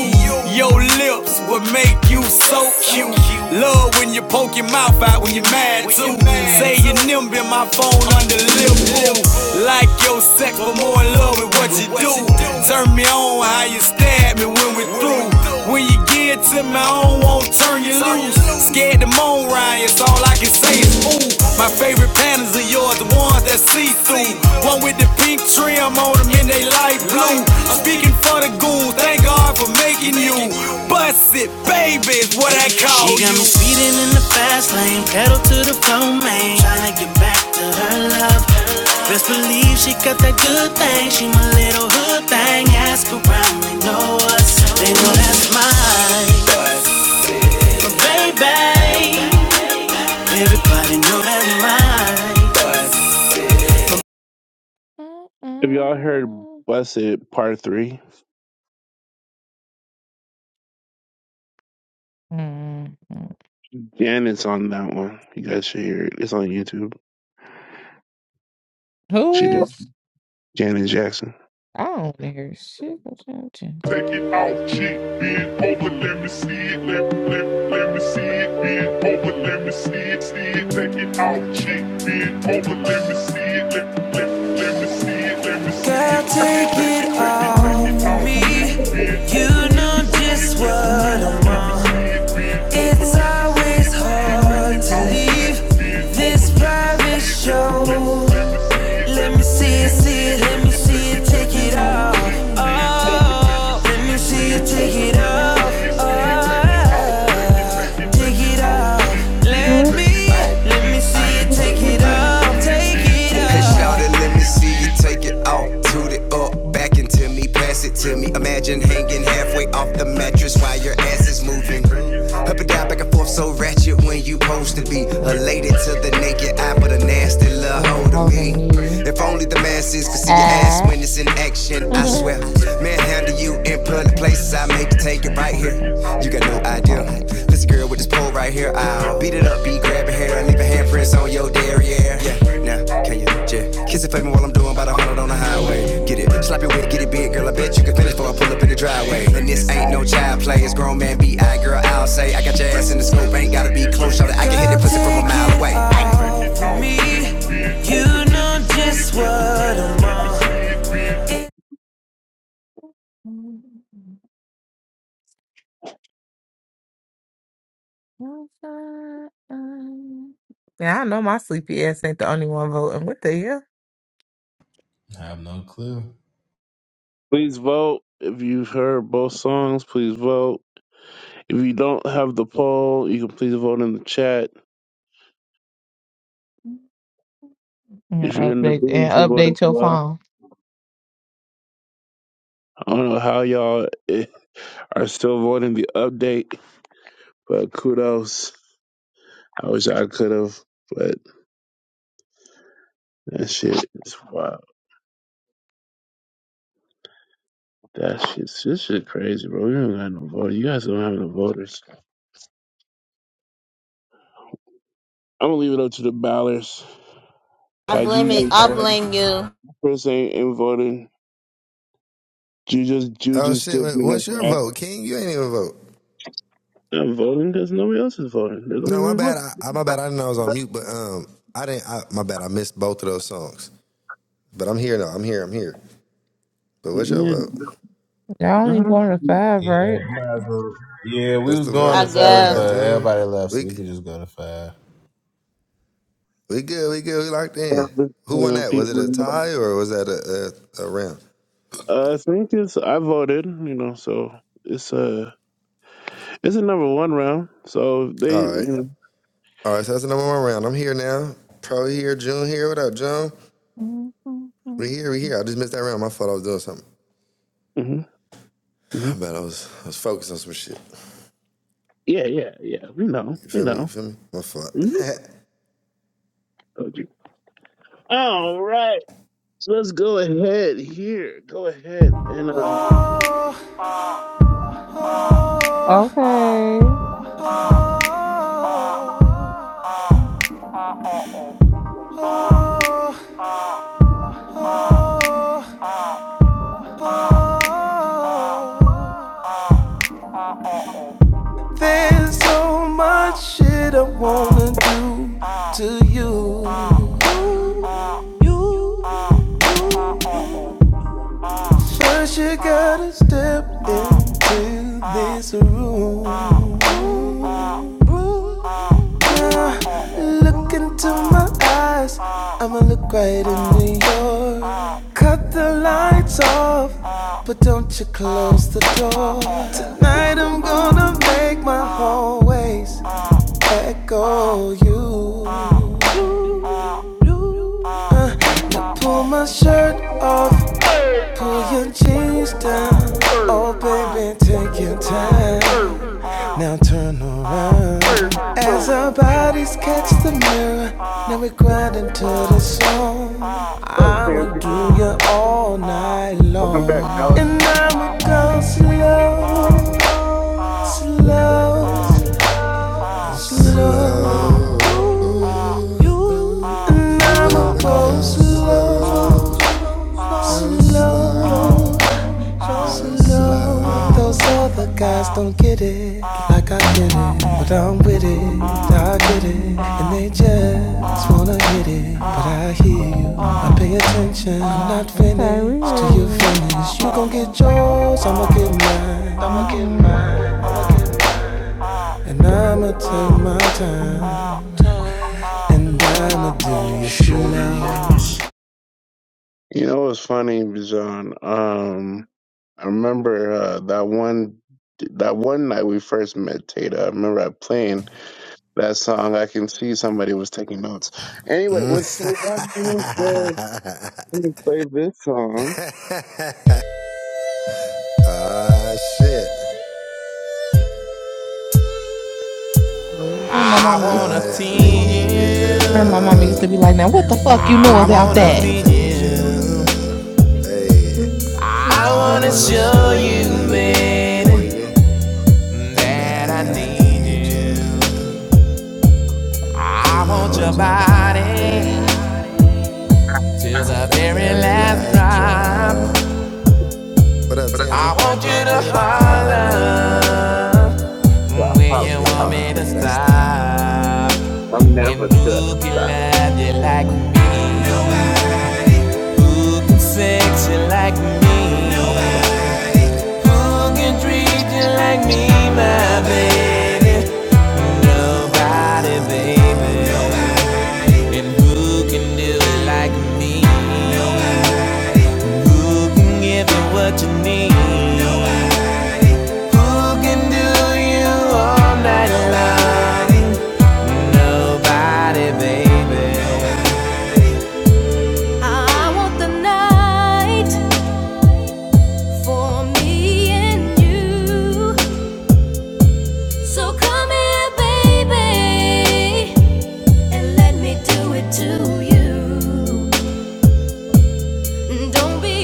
[SPEAKER 14] Your
[SPEAKER 1] Mhm.
[SPEAKER 14] lips would make you so cute. Love when you poke your mouth out when you're mad too.
[SPEAKER 1] Ooh.
[SPEAKER 14] Say your nimble in my phone under lip. woo. Like your sex, but more in love with
[SPEAKER 1] Oh,
[SPEAKER 14] what
[SPEAKER 1] what
[SPEAKER 14] you do.
[SPEAKER 1] you doing?
[SPEAKER 14] Turn me on how you stab me when we through. When you get to my own, won't turn you loose. Scared to moan, Ryan, so all I can say is ooh. My favorite patterns are yours, the ones that see through. One with the pink trim on them and they light blue. I'm speaking for the goons, thank God for making you. Bust it, baby, is what I call you. She got me speeding in the fast lane, pedal to the floor, man. Tryna get back to her love. Best believe she got that good thing. She my little hood thing. Ask around, they know us. They know that's mine. So, Baby, everybody know that's mine.
[SPEAKER 6] Have y'all heard
[SPEAKER 1] Mm-mm.
[SPEAKER 6] Blessed Part Three?
[SPEAKER 1] Mhm.
[SPEAKER 6] Janet's on that one. You guys should hear it. It's on YouTube.
[SPEAKER 1] Who
[SPEAKER 6] She did.
[SPEAKER 1] is?
[SPEAKER 6] Janet Jackson.
[SPEAKER 1] I don't want to hear shit about you. Jen.
[SPEAKER 13] Get out, shit, bend over, let me see it, let, let, let me see it, bend over, let me see it, see it, take it out, shit, bend over, let me see it, let, let, let me see it, let me see Girl, take
[SPEAKER 1] Thank you.
[SPEAKER 13] it.
[SPEAKER 1] all
[SPEAKER 13] me.
[SPEAKER 1] you
[SPEAKER 13] You
[SPEAKER 1] do
[SPEAKER 13] know
[SPEAKER 1] for
[SPEAKER 13] just
[SPEAKER 1] me,
[SPEAKER 13] what
[SPEAKER 1] so
[SPEAKER 13] I'm.
[SPEAKER 1] do I
[SPEAKER 13] It's
[SPEAKER 1] do know
[SPEAKER 13] always
[SPEAKER 1] what
[SPEAKER 13] hard
[SPEAKER 1] was
[SPEAKER 13] to
[SPEAKER 1] and who
[SPEAKER 13] leave this private
[SPEAKER 1] was you do
[SPEAKER 13] show.
[SPEAKER 1] for me, so
[SPEAKER 13] Let me see
[SPEAKER 1] this
[SPEAKER 13] it,
[SPEAKER 1] is
[SPEAKER 13] see it, let me
[SPEAKER 1] a- a
[SPEAKER 13] see it,
[SPEAKER 1] bit
[SPEAKER 13] take it
[SPEAKER 1] figured
[SPEAKER 13] off.
[SPEAKER 1] out.
[SPEAKER 13] Oh, let me see it,
[SPEAKER 1] Mm,
[SPEAKER 13] take it
[SPEAKER 1] figured out,
[SPEAKER 13] off.
[SPEAKER 1] girl.
[SPEAKER 13] Oh, take it off. Let
[SPEAKER 1] Mm,
[SPEAKER 13] me, let me see it, take it
[SPEAKER 1] figured out.
[SPEAKER 13] off,
[SPEAKER 1] Mm,
[SPEAKER 13] take it off. Hey, shout it, let me see you take it off. Toot it up, back into me, pass it to me. Imagine hanging halfway off the mattress while your ass is moving. Up and down, back and forth, so ratchet when you supposed to
[SPEAKER 1] mm,
[SPEAKER 13] be.
[SPEAKER 1] mm.
[SPEAKER 13] Elated to the naked eye, but a nasty little
[SPEAKER 1] for
[SPEAKER 13] hold of
[SPEAKER 1] holding
[SPEAKER 13] me.
[SPEAKER 1] me
[SPEAKER 13] If only the masses could see your ass
[SPEAKER 1] at.
[SPEAKER 13] when it's in action, I
[SPEAKER 1] right
[SPEAKER 13] swear. Manhandle you in public places, I make you take it right here. You got no idea.
[SPEAKER 1] now.
[SPEAKER 13] This girl with this pole right here, I'll beat it up, be grabbing hair, leaving handprints on your derriere. Yeah, now, can you just kiss it for me while I'm doing about a hundred on the highway? Get it, slap your wet, get it big, girl, I bet you can finish before I pull up in the driveway. And this ain't no child play, it's grown man B.I., girl, I'll say. I got your ass in the scope, ain't gotta be close, shawty, I can hit it pussy from a mile away me. You know just what I'm.
[SPEAKER 1] Yeah, I know my sleepy ass ain't the only one voting. What the hell?
[SPEAKER 9] I have no clue.
[SPEAKER 6] Please vote. If you've heard both songs, please vote. If you don't have the poll, you can please vote in the chat.
[SPEAKER 1] Yeah,
[SPEAKER 6] If you're in the
[SPEAKER 1] update
[SPEAKER 6] group, you
[SPEAKER 1] and
[SPEAKER 6] can vote as
[SPEAKER 1] update your
[SPEAKER 6] well.
[SPEAKER 1] phone.
[SPEAKER 6] I don't know how y'all eh, are still voting the update, but kudos. I wish I could have, but that shit is wild. That shit, this shit crazy, bro. You don't got no vote. You guys don't have no voters. I'm gonna leave it up to the ballers.
[SPEAKER 8] I
[SPEAKER 6] Kaiji
[SPEAKER 8] blame it.
[SPEAKER 6] ain't
[SPEAKER 8] I
[SPEAKER 6] voting.
[SPEAKER 8] blame you.
[SPEAKER 6] Chris ain't, ain't voting. You just you
[SPEAKER 5] Oh
[SPEAKER 6] just
[SPEAKER 5] shit!
[SPEAKER 6] still being a
[SPEAKER 5] What's your
[SPEAKER 6] friend.
[SPEAKER 5] vote, King? You ain't even vote.
[SPEAKER 6] I'm voting because nobody else is voting. There's only
[SPEAKER 5] No, my
[SPEAKER 6] one
[SPEAKER 5] bad.
[SPEAKER 6] vote.
[SPEAKER 5] I my bad. I didn't know I was on mute, but um, I didn't. I, my bad. I missed both of those songs. But I'm here now. I'm here. I'm here. But what's your
[SPEAKER 6] Yeah.
[SPEAKER 5] vote?
[SPEAKER 1] Y'all ain't
[SPEAKER 6] Uh-huh.
[SPEAKER 1] going to five,
[SPEAKER 9] Yeah,
[SPEAKER 1] right?
[SPEAKER 9] we might as well- yeah, we
[SPEAKER 5] What's
[SPEAKER 9] was
[SPEAKER 5] the
[SPEAKER 9] going
[SPEAKER 8] I
[SPEAKER 9] to
[SPEAKER 5] vote? Now we
[SPEAKER 9] seven,
[SPEAKER 5] got
[SPEAKER 8] guess.
[SPEAKER 9] but
[SPEAKER 5] Junior.
[SPEAKER 9] everybody left, so
[SPEAKER 5] We
[SPEAKER 9] we could just go to five.
[SPEAKER 5] we good. We good. We locked in.
[SPEAKER 6] You
[SPEAKER 5] Who won
[SPEAKER 6] know,
[SPEAKER 5] that? Was it
[SPEAKER 6] people
[SPEAKER 5] a tie or was that a, a, a round?
[SPEAKER 6] uh think it's. I voted, you know, so it's uh it's a number one round. So they
[SPEAKER 5] All right.
[SPEAKER 6] you
[SPEAKER 5] All right, so that's another one round. I'm here now. Pro here, June here. What up, June? We here, we here. I just missed that round. My fault. I was doing something.
[SPEAKER 6] know hmm hmm
[SPEAKER 5] I bet I was I was focused on some shit.
[SPEAKER 6] Yeah, yeah, yeah. We know.
[SPEAKER 5] You
[SPEAKER 6] We
[SPEAKER 5] feel me? You
[SPEAKER 6] know.
[SPEAKER 5] feel me? My fault.
[SPEAKER 6] Mhm. Told you. All right. So let's go ahead here. Go ahead and uh
[SPEAKER 1] Okay.
[SPEAKER 13] oh, oh, oh, oh, oh. There's so much shit I wanna do to you. You, you. you. First you gotta step into this room. Ooh, yeah. Look into my eyes. I'ma look right into yours. Cut the lights off, but don't you close the door. Tonight I'm gonna make my hallways echo you. Uh, now pull my shirt off, pull your jeans down. Oh, baby, take your time. Now turn around as our bodies catch the mirror. Now we grind into the song.
[SPEAKER 6] What's up,
[SPEAKER 13] I'ma
[SPEAKER 6] Tansy?
[SPEAKER 13] do you all night
[SPEAKER 6] Welcome back,
[SPEAKER 13] long,
[SPEAKER 6] Alex.
[SPEAKER 13] and I'ma go slow, slow, slow.
[SPEAKER 5] slow,
[SPEAKER 13] You,
[SPEAKER 5] ooh,
[SPEAKER 13] you,
[SPEAKER 5] ooh,
[SPEAKER 13] and
[SPEAKER 5] now
[SPEAKER 13] I'ma
[SPEAKER 5] I'ma
[SPEAKER 13] go
[SPEAKER 5] go
[SPEAKER 13] slow,
[SPEAKER 5] slow, go slow,
[SPEAKER 13] slow.
[SPEAKER 5] go
[SPEAKER 13] Slow, those
[SPEAKER 5] slow.
[SPEAKER 13] other guys don't get it like I get it, but I'm with it,
[SPEAKER 1] Mm-hmm.
[SPEAKER 13] I get it, and they just wanna hit it. But I hear you, I pay attention, I'm not
[SPEAKER 1] Okay, we
[SPEAKER 13] finished
[SPEAKER 1] hear
[SPEAKER 13] till you
[SPEAKER 1] you.
[SPEAKER 13] finish. You gon' get yours, I'ma get mine, I'ma get
[SPEAKER 1] Mm-hmm.
[SPEAKER 13] mine, and I'ma take my time. I'ma
[SPEAKER 6] You know what's funny, Bijan? Um
[SPEAKER 1] Mm.
[SPEAKER 6] I remember uh, that one that one night we first met Tata. I remember I playing that song. I can see somebody was taking notes. Anyway,
[SPEAKER 5] Mm.
[SPEAKER 6] with so that being said, let me play this song.
[SPEAKER 5] ah shit.
[SPEAKER 1] My
[SPEAKER 5] I
[SPEAKER 1] mom
[SPEAKER 14] I
[SPEAKER 1] on leave.
[SPEAKER 14] wanna
[SPEAKER 5] wanna
[SPEAKER 14] tease
[SPEAKER 5] please
[SPEAKER 1] Remember my
[SPEAKER 14] you.
[SPEAKER 1] mama used to
[SPEAKER 5] you.
[SPEAKER 1] be like, now what the fuck you know
[SPEAKER 14] I
[SPEAKER 1] about
[SPEAKER 5] I
[SPEAKER 14] wanna
[SPEAKER 1] that?
[SPEAKER 5] wanna
[SPEAKER 14] please
[SPEAKER 5] please
[SPEAKER 14] you.
[SPEAKER 5] you. Hey,
[SPEAKER 14] I
[SPEAKER 5] I
[SPEAKER 14] wanna
[SPEAKER 5] wanna
[SPEAKER 14] show
[SPEAKER 5] show
[SPEAKER 14] you,
[SPEAKER 5] you,
[SPEAKER 14] man,
[SPEAKER 5] baby, and
[SPEAKER 14] that I
[SPEAKER 5] that I
[SPEAKER 14] need
[SPEAKER 5] need
[SPEAKER 14] you.
[SPEAKER 5] you.
[SPEAKER 1] I
[SPEAKER 14] I
[SPEAKER 5] I
[SPEAKER 14] want your
[SPEAKER 5] want your
[SPEAKER 14] body
[SPEAKER 5] body
[SPEAKER 14] till
[SPEAKER 5] to
[SPEAKER 14] the
[SPEAKER 5] the
[SPEAKER 14] very
[SPEAKER 5] very
[SPEAKER 14] last
[SPEAKER 5] last
[SPEAKER 14] drop.
[SPEAKER 5] drop. What up,
[SPEAKER 14] I
[SPEAKER 5] Tansy?
[SPEAKER 14] want you
[SPEAKER 5] Want
[SPEAKER 14] to
[SPEAKER 5] you to
[SPEAKER 14] holler
[SPEAKER 5] holler
[SPEAKER 14] when you
[SPEAKER 5] when you
[SPEAKER 14] want me
[SPEAKER 5] want
[SPEAKER 14] to
[SPEAKER 5] me to stop.
[SPEAKER 14] stop. And who can love you like me? Nobody. Who can sex you like me? Nobody.
[SPEAKER 5] Nobody,
[SPEAKER 14] Who can treat you like me, my baby? Nobody,
[SPEAKER 5] nobody,
[SPEAKER 14] baby.
[SPEAKER 5] baby.
[SPEAKER 14] Nobody. And who can do it like me? Nobody. Who can give? me? Don't be.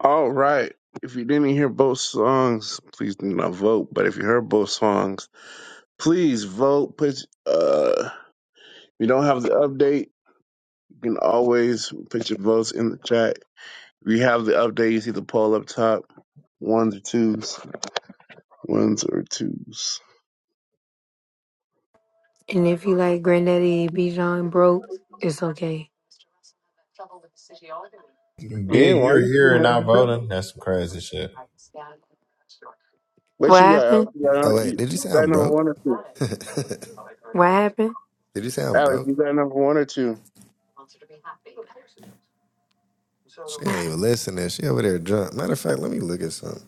[SPEAKER 6] All right. If you didn't hear both songs, please do not vote. But if you heard both songs, please vote. Put uh, if you don't have the update, you can always put your votes in the chat. If you have the update, you see the poll up top, ones or twos. Ones or twos.
[SPEAKER 4] And if you like Granddaddy Bijan broke, it's okay.
[SPEAKER 6] Yeah,
[SPEAKER 9] Big,
[SPEAKER 6] why
[SPEAKER 9] you're
[SPEAKER 6] you
[SPEAKER 9] here
[SPEAKER 6] still
[SPEAKER 9] and
[SPEAKER 6] have
[SPEAKER 9] not
[SPEAKER 6] that?
[SPEAKER 9] voting. That's some crazy shit.
[SPEAKER 6] What
[SPEAKER 4] What
[SPEAKER 6] you got,
[SPEAKER 4] happened?
[SPEAKER 6] Alex? You
[SPEAKER 5] Oh
[SPEAKER 6] got,
[SPEAKER 5] wait,
[SPEAKER 6] you
[SPEAKER 5] did you say
[SPEAKER 6] got
[SPEAKER 5] I'm
[SPEAKER 6] number
[SPEAKER 5] broke?
[SPEAKER 6] one or two?
[SPEAKER 5] did
[SPEAKER 4] What happened?
[SPEAKER 5] you say I'm
[SPEAKER 6] Alex,
[SPEAKER 5] broke?
[SPEAKER 6] you got number one or two?
[SPEAKER 5] She ain't even listening. She over there drunk. Matter of fact, let me look at something.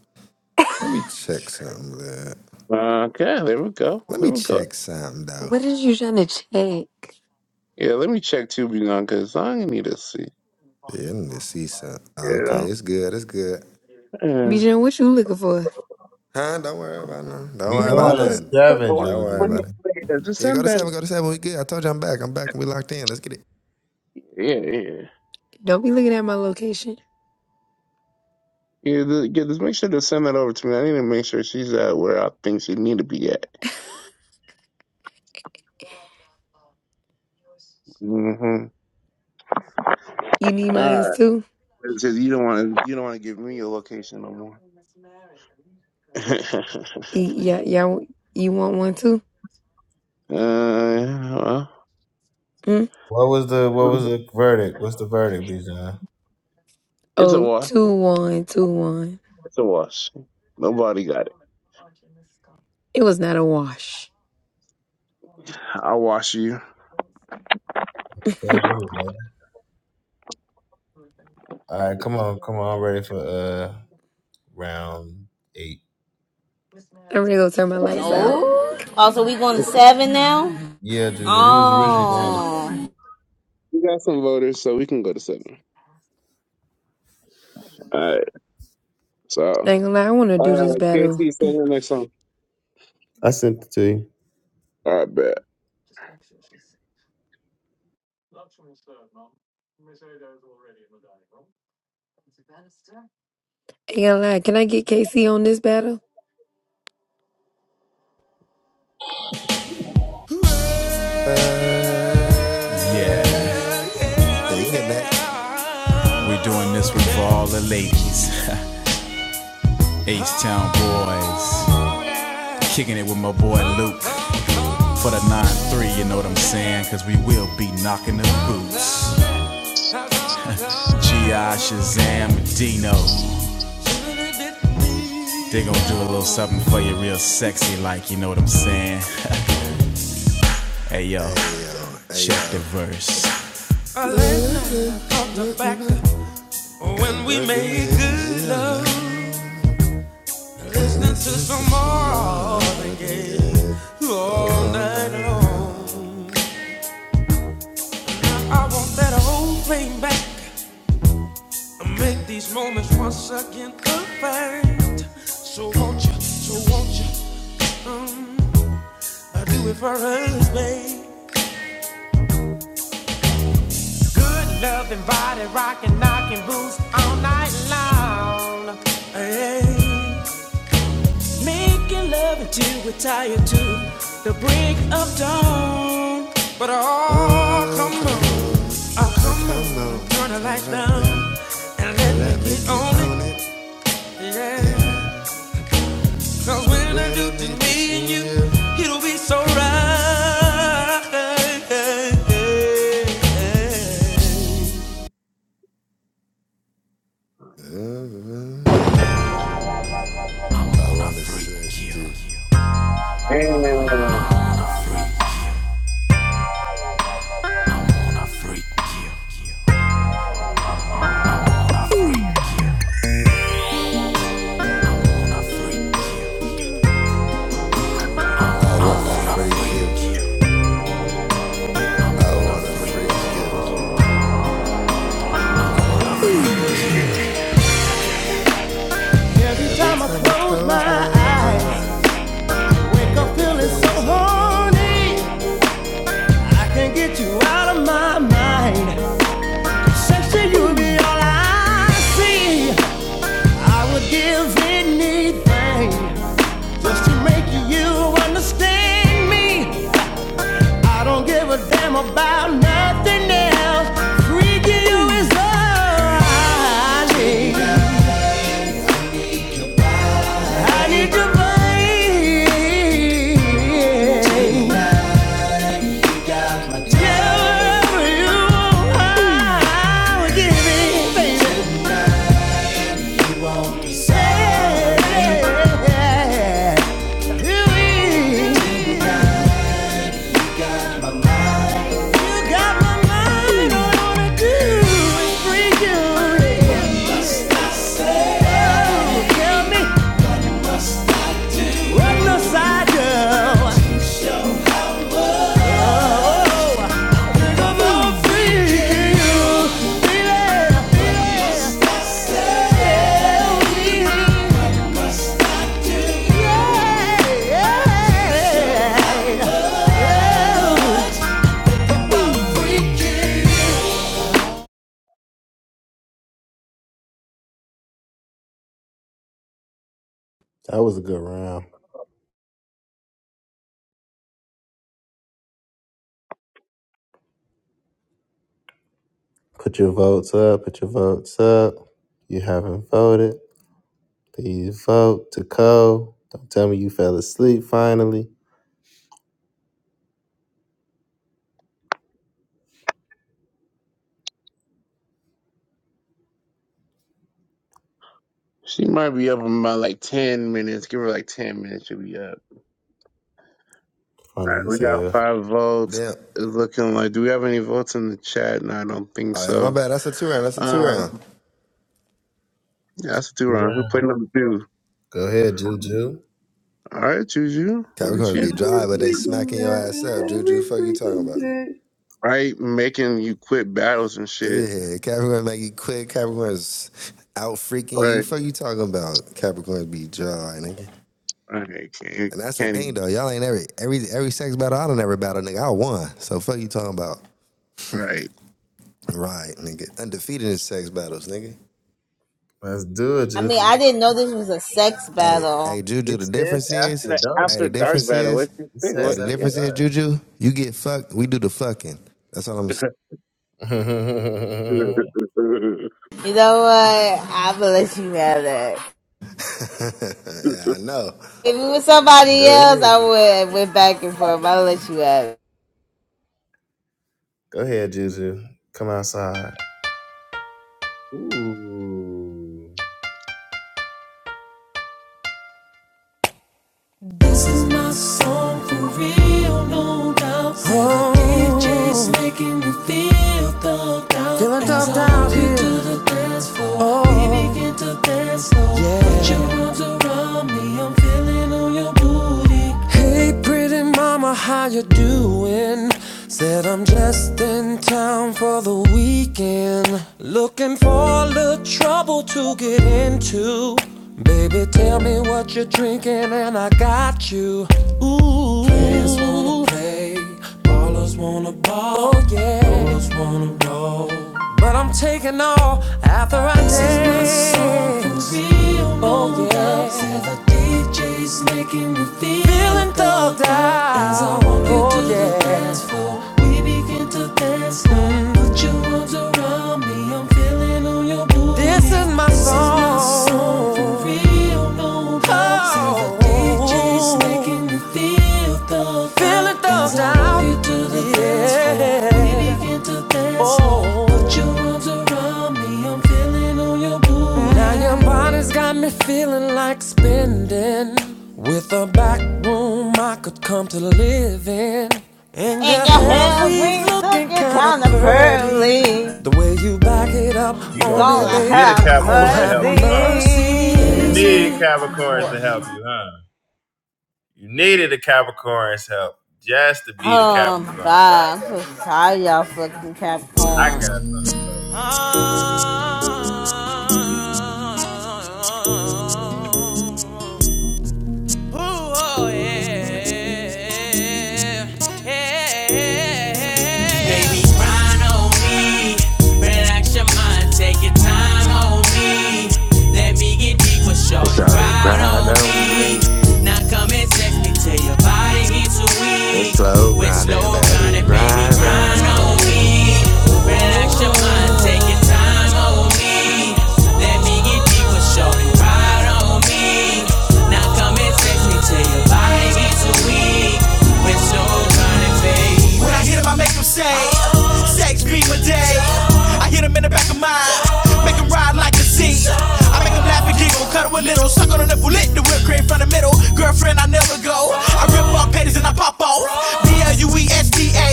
[SPEAKER 5] Let me check something. That.
[SPEAKER 6] Okay, there we go.
[SPEAKER 5] Let
[SPEAKER 6] There
[SPEAKER 5] me
[SPEAKER 6] we go.
[SPEAKER 5] check something though.
[SPEAKER 4] What is you trying to check?
[SPEAKER 6] Yeah, let me check Tubi now because I need to see.
[SPEAKER 5] Yeah, I need to see something.
[SPEAKER 6] Yeah.
[SPEAKER 5] Oh, Okay,
[SPEAKER 6] know?
[SPEAKER 5] it's good. It's good.
[SPEAKER 6] Yeah.
[SPEAKER 4] Bijan, what you looking for?
[SPEAKER 5] Huh? Don't worry about nothing. Don't
[SPEAKER 9] We
[SPEAKER 5] worry
[SPEAKER 6] Yeah,
[SPEAKER 5] about
[SPEAKER 9] going to
[SPEAKER 6] nobody,
[SPEAKER 5] nothing.
[SPEAKER 9] seven,
[SPEAKER 5] Don't worry
[SPEAKER 6] nobody
[SPEAKER 5] about
[SPEAKER 9] Juju.
[SPEAKER 5] it.
[SPEAKER 6] just
[SPEAKER 5] Yeah, go
[SPEAKER 6] send
[SPEAKER 5] to
[SPEAKER 6] that.
[SPEAKER 5] seven. Go to seven. We good. I told you I'm back. I'm back and we locked in. Let's get it.
[SPEAKER 6] Yeah, yeah.
[SPEAKER 4] Don't be looking at my location.
[SPEAKER 6] Yeah, the, yeah, just make sure to send that over to me. I need to make sure she's at where I think she need to be at. Mm-hmm.
[SPEAKER 4] You need
[SPEAKER 6] All
[SPEAKER 4] mine
[SPEAKER 6] right.
[SPEAKER 4] too?
[SPEAKER 6] Because you don't want to, you don't want to give me your location no more.
[SPEAKER 4] Y- yeah, yeah, you want one too?
[SPEAKER 6] Uh,
[SPEAKER 4] Mm?
[SPEAKER 9] What was the what was the verdict? What's the verdict, Bijan?
[SPEAKER 6] it's a
[SPEAKER 4] Oh,
[SPEAKER 6] wash.
[SPEAKER 4] two, one, two, one.
[SPEAKER 6] It's a wash. Nobody got it.
[SPEAKER 4] It was not a wash.
[SPEAKER 6] I'll wash you.
[SPEAKER 9] Okay, anyway. All right, come on, come on. I'm ready for uh round eight.
[SPEAKER 4] They go tell
[SPEAKER 8] Oh. Also, we going to
[SPEAKER 6] We
[SPEAKER 8] seven now.
[SPEAKER 9] Yeah, Juju. We was originally going to
[SPEAKER 8] Oh.
[SPEAKER 6] got some voters, so we can go to seven. All right.
[SPEAKER 4] I
[SPEAKER 6] So,
[SPEAKER 4] ain't gonna lie, I wanna
[SPEAKER 6] uh,
[SPEAKER 4] do this
[SPEAKER 6] KC,
[SPEAKER 4] battle.
[SPEAKER 6] sing the next song.
[SPEAKER 9] I sent it to you.
[SPEAKER 6] All right, bet.
[SPEAKER 4] Ain't gonna lie, can I get KC on this battle?
[SPEAKER 5] Uh,
[SPEAKER 14] Yeah.
[SPEAKER 5] yeah, you can get next.
[SPEAKER 14] We're doing this one for all the ladies, H-Town boys, kicking it with my boy Luke for the 9-3, you know what I'm saying? Cause we will be knocking the boots. G.I. Shazam Dino. They gon' do a little something for you real sexy like, you know what I'm saying? hey yo,
[SPEAKER 5] Hey yo. Hey
[SPEAKER 14] check the verse. A late night I thought back
[SPEAKER 5] yo.
[SPEAKER 14] when we
[SPEAKER 5] What can
[SPEAKER 14] made
[SPEAKER 5] make
[SPEAKER 14] good
[SPEAKER 5] it
[SPEAKER 14] love.
[SPEAKER 5] loud?
[SPEAKER 14] Listening to
[SPEAKER 5] Listening to
[SPEAKER 14] some
[SPEAKER 5] some
[SPEAKER 14] more than
[SPEAKER 5] Marvin
[SPEAKER 14] gay
[SPEAKER 5] Gaye
[SPEAKER 14] all
[SPEAKER 5] all
[SPEAKER 14] night
[SPEAKER 5] night
[SPEAKER 14] long.
[SPEAKER 5] long.
[SPEAKER 14] I want that whole thing back. Do it for those on. Making love until we're tired to the break of dawn. Oh,
[SPEAKER 5] Oh,
[SPEAKER 14] come
[SPEAKER 5] come
[SPEAKER 14] on.
[SPEAKER 5] on.
[SPEAKER 14] Oh,
[SPEAKER 5] Uh,
[SPEAKER 14] come
[SPEAKER 5] Come
[SPEAKER 14] on.
[SPEAKER 5] on
[SPEAKER 14] Turn
[SPEAKER 5] and
[SPEAKER 14] the
[SPEAKER 5] turn the
[SPEAKER 14] lights
[SPEAKER 5] light
[SPEAKER 14] down
[SPEAKER 5] down.
[SPEAKER 14] and
[SPEAKER 5] Uh,
[SPEAKER 14] let
[SPEAKER 5] Let
[SPEAKER 14] me
[SPEAKER 5] me
[SPEAKER 14] get
[SPEAKER 5] get
[SPEAKER 14] on
[SPEAKER 5] on
[SPEAKER 14] it.
[SPEAKER 5] it.
[SPEAKER 14] Yeah.
[SPEAKER 5] Yeah.
[SPEAKER 14] Cause
[SPEAKER 5] It
[SPEAKER 14] when I do,
[SPEAKER 5] will
[SPEAKER 14] just
[SPEAKER 5] be just
[SPEAKER 14] me and
[SPEAKER 5] me and
[SPEAKER 14] you,
[SPEAKER 5] you.
[SPEAKER 14] it'll be so right.
[SPEAKER 5] Mhm. I wanna
[SPEAKER 13] break you.
[SPEAKER 5] shake you.
[SPEAKER 6] Damn.
[SPEAKER 5] I wanna freak you. I wanna freak you. I wanna freak you. Every time I close my eyes. I
[SPEAKER 13] Wake up
[SPEAKER 5] like a
[SPEAKER 13] feeling so
[SPEAKER 5] feeling so horny.
[SPEAKER 13] horny. I can't get you out of my mind. Sexy, you be all I see. I would give anything just to make you understand me. I don't give a damn about nothing else. Freaking you is all I need. I need your body. Tell you I would give anything. Say. Yeah.
[SPEAKER 9] That was a good round. Put your votes up. Put your votes up. You haven't voted. Please vote to co. Don't tell me you fell asleep finally.
[SPEAKER 6] She might be up in about like 10 minutes. Give her like 10 minutes. She'll be up. All
[SPEAKER 9] Funny
[SPEAKER 6] right.
[SPEAKER 9] as
[SPEAKER 6] We got
[SPEAKER 9] hell.
[SPEAKER 6] five votes.
[SPEAKER 5] Damn.
[SPEAKER 6] It's looking like, do we have any votes in the chat? No, I don't think
[SPEAKER 5] All right, my
[SPEAKER 6] so.
[SPEAKER 5] bad. That's a two round. That's a two round.
[SPEAKER 6] Um, yeah, that's a two round. Who played
[SPEAKER 9] Wow.
[SPEAKER 6] number two?
[SPEAKER 9] Go ahead, Juju.
[SPEAKER 6] All right, Juju. Well, it's
[SPEAKER 5] Capricorns be
[SPEAKER 9] Every
[SPEAKER 5] dry, but they
[SPEAKER 6] you.
[SPEAKER 9] freaking
[SPEAKER 5] smacking your
[SPEAKER 9] day.
[SPEAKER 5] ass up. Juju,
[SPEAKER 9] Every
[SPEAKER 5] fuck you talking
[SPEAKER 9] freaking
[SPEAKER 5] about?
[SPEAKER 9] day.
[SPEAKER 6] right? Making you quit battles and shit.
[SPEAKER 5] Yeah, Capricorns make you quit. Capricorns out freaking you.
[SPEAKER 6] Right.
[SPEAKER 5] Fuck you talking about? Capricorns be dry, nigga.
[SPEAKER 6] Right. Can't,
[SPEAKER 5] And that's the
[SPEAKER 6] can't
[SPEAKER 5] thing
[SPEAKER 6] even,
[SPEAKER 5] though. Y'all ain't every every every sex battle. I don't ever battle, nigga. I won. So fuck you talking about?
[SPEAKER 6] right.
[SPEAKER 5] Right, nigga. Undefeated in sex battles, nigga.
[SPEAKER 9] Let's do it,
[SPEAKER 8] I mean, I
[SPEAKER 9] Juju.
[SPEAKER 8] didn't know this was a sex
[SPEAKER 5] Hey,
[SPEAKER 8] battle.
[SPEAKER 5] hey, Juju,
[SPEAKER 9] It
[SPEAKER 5] the
[SPEAKER 9] says
[SPEAKER 5] difference is,
[SPEAKER 9] after
[SPEAKER 6] That
[SPEAKER 9] dark.
[SPEAKER 5] hey,
[SPEAKER 6] after
[SPEAKER 5] the
[SPEAKER 6] dark
[SPEAKER 5] difference
[SPEAKER 6] battle,
[SPEAKER 9] dude.
[SPEAKER 6] what
[SPEAKER 5] is,
[SPEAKER 6] you
[SPEAKER 9] It
[SPEAKER 6] think?
[SPEAKER 5] hey,
[SPEAKER 9] says
[SPEAKER 6] What?
[SPEAKER 5] the
[SPEAKER 6] Yeah.
[SPEAKER 9] after
[SPEAKER 5] difference is,
[SPEAKER 9] dark.
[SPEAKER 5] Juju, you get fucked, we do the fucking. That's all I'm
[SPEAKER 8] You know what? I'm gonna let you have that.
[SPEAKER 5] saying. yeah, I know.
[SPEAKER 8] If it was somebody
[SPEAKER 9] Go ahead.
[SPEAKER 8] else, I would have went back and forth. I'll let you have it.
[SPEAKER 9] Go ahead, Juju. Come outside. Ooh.
[SPEAKER 13] This is my song for real, no doubts. Oh.
[SPEAKER 1] lied.
[SPEAKER 13] DJ's making me feel thugged out. Feeling thugged out here. As I walk into the dance floor, oh. we begin to dance slow. Yeah. Put your arms around me, I'm feeling on your booty. Hey, pretty mama, how you doing? Said I'm just in town for the weekend. Looking for a little trouble to get into. Baby, tell me what you're drinking, and I got you. Ooh, players wanna play, Ballers wanna ball, yeah. Ballers wanna roll. But I'm taking all after I this day. This Is my song for real oh, yeah. Girls, and the DJ's making me feel feeling thugged out. As I walk oh, into yeah. the yeah. dance floor, we begin to dance. now. Put your arms around me. I'm I'm feeling on your booty. This is my This song. is my song song. for real, no Oh. bugs. DJ's making me feel the Feel vibe. it though, Cause I love down. you to the yeah. dance floor. We Yeah. begin to dance slow. Oh. Put your arms around me. I'm feeling on your booty. Now your body's got me feeling like spinning. With a back room I could come to live in And
[SPEAKER 8] And
[SPEAKER 13] your
[SPEAKER 8] your
[SPEAKER 13] hair
[SPEAKER 8] hands
[SPEAKER 13] weaves
[SPEAKER 8] we
[SPEAKER 13] looking
[SPEAKER 8] looking
[SPEAKER 13] kinda
[SPEAKER 8] kinda
[SPEAKER 13] pretty
[SPEAKER 8] pearly.
[SPEAKER 13] The way you back it up
[SPEAKER 9] You
[SPEAKER 13] on
[SPEAKER 9] gonna
[SPEAKER 13] me,
[SPEAKER 8] Gonna
[SPEAKER 9] go get
[SPEAKER 13] baby,
[SPEAKER 9] a
[SPEAKER 8] have
[SPEAKER 13] Lord
[SPEAKER 9] Capricorn to
[SPEAKER 13] have
[SPEAKER 9] help you, huh? You
[SPEAKER 8] mercy.
[SPEAKER 9] needed
[SPEAKER 13] mercy
[SPEAKER 9] Capricorns to help you, huh? You needed a Capricorn's help just to be the
[SPEAKER 8] Oh my
[SPEAKER 9] Capricorn, but I
[SPEAKER 8] god, I'm so
[SPEAKER 9] got something.
[SPEAKER 8] tired of
[SPEAKER 9] for
[SPEAKER 8] y'all
[SPEAKER 9] you.
[SPEAKER 8] fucking
[SPEAKER 9] I
[SPEAKER 8] Capricorn.
[SPEAKER 9] got something. for
[SPEAKER 14] Ooh, oh, yeah. Yeah. yeah. Baby, grind on me. Relax your mind, take your time on me. Let me get deep with shorty.
[SPEAKER 5] So they
[SPEAKER 14] Ride
[SPEAKER 5] grind
[SPEAKER 14] on
[SPEAKER 5] on
[SPEAKER 14] me.
[SPEAKER 5] me.
[SPEAKER 14] Now come and text me till your body baby, too
[SPEAKER 5] The
[SPEAKER 14] weak.
[SPEAKER 5] slow
[SPEAKER 14] With
[SPEAKER 5] grinding,
[SPEAKER 14] slow
[SPEAKER 5] baby,
[SPEAKER 14] grinding, baby,
[SPEAKER 5] grind
[SPEAKER 14] grind
[SPEAKER 5] on
[SPEAKER 14] on
[SPEAKER 5] me.
[SPEAKER 14] me. Relax your mind, take your
[SPEAKER 5] Oh.
[SPEAKER 14] time on me. Let me get deep with shorty, ride on me. Now come and take me till your body, gets too weak. With slow grinding, baby. When I hit him, I make him say, Sex be my day. I hit him in the back of mine, make him ride like a Z. I make him laugh and giggle, cuddle a little, suck on a nipple, lick the whip cream from the middle. Girlfriend, I never go. I rip off panties and I pop off. B L U E S D A.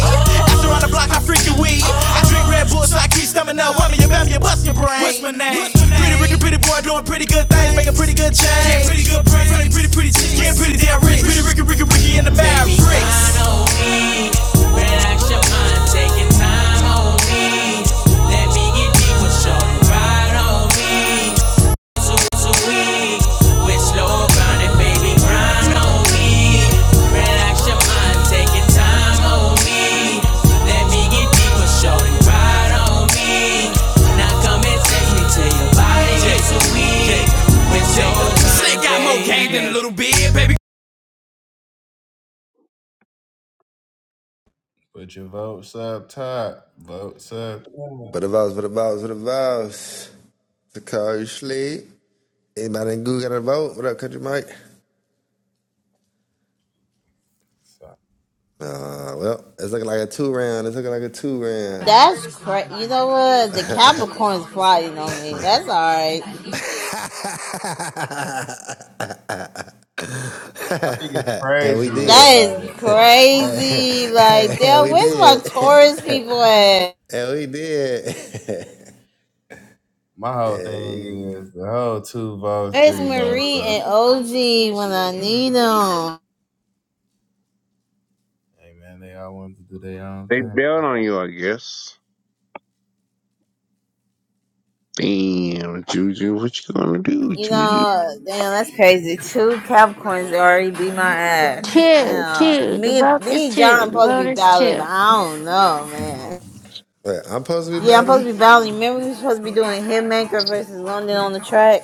[SPEAKER 14] After on the block, I freaking weed. I drink Red Bulls like he's stomach now. Whammy, you bam, you bust your brain. What's my name? Pretty Ricky, pretty boy, doing pretty good things, making pretty good change. Yeah, pretty good, pretty, pretty, pretty, pretty, pretty, pretty damn rich. Pretty Ricky, Ricky, Ricky in the mad bricks. Ain't the
[SPEAKER 9] you. Put your votes up top. Votes up.
[SPEAKER 5] For the
[SPEAKER 9] top.
[SPEAKER 5] votes, for the votes, for the votes. To call you sleep. Anybody in Google got a vote? What up, Country Mike?
[SPEAKER 9] So, I
[SPEAKER 5] Uh, well, it's looking like a two round. It's looking like a two
[SPEAKER 8] That's cra You know what? The Capricorn's plotting on me. That's alright.
[SPEAKER 5] round.
[SPEAKER 9] think it's
[SPEAKER 5] and we
[SPEAKER 9] crazy
[SPEAKER 8] That
[SPEAKER 9] that
[SPEAKER 5] did.
[SPEAKER 8] is
[SPEAKER 9] like
[SPEAKER 8] crazy. Like,
[SPEAKER 5] and,
[SPEAKER 8] damn,
[SPEAKER 5] we
[SPEAKER 8] where's my
[SPEAKER 5] did.
[SPEAKER 8] Taurus people at?
[SPEAKER 5] and we did.
[SPEAKER 9] my whole thing is the whole two votes,
[SPEAKER 8] Where's
[SPEAKER 9] three votes
[SPEAKER 8] Marie and
[SPEAKER 9] stuff.
[SPEAKER 8] OG when I need them?
[SPEAKER 9] Hey man, they all want to do their own
[SPEAKER 6] they
[SPEAKER 9] thing.
[SPEAKER 6] bailed on you, I guess. Damn, Juju, what you gonna do,
[SPEAKER 8] You
[SPEAKER 6] Juju?
[SPEAKER 8] know, damn, that's crazy. Two Capricorns already beat my ass.
[SPEAKER 7] Two, two.
[SPEAKER 8] Damn,
[SPEAKER 7] The
[SPEAKER 8] me,
[SPEAKER 7] vote is
[SPEAKER 8] me, and
[SPEAKER 7] two.
[SPEAKER 8] John
[SPEAKER 7] The
[SPEAKER 8] supposed to
[SPEAKER 7] vote
[SPEAKER 8] be
[SPEAKER 7] is
[SPEAKER 8] battling,
[SPEAKER 7] two.
[SPEAKER 8] but I don't know, man.
[SPEAKER 5] Wait, I'm supposed to be
[SPEAKER 8] Yeah, I'm
[SPEAKER 5] battling?
[SPEAKER 8] supposed to be battling. Remember, we were supposed to be doing Hitmaker versus London on the track.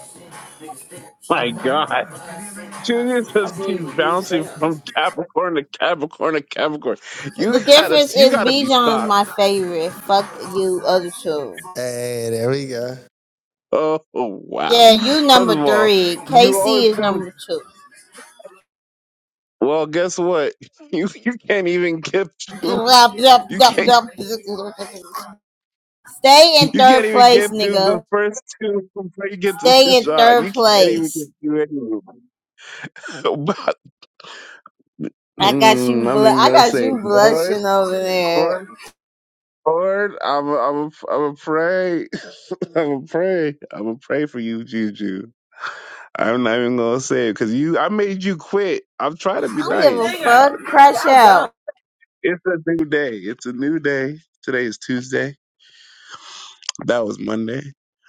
[SPEAKER 6] My God, Junior says she's bouncing from Capricorn to Capricorn to Capricorn. You
[SPEAKER 8] The
[SPEAKER 6] gotta,
[SPEAKER 8] difference
[SPEAKER 6] you
[SPEAKER 8] is
[SPEAKER 6] gotta be
[SPEAKER 8] Bijan's
[SPEAKER 6] stopped.
[SPEAKER 8] my favorite. Fuck you, other two.
[SPEAKER 5] Hey, there we go.
[SPEAKER 6] Oh wow!
[SPEAKER 8] Yeah,
[SPEAKER 7] Oh,
[SPEAKER 8] you
[SPEAKER 6] First
[SPEAKER 8] number
[SPEAKER 6] of all,
[SPEAKER 8] three.
[SPEAKER 6] you
[SPEAKER 8] KC
[SPEAKER 6] always
[SPEAKER 8] is
[SPEAKER 6] come.
[SPEAKER 8] number two.
[SPEAKER 6] Well, guess what? You you can't even get through.
[SPEAKER 8] Yup, yup,
[SPEAKER 6] You
[SPEAKER 8] yup,
[SPEAKER 6] can't
[SPEAKER 8] yup. Stay in
[SPEAKER 6] you
[SPEAKER 8] third
[SPEAKER 6] can't even
[SPEAKER 8] place,
[SPEAKER 6] get through the
[SPEAKER 8] nigga.
[SPEAKER 6] first two before you get to
[SPEAKER 8] Stay in
[SPEAKER 6] Pishon.
[SPEAKER 8] third
[SPEAKER 6] You can't even get
[SPEAKER 8] place.
[SPEAKER 6] through any of them. But
[SPEAKER 8] I got you.
[SPEAKER 6] mm, I'm
[SPEAKER 8] Bl-
[SPEAKER 6] even
[SPEAKER 8] I
[SPEAKER 6] gonna
[SPEAKER 8] got
[SPEAKER 6] say,
[SPEAKER 8] you
[SPEAKER 6] Lord,
[SPEAKER 8] blushing over there.
[SPEAKER 6] Lord, Lord, I'm a, I'm a, I'm a pray, I'm a pray, I'm a pray for you, Juju. I'm not even gonna say it because you. I made you quit. I'm trying to
[SPEAKER 8] I
[SPEAKER 6] be
[SPEAKER 8] don't give
[SPEAKER 6] nice.
[SPEAKER 8] a
[SPEAKER 6] I'm trying
[SPEAKER 8] fuck.
[SPEAKER 6] to be nice.
[SPEAKER 8] Crash out.
[SPEAKER 6] It's a new day. It's a new day. Today is Tuesday. That was Monday.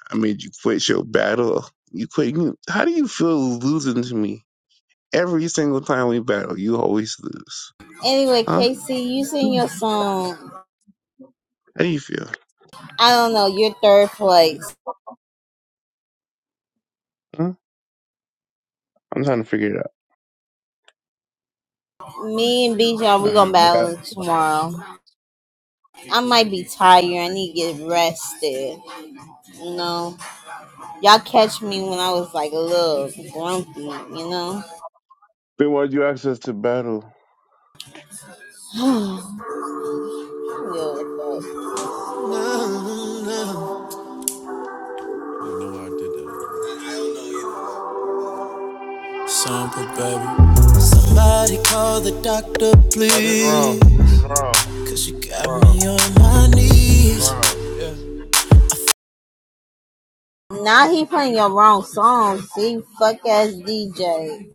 [SPEAKER 6] I made you quit your battle. You quit. You, how do you feel losing to me? Every single time we battle, you always lose.
[SPEAKER 8] Anyway,
[SPEAKER 6] Huh?
[SPEAKER 8] KC, you
[SPEAKER 6] How
[SPEAKER 8] sing your song.
[SPEAKER 6] do you feel?
[SPEAKER 8] I don't know. You're third place.
[SPEAKER 6] Huh? I'm trying to figure it out.
[SPEAKER 8] Me and Bijan,
[SPEAKER 6] All
[SPEAKER 8] we
[SPEAKER 6] right.
[SPEAKER 8] gonna
[SPEAKER 6] I got.
[SPEAKER 8] battle tomorrow. I might be tired. I need to get rested. You know, y'all catch me when I was like a little grumpy. You know,
[SPEAKER 6] They wanted you access to battle.
[SPEAKER 8] I don't give a
[SPEAKER 14] Doctor,
[SPEAKER 9] No, this is wrong.
[SPEAKER 14] please,
[SPEAKER 9] This is wrong.
[SPEAKER 14] cause you got
[SPEAKER 9] Wrong.
[SPEAKER 14] me on my
[SPEAKER 9] This is
[SPEAKER 14] knees.
[SPEAKER 9] wrong.
[SPEAKER 8] fuck. Now he playing your wrong song. See, fuck ass DJ.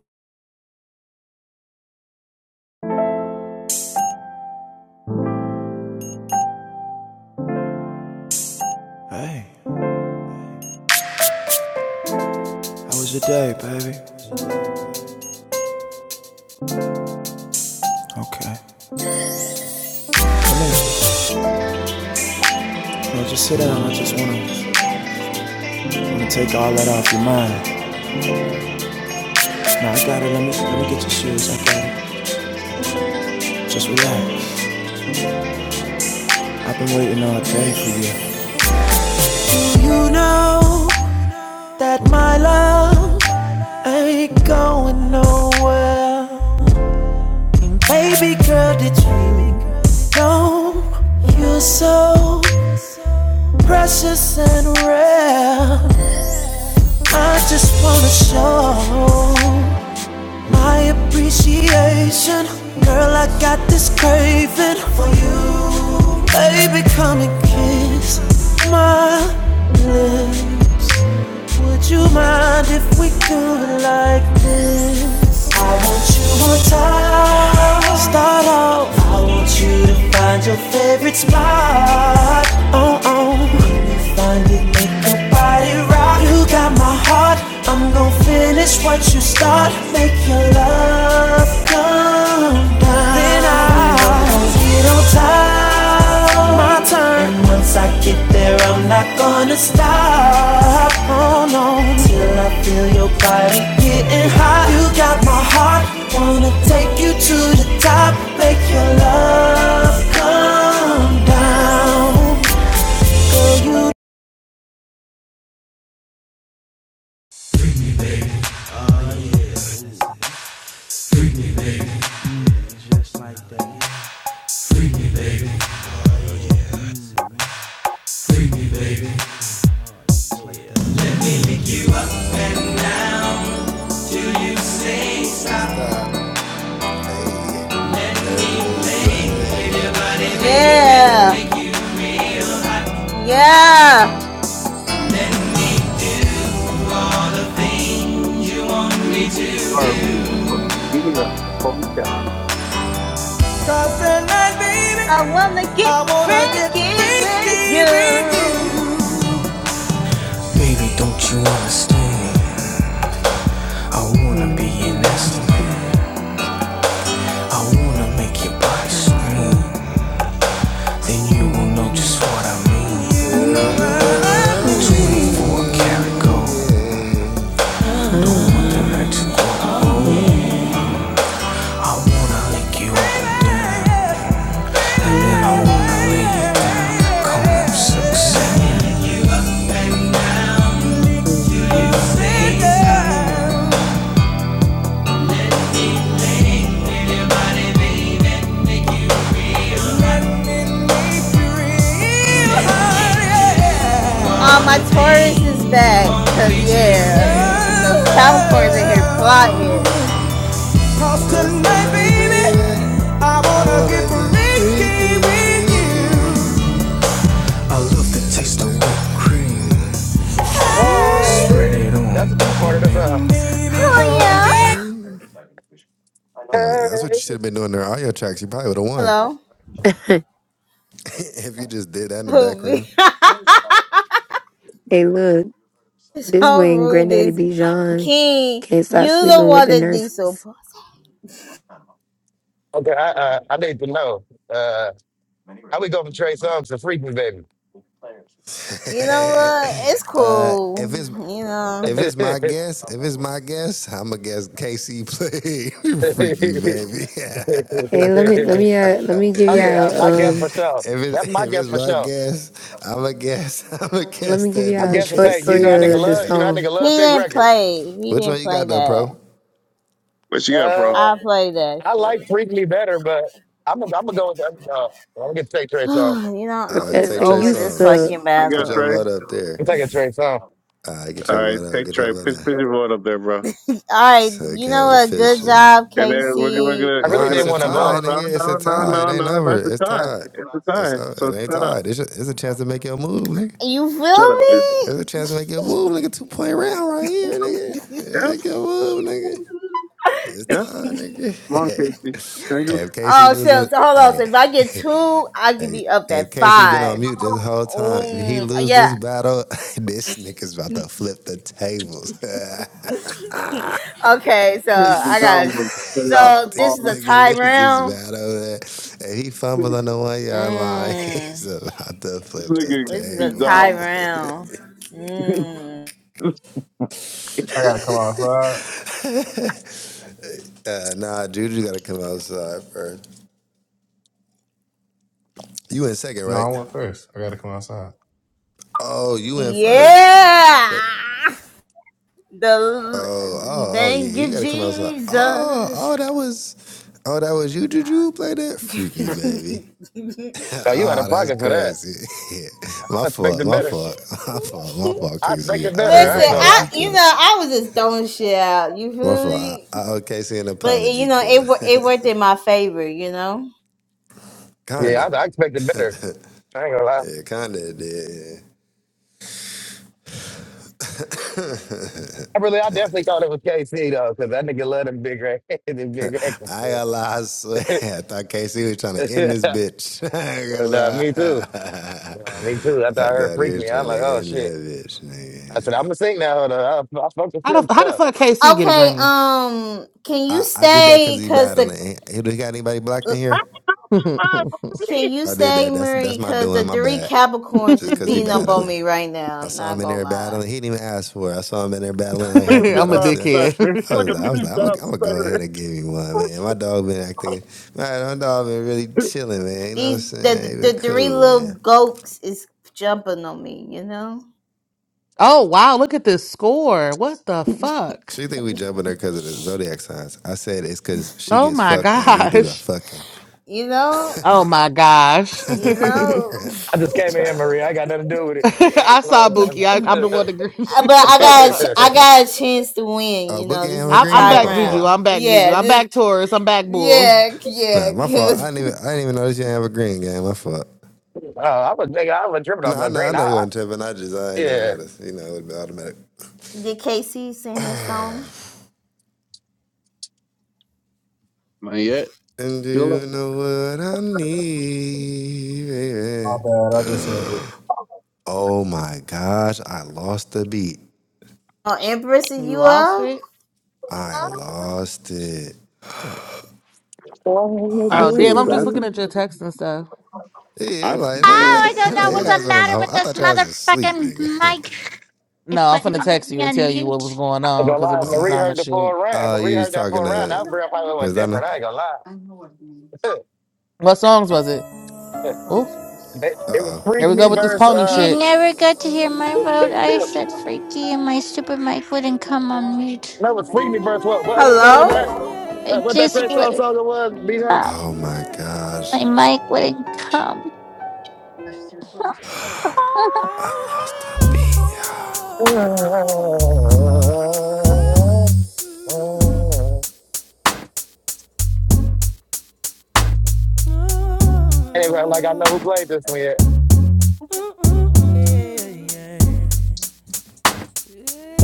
[SPEAKER 14] Okay. No, just sit down. I just wanna, wanna take all that off your mind. Nah, I got it. Let me, let me get your shoes. I got it. Just relax. I've been waiting all day for you. You know that my love ain't going nowhere. Baby girl, did you know you're so precious and rare? I just wanna show my appreciation. Girl, I got this craving for you. Baby, come and kiss my lips. Would you mind if we do it like this? I want you on time. Start off. I want you to find your favorite spot. Oh oh. When you find it, make your body rock. You got my heart. I'm gonna finish what you start. Make your love come down. And I get on time, my turn. And once I get there, I'm not gonna stop. Oh no, till I feel your body getting hot. You got my heart, wanna take you to the top. Make your love come down.
[SPEAKER 5] Stop. Hey, let me play with your body, baby.
[SPEAKER 8] Yeah,
[SPEAKER 5] I know it.
[SPEAKER 8] yeah.
[SPEAKER 6] You are freaking wrong. You need a a phone chat.
[SPEAKER 13] Stop the night, baby,
[SPEAKER 8] I wanna get
[SPEAKER 13] I wanna get
[SPEAKER 8] freaky with
[SPEAKER 13] freaky with you
[SPEAKER 8] you.
[SPEAKER 13] Baby, don't you understand? I wanna
[SPEAKER 4] Wanna
[SPEAKER 13] be an
[SPEAKER 4] be in
[SPEAKER 13] instant
[SPEAKER 4] see me
[SPEAKER 13] I wanna make your body
[SPEAKER 4] by
[SPEAKER 13] scream
[SPEAKER 4] screen.
[SPEAKER 13] Then you will
[SPEAKER 4] You
[SPEAKER 13] know
[SPEAKER 4] just know
[SPEAKER 13] just what
[SPEAKER 4] this.
[SPEAKER 13] I mean You
[SPEAKER 4] You
[SPEAKER 5] Oh,
[SPEAKER 13] and I
[SPEAKER 4] know
[SPEAKER 5] that's what I
[SPEAKER 13] mean.
[SPEAKER 4] what I
[SPEAKER 13] 24 karat
[SPEAKER 4] mean?
[SPEAKER 5] mean, yeah.
[SPEAKER 4] Uh-huh. Oh yeah. Yeah, let's you're feeling.
[SPEAKER 8] Uh, my Taurus is back, cause yeah, the Capricorn's in here plotting.
[SPEAKER 5] Cause tonight, baby, I wanna get freaky with you.
[SPEAKER 13] I love
[SPEAKER 5] Hey, I
[SPEAKER 13] the
[SPEAKER 5] did
[SPEAKER 13] taste of
[SPEAKER 5] that
[SPEAKER 13] whipped
[SPEAKER 5] good body
[SPEAKER 13] cream.
[SPEAKER 5] shame.
[SPEAKER 13] Spread
[SPEAKER 19] Hey,
[SPEAKER 13] it
[SPEAKER 19] that's the
[SPEAKER 13] on,
[SPEAKER 19] best
[SPEAKER 13] don't
[SPEAKER 19] part of the song.
[SPEAKER 8] Oh
[SPEAKER 13] be
[SPEAKER 5] Yeah. That's what you should
[SPEAKER 19] Hey,
[SPEAKER 5] have been doing in all your tracks. You probably would have won
[SPEAKER 8] Hello.
[SPEAKER 5] if you just did that in the
[SPEAKER 8] Who be
[SPEAKER 5] background.
[SPEAKER 4] Hey, look, this
[SPEAKER 8] so
[SPEAKER 4] when
[SPEAKER 8] rude
[SPEAKER 4] Granddaddy
[SPEAKER 8] is
[SPEAKER 4] Bijan
[SPEAKER 8] King.
[SPEAKER 4] can't
[SPEAKER 8] You
[SPEAKER 4] stop
[SPEAKER 8] the
[SPEAKER 4] sleeping with
[SPEAKER 8] one
[SPEAKER 4] the
[SPEAKER 8] that diesel.
[SPEAKER 4] nurses.
[SPEAKER 8] p-
[SPEAKER 19] okay, I uh, I need to know uh, how we go from Trey Songz to Freaky Baby.
[SPEAKER 8] You know what? It's cool.
[SPEAKER 5] If it's
[SPEAKER 8] You
[SPEAKER 5] if
[SPEAKER 8] know.
[SPEAKER 5] it's my guess, if it's my guess, I'ma guess KC played freaky baby.
[SPEAKER 4] Hey, let me let me uh, let me give
[SPEAKER 19] oh yeah,
[SPEAKER 4] y'all
[SPEAKER 19] my guess for
[SPEAKER 4] um
[SPEAKER 5] if
[SPEAKER 19] sure.
[SPEAKER 5] it's
[SPEAKER 19] That's my
[SPEAKER 5] if it's
[SPEAKER 19] guess for
[SPEAKER 5] my
[SPEAKER 19] sure.
[SPEAKER 5] guess, I'ma guess I'ma
[SPEAKER 4] let
[SPEAKER 5] guess
[SPEAKER 4] me
[SPEAKER 5] that
[SPEAKER 19] I
[SPEAKER 5] nigga
[SPEAKER 19] guess to
[SPEAKER 4] short
[SPEAKER 19] say, you know,
[SPEAKER 4] story
[SPEAKER 5] KC
[SPEAKER 19] I nigga
[SPEAKER 4] of the
[SPEAKER 19] love,
[SPEAKER 5] played.
[SPEAKER 19] you know, I
[SPEAKER 4] song.
[SPEAKER 19] nigga
[SPEAKER 8] He
[SPEAKER 19] love big
[SPEAKER 8] didn't
[SPEAKER 19] records.
[SPEAKER 8] play. He
[SPEAKER 5] Which one
[SPEAKER 8] didn't
[SPEAKER 5] you
[SPEAKER 8] play
[SPEAKER 5] got though,
[SPEAKER 8] that.
[SPEAKER 5] pro?
[SPEAKER 6] What you got, bro?
[SPEAKER 19] Uh,
[SPEAKER 8] I played that
[SPEAKER 19] I
[SPEAKER 8] shit.
[SPEAKER 19] like Freak Me better, but I'm gonna I'm gonna go with the other dog. I'm gonna get to take Trey Songz.
[SPEAKER 8] you know,
[SPEAKER 5] All
[SPEAKER 8] I'm
[SPEAKER 5] right,
[SPEAKER 8] just
[SPEAKER 5] take Trey
[SPEAKER 8] over this
[SPEAKER 4] So,
[SPEAKER 5] Songz.
[SPEAKER 8] fucking
[SPEAKER 6] You
[SPEAKER 5] Put
[SPEAKER 6] got
[SPEAKER 5] your
[SPEAKER 8] battle.
[SPEAKER 6] Trey?
[SPEAKER 5] vote up there.
[SPEAKER 19] I'm taking Trey Songz.
[SPEAKER 5] Ah, get
[SPEAKER 6] All
[SPEAKER 5] your
[SPEAKER 6] right,
[SPEAKER 5] butt up,
[SPEAKER 6] take
[SPEAKER 5] get your
[SPEAKER 6] Trey.
[SPEAKER 5] butt
[SPEAKER 6] Pitch,
[SPEAKER 5] up.
[SPEAKER 6] pitch your board up there, bro.
[SPEAKER 8] Alright,
[SPEAKER 5] So we
[SPEAKER 8] you
[SPEAKER 5] can have
[SPEAKER 8] know
[SPEAKER 5] it
[SPEAKER 8] what? Good
[SPEAKER 5] official.
[SPEAKER 8] job,
[SPEAKER 6] And then we're, gonna- we're
[SPEAKER 8] Casey.
[SPEAKER 6] gonna
[SPEAKER 19] I
[SPEAKER 6] we're
[SPEAKER 19] really
[SPEAKER 5] Nah,
[SPEAKER 6] gonna
[SPEAKER 5] it's
[SPEAKER 19] didn't
[SPEAKER 5] a
[SPEAKER 19] want to
[SPEAKER 5] tie,
[SPEAKER 6] no
[SPEAKER 19] vote.
[SPEAKER 6] no
[SPEAKER 5] nigga. It's a
[SPEAKER 6] no no
[SPEAKER 5] tie. It
[SPEAKER 6] no
[SPEAKER 5] ain't
[SPEAKER 6] no
[SPEAKER 5] over.
[SPEAKER 6] not the
[SPEAKER 5] It's
[SPEAKER 6] time.
[SPEAKER 5] tied.
[SPEAKER 6] It's the
[SPEAKER 5] It's
[SPEAKER 6] time.
[SPEAKER 5] uh, it
[SPEAKER 6] So
[SPEAKER 5] ain't
[SPEAKER 6] shut up.
[SPEAKER 5] tied. It's it's a chance to make your move, nigga.
[SPEAKER 8] You feel
[SPEAKER 6] Shut up, dude.
[SPEAKER 8] me?
[SPEAKER 5] It's a chance to make your move, nigga. Two point round right here, nigga. Yeah, make your move, nigga. It's
[SPEAKER 6] Yeah,
[SPEAKER 5] tied,
[SPEAKER 6] come on, Casey. Thank
[SPEAKER 5] nigga. hey,
[SPEAKER 6] you.
[SPEAKER 5] if Casey
[SPEAKER 8] Oh shit,
[SPEAKER 5] loses,
[SPEAKER 8] so hold on. So
[SPEAKER 5] hey,
[SPEAKER 8] if I get two, I can be up
[SPEAKER 5] hey,
[SPEAKER 8] at
[SPEAKER 5] Casey been on
[SPEAKER 8] five.
[SPEAKER 5] mute this whole time. If he
[SPEAKER 8] Oh
[SPEAKER 5] lose
[SPEAKER 8] yeah,
[SPEAKER 5] this battle, this nigga's about to flip the tables.
[SPEAKER 8] Okay, so
[SPEAKER 6] Nigga be
[SPEAKER 8] I got.
[SPEAKER 6] dumb,
[SPEAKER 8] you.
[SPEAKER 6] but they are
[SPEAKER 8] So this
[SPEAKER 5] This
[SPEAKER 8] is
[SPEAKER 6] all-
[SPEAKER 8] a
[SPEAKER 5] nigga
[SPEAKER 8] tie
[SPEAKER 5] loses
[SPEAKER 8] round.
[SPEAKER 5] bad over there. And he fumbled
[SPEAKER 6] Nigga
[SPEAKER 5] on the one yard line. He's
[SPEAKER 8] Mm,
[SPEAKER 5] about to flip the
[SPEAKER 8] this is
[SPEAKER 6] be
[SPEAKER 8] a tie
[SPEAKER 6] dumb.
[SPEAKER 5] tables.
[SPEAKER 8] round. Mm,
[SPEAKER 6] Nigga
[SPEAKER 9] I gotta come outside.
[SPEAKER 5] Uh, nah, Juju gotta come outside first. You in second,
[SPEAKER 9] No,
[SPEAKER 5] right?
[SPEAKER 9] I went first. I gotta come outside.
[SPEAKER 5] Oh, you in first.
[SPEAKER 8] yeah.
[SPEAKER 5] What?
[SPEAKER 8] The
[SPEAKER 5] oh, oh, oh yeah,
[SPEAKER 8] thank
[SPEAKER 5] you
[SPEAKER 8] you,
[SPEAKER 5] gotta come outside. Oh,
[SPEAKER 8] Jesus.
[SPEAKER 5] oh, that was oh, that was you, Juju who played that? Freak me,
[SPEAKER 8] Listen,
[SPEAKER 5] baby.
[SPEAKER 19] Oh, you out
[SPEAKER 5] oh,
[SPEAKER 19] of
[SPEAKER 5] that's
[SPEAKER 19] pocket for that.
[SPEAKER 5] crazy. Yeah. my
[SPEAKER 19] I
[SPEAKER 5] fault,
[SPEAKER 19] expected
[SPEAKER 5] my
[SPEAKER 19] better.
[SPEAKER 5] fault, my fault, my fault,
[SPEAKER 19] I
[SPEAKER 5] KC.
[SPEAKER 19] expected
[SPEAKER 5] I'll
[SPEAKER 19] better.
[SPEAKER 5] an
[SPEAKER 19] I ain't gonna
[SPEAKER 8] I
[SPEAKER 19] lie.
[SPEAKER 5] apology
[SPEAKER 8] you
[SPEAKER 5] killer.
[SPEAKER 8] know I was just throwing shit out. You
[SPEAKER 5] My
[SPEAKER 8] feel
[SPEAKER 5] fault. I,
[SPEAKER 8] me?
[SPEAKER 5] I owe Casey an
[SPEAKER 8] But you
[SPEAKER 5] apology,
[SPEAKER 8] know it
[SPEAKER 5] killer.
[SPEAKER 8] wo- it worked in my favor. You know.
[SPEAKER 19] Yeah,
[SPEAKER 5] kinda.
[SPEAKER 19] I, I expected better. I ain't gonna lie.
[SPEAKER 5] Yeah, kinda it did.
[SPEAKER 19] I really, I definitely thought it was KC though, because that nigga love them big racks, them big racks.
[SPEAKER 5] I got
[SPEAKER 19] and,
[SPEAKER 5] lie, I swear.
[SPEAKER 19] shit.
[SPEAKER 5] I thought Casey was trying to end this bitch. I ain't gonna
[SPEAKER 19] And, uh,
[SPEAKER 5] lie.
[SPEAKER 19] me too. Uh, me too. After
[SPEAKER 5] I
[SPEAKER 19] I heard
[SPEAKER 5] thought he
[SPEAKER 19] "Freak
[SPEAKER 5] was
[SPEAKER 19] Me," I'm
[SPEAKER 5] trying
[SPEAKER 19] like,
[SPEAKER 5] to
[SPEAKER 19] "Oh
[SPEAKER 5] end
[SPEAKER 19] shit!"
[SPEAKER 5] that bitch,
[SPEAKER 19] I
[SPEAKER 5] nigga.
[SPEAKER 19] said, "I'm gonna sing now." Hold on, I, I fucked the
[SPEAKER 2] How
[SPEAKER 19] film
[SPEAKER 2] the how the
[SPEAKER 19] tough.
[SPEAKER 2] fuck KC get a
[SPEAKER 8] Okay,
[SPEAKER 2] green?
[SPEAKER 8] um, can you
[SPEAKER 5] I, I did that because
[SPEAKER 8] stay?
[SPEAKER 5] he's
[SPEAKER 8] Cause the
[SPEAKER 5] battling. he got anybody blocked
[SPEAKER 8] uh,
[SPEAKER 5] in here?
[SPEAKER 2] I'm
[SPEAKER 8] can you
[SPEAKER 5] I did
[SPEAKER 8] stay,
[SPEAKER 5] that. That's that's
[SPEAKER 8] Marie?
[SPEAKER 5] my
[SPEAKER 8] Cause
[SPEAKER 5] doing,
[SPEAKER 8] the
[SPEAKER 5] my
[SPEAKER 8] three
[SPEAKER 5] bad.
[SPEAKER 8] Capricorns
[SPEAKER 5] Just
[SPEAKER 8] is
[SPEAKER 5] cause he
[SPEAKER 8] beating up on
[SPEAKER 5] battling.
[SPEAKER 8] me right now.
[SPEAKER 5] I
[SPEAKER 8] I'm
[SPEAKER 5] saw him
[SPEAKER 8] not
[SPEAKER 5] in
[SPEAKER 8] gonna
[SPEAKER 5] there
[SPEAKER 8] lie.
[SPEAKER 5] battling. He didn't even ask for it. I saw him in there battling like half the
[SPEAKER 6] be
[SPEAKER 5] battle.
[SPEAKER 2] a
[SPEAKER 5] I
[SPEAKER 6] not
[SPEAKER 5] said,
[SPEAKER 2] dickhead.
[SPEAKER 6] stuttering.
[SPEAKER 5] I was
[SPEAKER 6] Nigga
[SPEAKER 5] like, I was
[SPEAKER 6] be
[SPEAKER 5] like, I'm gonna,
[SPEAKER 6] not
[SPEAKER 5] I'm gonna go ahead
[SPEAKER 6] stuttering.
[SPEAKER 5] and give you one, man. My dog been acting, man. My dog been really chilling, man. You know what I'm
[SPEAKER 8] These
[SPEAKER 5] saying? He
[SPEAKER 8] the the,
[SPEAKER 5] been
[SPEAKER 8] the three
[SPEAKER 5] cool,
[SPEAKER 8] little
[SPEAKER 5] man.
[SPEAKER 8] goats is jumping on me. You know,
[SPEAKER 2] oh wow, look at this score. What the fuck?
[SPEAKER 5] She think we jumping there because of the zodiac signs. I said it's because she
[SPEAKER 2] Oh
[SPEAKER 5] gets
[SPEAKER 2] my
[SPEAKER 5] fucked and we do the
[SPEAKER 2] gosh.
[SPEAKER 5] fucking.
[SPEAKER 8] you know,
[SPEAKER 2] Oh my gosh. I
[SPEAKER 8] you know.
[SPEAKER 19] I just came in here, Maria. I got nothing to do with it. I
[SPEAKER 2] saw
[SPEAKER 19] don't
[SPEAKER 2] Buki.
[SPEAKER 19] know.
[SPEAKER 2] I, I'm the one that greased
[SPEAKER 8] Uh,
[SPEAKER 2] you
[SPEAKER 8] But I
[SPEAKER 19] What
[SPEAKER 2] up.
[SPEAKER 8] got a
[SPEAKER 2] I
[SPEAKER 8] ch-
[SPEAKER 2] saw-
[SPEAKER 8] I got a chance to win.
[SPEAKER 5] Oh,
[SPEAKER 8] You
[SPEAKER 5] Boogie
[SPEAKER 8] know, this
[SPEAKER 5] Amber
[SPEAKER 8] is a
[SPEAKER 2] I'm, I'm
[SPEAKER 5] Green,
[SPEAKER 8] tie
[SPEAKER 5] that's
[SPEAKER 2] back,
[SPEAKER 5] my
[SPEAKER 2] Juju.
[SPEAKER 5] fault.
[SPEAKER 8] round.
[SPEAKER 2] I'm back, Juju.
[SPEAKER 8] Yeah,
[SPEAKER 2] I'm
[SPEAKER 8] this
[SPEAKER 2] back, Taurus. I'm back, Bull.
[SPEAKER 8] yeah yeah.
[SPEAKER 5] Nah, my fault.
[SPEAKER 8] Cause
[SPEAKER 5] I didn't even, I didn't even notice you Amber Green game. My fault.
[SPEAKER 19] uh, I was nigga. I was tripping
[SPEAKER 5] No,
[SPEAKER 19] off
[SPEAKER 5] I
[SPEAKER 19] no
[SPEAKER 5] know, I
[SPEAKER 19] green. I,
[SPEAKER 5] know you
[SPEAKER 19] I,
[SPEAKER 5] wasn't tripping. I just, I didn't even
[SPEAKER 19] yeah.
[SPEAKER 5] notice. You know, it would be automatic.
[SPEAKER 8] did KC sing his song?
[SPEAKER 6] Not yet.
[SPEAKER 5] And do
[SPEAKER 6] Feel it.
[SPEAKER 5] you know what I need,
[SPEAKER 9] My
[SPEAKER 5] baby?
[SPEAKER 9] bad. I just had to.
[SPEAKER 5] Oh my gosh, I lost the beat.
[SPEAKER 8] Oh, Empress,
[SPEAKER 2] You
[SPEAKER 8] is you
[SPEAKER 2] lost
[SPEAKER 8] up?
[SPEAKER 2] it?
[SPEAKER 5] I lost it.
[SPEAKER 19] I'm
[SPEAKER 6] I
[SPEAKER 2] Oh, damn.
[SPEAKER 6] think
[SPEAKER 2] I'm just
[SPEAKER 6] that's
[SPEAKER 2] looking at your text and stuff.
[SPEAKER 5] Yeah,
[SPEAKER 6] I
[SPEAKER 5] I'm like,
[SPEAKER 6] think that-
[SPEAKER 7] I
[SPEAKER 5] nigga,
[SPEAKER 7] don't
[SPEAKER 5] I'm
[SPEAKER 7] know
[SPEAKER 5] like, your
[SPEAKER 7] what's the
[SPEAKER 5] ass went on the
[SPEAKER 7] matter
[SPEAKER 5] whole.
[SPEAKER 7] with
[SPEAKER 5] I
[SPEAKER 7] this
[SPEAKER 5] thought your ass was asleep,
[SPEAKER 7] motherfucking
[SPEAKER 5] nigga.
[SPEAKER 7] mic. If
[SPEAKER 2] No, I'm
[SPEAKER 7] I
[SPEAKER 2] finna
[SPEAKER 7] didn't
[SPEAKER 2] text you and
[SPEAKER 7] let me
[SPEAKER 2] tell you what was
[SPEAKER 7] unmute.
[SPEAKER 2] going on
[SPEAKER 19] gonna
[SPEAKER 2] because it
[SPEAKER 19] lie. If
[SPEAKER 2] was some
[SPEAKER 19] Marie
[SPEAKER 2] drama
[SPEAKER 19] heard the full
[SPEAKER 2] shit.
[SPEAKER 19] round.
[SPEAKER 5] Oh,
[SPEAKER 19] If Marie
[SPEAKER 5] you was
[SPEAKER 19] heard that
[SPEAKER 5] talking
[SPEAKER 19] full round.
[SPEAKER 5] to
[SPEAKER 19] That girl probably
[SPEAKER 5] Miss
[SPEAKER 19] went
[SPEAKER 5] Donna?
[SPEAKER 19] different. I ain't gonna lie.
[SPEAKER 2] What songs was it? Oh,
[SPEAKER 19] They- it was
[SPEAKER 2] here
[SPEAKER 19] Freak
[SPEAKER 2] we go
[SPEAKER 19] Me
[SPEAKER 2] with this
[SPEAKER 19] verse,
[SPEAKER 2] pony
[SPEAKER 19] uh,
[SPEAKER 7] You
[SPEAKER 2] shit.
[SPEAKER 7] never got to hear my vote. I said freaky and my stupid mic wouldn't come on mute.
[SPEAKER 19] no, it was Freak Me verse what? What other
[SPEAKER 14] Yeah,
[SPEAKER 19] song was that?
[SPEAKER 8] Hello?
[SPEAKER 19] Uh,
[SPEAKER 7] It
[SPEAKER 19] what
[SPEAKER 14] yeah,
[SPEAKER 19] that
[SPEAKER 7] just
[SPEAKER 19] Trey
[SPEAKER 14] yeah,
[SPEAKER 19] Songz
[SPEAKER 7] wouldn't
[SPEAKER 19] song it was, B Huff?
[SPEAKER 7] come.
[SPEAKER 5] Oh my gosh,
[SPEAKER 7] My
[SPEAKER 14] yeah, yeah.
[SPEAKER 7] mic wouldn't come.
[SPEAKER 14] Oh,
[SPEAKER 5] I lost the
[SPEAKER 14] oh,
[SPEAKER 5] beat.
[SPEAKER 19] Anyway, like I
[SPEAKER 14] oh.
[SPEAKER 19] know who played this one yet.
[SPEAKER 14] Yeah. yeah,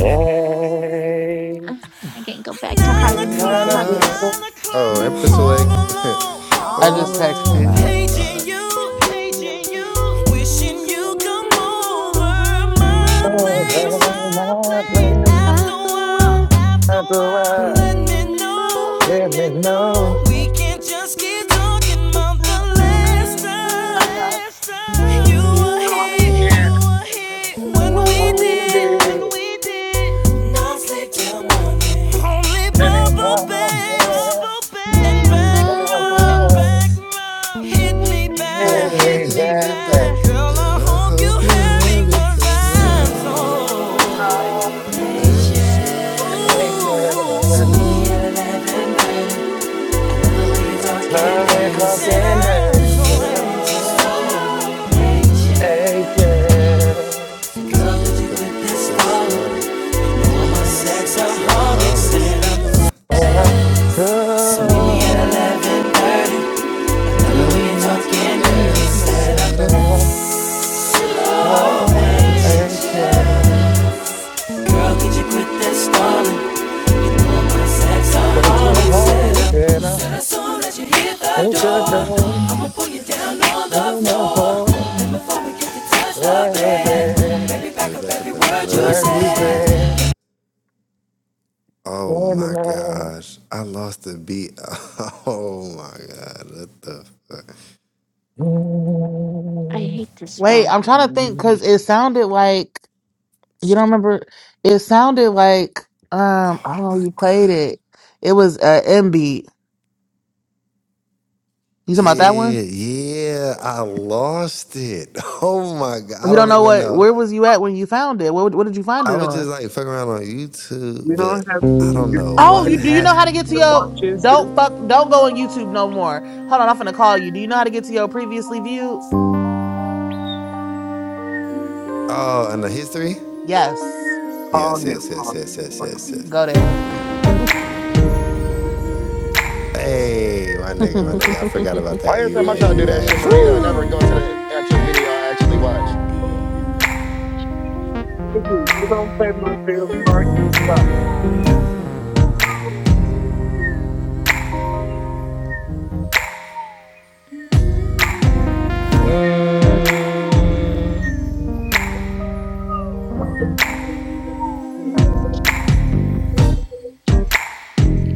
[SPEAKER 19] Hey,
[SPEAKER 14] Yeah.
[SPEAKER 7] I can go back to
[SPEAKER 14] Nine
[SPEAKER 7] hiding
[SPEAKER 5] Nine
[SPEAKER 7] in the
[SPEAKER 19] none of
[SPEAKER 14] o'clock,
[SPEAKER 19] this
[SPEAKER 5] o'clock.
[SPEAKER 7] covers.
[SPEAKER 19] is
[SPEAKER 14] nine o'clock,
[SPEAKER 5] Oh, Empress Awake.
[SPEAKER 14] home alone,
[SPEAKER 2] I
[SPEAKER 14] home
[SPEAKER 5] oh
[SPEAKER 7] all
[SPEAKER 2] just
[SPEAKER 7] the
[SPEAKER 5] my
[SPEAKER 2] texted
[SPEAKER 5] god.
[SPEAKER 14] alone.
[SPEAKER 2] you.
[SPEAKER 5] All
[SPEAKER 7] pillows.
[SPEAKER 5] right.
[SPEAKER 14] Paging you, paging you,
[SPEAKER 2] Will you
[SPEAKER 14] wishing
[SPEAKER 2] come
[SPEAKER 14] you come over
[SPEAKER 2] over
[SPEAKER 14] my
[SPEAKER 2] my
[SPEAKER 14] place,
[SPEAKER 2] place
[SPEAKER 14] my
[SPEAKER 19] my
[SPEAKER 14] place.
[SPEAKER 19] place.
[SPEAKER 14] After a
[SPEAKER 2] after
[SPEAKER 14] while,
[SPEAKER 2] work?
[SPEAKER 14] after a
[SPEAKER 19] After a
[SPEAKER 14] while,
[SPEAKER 19] while,
[SPEAKER 14] let
[SPEAKER 2] Let
[SPEAKER 14] me
[SPEAKER 2] me
[SPEAKER 14] know,
[SPEAKER 2] know.
[SPEAKER 14] let
[SPEAKER 19] let me
[SPEAKER 14] me
[SPEAKER 19] know.
[SPEAKER 14] know. We can just keep talking about the
[SPEAKER 2] Not the
[SPEAKER 14] last
[SPEAKER 2] last
[SPEAKER 14] time.
[SPEAKER 2] time.
[SPEAKER 14] You
[SPEAKER 2] You
[SPEAKER 14] were
[SPEAKER 2] were
[SPEAKER 19] I'm
[SPEAKER 14] here,
[SPEAKER 2] here
[SPEAKER 14] you
[SPEAKER 19] here.
[SPEAKER 14] were here when
[SPEAKER 2] when
[SPEAKER 14] we
[SPEAKER 19] What
[SPEAKER 2] we
[SPEAKER 19] it
[SPEAKER 14] did,
[SPEAKER 2] did
[SPEAKER 14] when
[SPEAKER 19] is.
[SPEAKER 14] sleep till morning. Only
[SPEAKER 19] Let me
[SPEAKER 14] bubble
[SPEAKER 19] have a
[SPEAKER 14] bass, And
[SPEAKER 2] in
[SPEAKER 14] back
[SPEAKER 2] the
[SPEAKER 19] breath.
[SPEAKER 2] grass.
[SPEAKER 14] Hit me back,
[SPEAKER 19] Give
[SPEAKER 5] back,
[SPEAKER 19] me
[SPEAKER 5] hit me
[SPEAKER 19] back.
[SPEAKER 5] back.
[SPEAKER 14] Girl,
[SPEAKER 5] Jill,
[SPEAKER 14] I
[SPEAKER 5] I
[SPEAKER 14] hope you
[SPEAKER 5] hope you
[SPEAKER 14] hear me
[SPEAKER 5] hurry,
[SPEAKER 14] 'cause
[SPEAKER 5] cause
[SPEAKER 14] I'm
[SPEAKER 5] I
[SPEAKER 14] so
[SPEAKER 19] I'll
[SPEAKER 5] ain't sure.
[SPEAKER 14] impatient.
[SPEAKER 19] take it.
[SPEAKER 14] Ooh.
[SPEAKER 5] I love it when you
[SPEAKER 19] Love
[SPEAKER 5] talking
[SPEAKER 19] me
[SPEAKER 5] dirty.
[SPEAKER 19] talking dirty, so take it.
[SPEAKER 5] So,
[SPEAKER 14] Girl,
[SPEAKER 5] girl, can you get this started? You know I'm a sexaholic, said I'm
[SPEAKER 19] When I'm
[SPEAKER 5] so.
[SPEAKER 19] so
[SPEAKER 5] I love it when you talking
[SPEAKER 19] fucking
[SPEAKER 5] dirty,
[SPEAKER 19] dirty,
[SPEAKER 5] said I'm
[SPEAKER 19] so don't
[SPEAKER 5] shy.
[SPEAKER 19] take
[SPEAKER 5] shy.
[SPEAKER 14] could you quit that stalling?
[SPEAKER 19] Break your heart, then i make the door in the floor, What bed,
[SPEAKER 5] Let me back up every word
[SPEAKER 19] what
[SPEAKER 5] you
[SPEAKER 19] you
[SPEAKER 5] said.
[SPEAKER 14] Yes,
[SPEAKER 19] say,
[SPEAKER 5] Oh
[SPEAKER 19] when
[SPEAKER 5] my
[SPEAKER 19] the
[SPEAKER 5] gosh. I lost the beat. Oh my God. What the fuck?
[SPEAKER 7] I hate this
[SPEAKER 2] Wait, I'm
[SPEAKER 7] phone.
[SPEAKER 2] trying to think
[SPEAKER 19] night.
[SPEAKER 2] because it sounded like you don't remember. It sounded like um I don't know.
[SPEAKER 5] My
[SPEAKER 2] You
[SPEAKER 5] God.
[SPEAKER 2] played it. It was uh, M beat. You talking about that one?
[SPEAKER 5] Yeah, yeah. I lost it. Oh my God. I
[SPEAKER 2] You don't
[SPEAKER 5] don't
[SPEAKER 2] know
[SPEAKER 5] even
[SPEAKER 2] what?
[SPEAKER 5] know.
[SPEAKER 2] Where was you at when you found it? What, what did you find
[SPEAKER 5] I
[SPEAKER 2] it
[SPEAKER 5] was just
[SPEAKER 2] on?
[SPEAKER 5] like fucking around on YouTube,
[SPEAKER 6] you
[SPEAKER 5] but
[SPEAKER 6] don't have
[SPEAKER 5] I
[SPEAKER 6] to be
[SPEAKER 5] don't
[SPEAKER 6] good.
[SPEAKER 5] know
[SPEAKER 2] Oh,
[SPEAKER 5] what
[SPEAKER 2] you do you
[SPEAKER 6] You
[SPEAKER 2] know
[SPEAKER 5] happened.
[SPEAKER 2] how to get to
[SPEAKER 6] want
[SPEAKER 2] your?
[SPEAKER 6] chances?
[SPEAKER 2] Don't fuck. Don't go on
[SPEAKER 6] Call
[SPEAKER 2] YouTube no more. Hold on, I'm gonna call you. Do you know how to get to your previously viewed?
[SPEAKER 5] Oh, and the history?
[SPEAKER 2] Yes,
[SPEAKER 5] Yes,
[SPEAKER 6] him.
[SPEAKER 5] yes, yes,
[SPEAKER 6] Call
[SPEAKER 5] yes, yes,
[SPEAKER 6] him.
[SPEAKER 5] yes, yes.
[SPEAKER 2] go there.
[SPEAKER 5] Hey, my nigga, my nigga. I forgot about
[SPEAKER 19] Why
[SPEAKER 5] that.
[SPEAKER 19] every
[SPEAKER 5] You
[SPEAKER 19] time I
[SPEAKER 5] right,
[SPEAKER 19] try to do
[SPEAKER 5] you
[SPEAKER 19] that
[SPEAKER 5] right.
[SPEAKER 19] shit, Marita, I never
[SPEAKER 5] Whoo!
[SPEAKER 19] go to the actual video I actually watched.
[SPEAKER 6] You don't play my favorite part. Stop.
[SPEAKER 19] Mm,